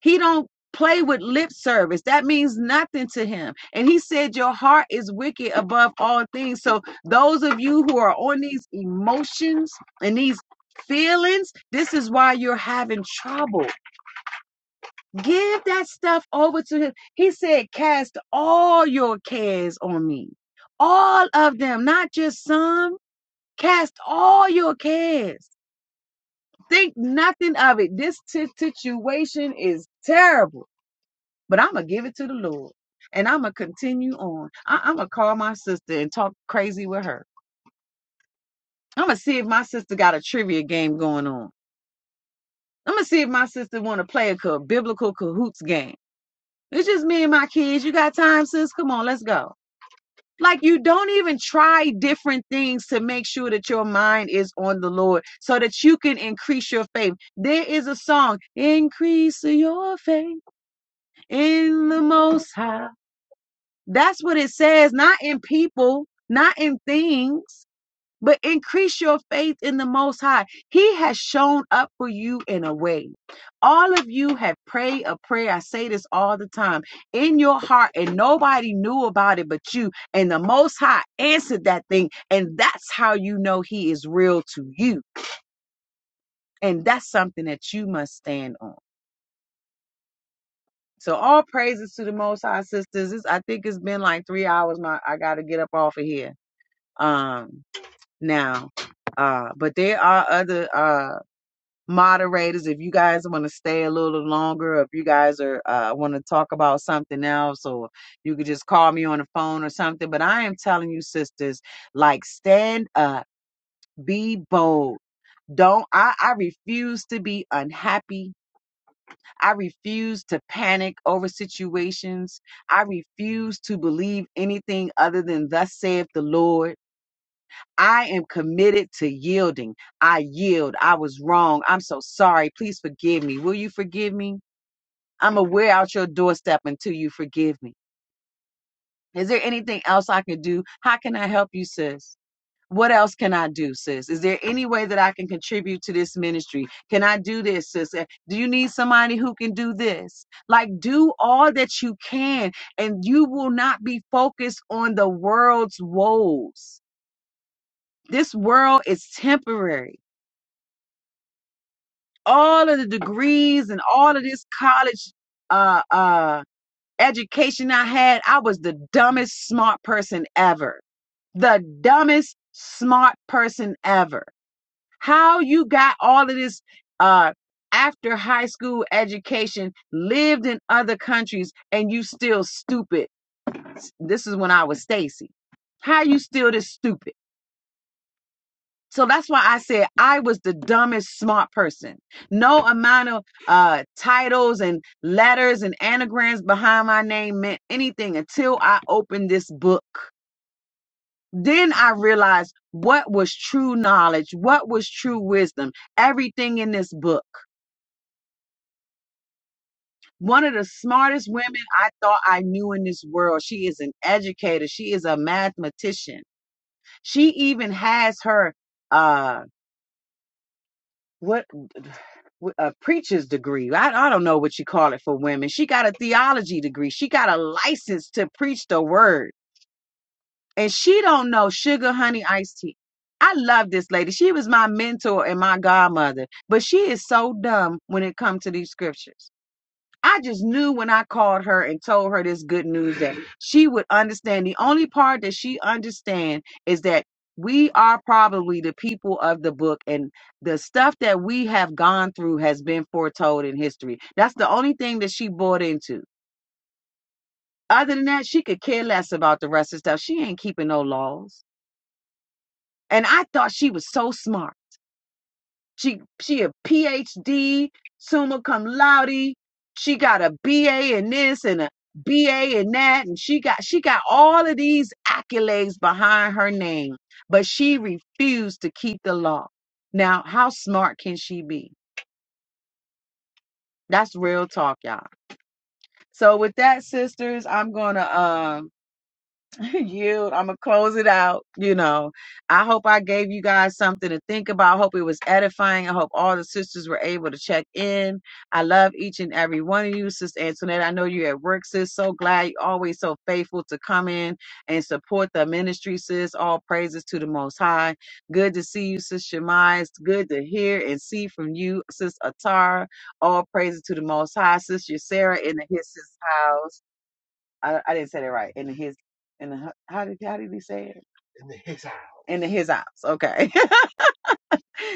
He don't play with lip service. That means nothing to him. And he said your heart is wicked above all things. So those of you who are on these emotions and these feelings, this is why you're having trouble Give that stuff over to him. He said, Cast all your cares on me. All of them, not just some. Cast all your cares. Think nothing of it. This t- situation is terrible, but I'm going to give it to the Lord. And I'm going to continue on. I- I'm going to call my sister and talk crazy with her. I'm going to see if my sister got a trivia game going on. I'm going to see if my sister want to play a co- biblical cahoots game. It's just me and my kids. You got time, sis? Come on, let's go. Like you don't even try different things to make sure that your mind is on the Lord so that you can increase your faith. There is a song, increase your faith in the most high. That's what it says, not in people, not in things but increase your faith in the Most High. He has shown up for you in a way. All of you have prayed a prayer. I say this all the time in your heart, and nobody knew about it but you. And the Most High answered that thing. And that's how you know He is real to you. And that's something that you must stand on. So all praises to the Most High, sisters. It's, I think it's been like three hours. My I gotta get up off of here. Um, now, uh, but there are other uh moderators if you guys want to stay a little longer if you guys are uh, want to talk about something else or you could just call me on the phone or something but i am telling you sisters like stand up be bold don't I, I refuse to be unhappy i refuse to panic over situations i refuse to believe anything other than thus saith the lord I am committed to yielding. I yield. I was wrong. I'm so sorry. Please forgive me. Will you forgive me? I'm going to wear out your doorstep until you forgive me. Is there anything else I can do? How can I help you, sis? What else can I do, sis? Is there any way that I can contribute to this ministry? Can I do this, sis? Uh, Do you need somebody who can do this? Like, do all that you can, and you will not be focused on the world's woes. This world is temporary all of the degrees and all of this college uh, uh, education I had, I was the dumbest smart person ever. The dumbest smart person ever. How you got all of this uh, after high school education, lived in other countries, and you still stupid. This is when I was Stacy. How you still this stupid? So that's why I said I was the dumbest smart person. No amount of uh, titles and letters and anagrams behind my name meant anything until I opened this book. Then I realized what was true knowledge, what was true wisdom, everything in this book. One of the smartest women I thought I knew in this world. She is an educator. She is a mathematician. She even has her uh what a preacher's degree. I, I don't know what you call it for women. She got a theology degree. She got a license to preach the word. And she don't know sugar, honey, iced tea. I love this lady. She was my mentor and my godmother, but she is so dumb when it comes to these scriptures. I just knew when I called her and told her this good news that she would understand. The only part that she understand is that we are probably the people of the book and the stuff that we have gone through has been foretold in history. That's the only thing that she bought into. Other than that, she could care less about the rest of stuff. She ain't keeping no laws. And I thought she was so smart. She she a PhD, summa cum laude. She got a BA in this and a BA in that, and she got she got all of these accolades behind her name, but she refused to keep the law. Now, how smart can she be? That's real talk, y'all. So with that, sisters, I'm gonna um you i'm gonna close it out you know i hope i gave you guys something to think about i hope it was edifying i hope all the sisters were able to check in i love each and every one of you sister antoinette i know you're at work sis so glad you always so faithful to come in and support the ministry sis all praises to the most high good to see you sis shemai it's good to hear and see from you sis atara all praises to the most high Sister Sarah in the his Sis house I, I didn't say that right. In his in the, how did how did he say it? in the his house. In the, his house. Okay.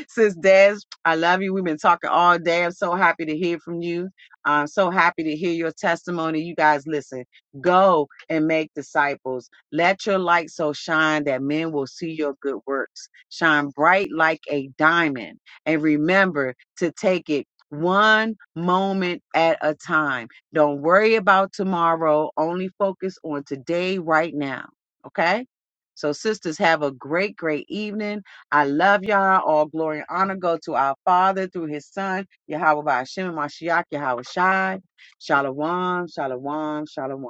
Sis Des, I love you. We've been talking all day. I'm so happy to hear from you. I'm so happy to hear your testimony. You guys, listen, go and make disciples. Let your light so shine that men will see your good works. Shine bright like a diamond. And remember to take it one moment at a time. Don't worry about tomorrow. Only focus on today, right now. Okay? So, sisters, have a great, great evening. I love y'all. All glory and honor go to our Father through His Son, Yahweh by Hashem, and Mashiach, Yahweh Shai. Shalom, shalom, shalom.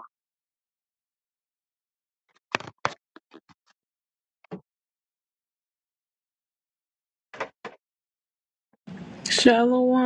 Shalom.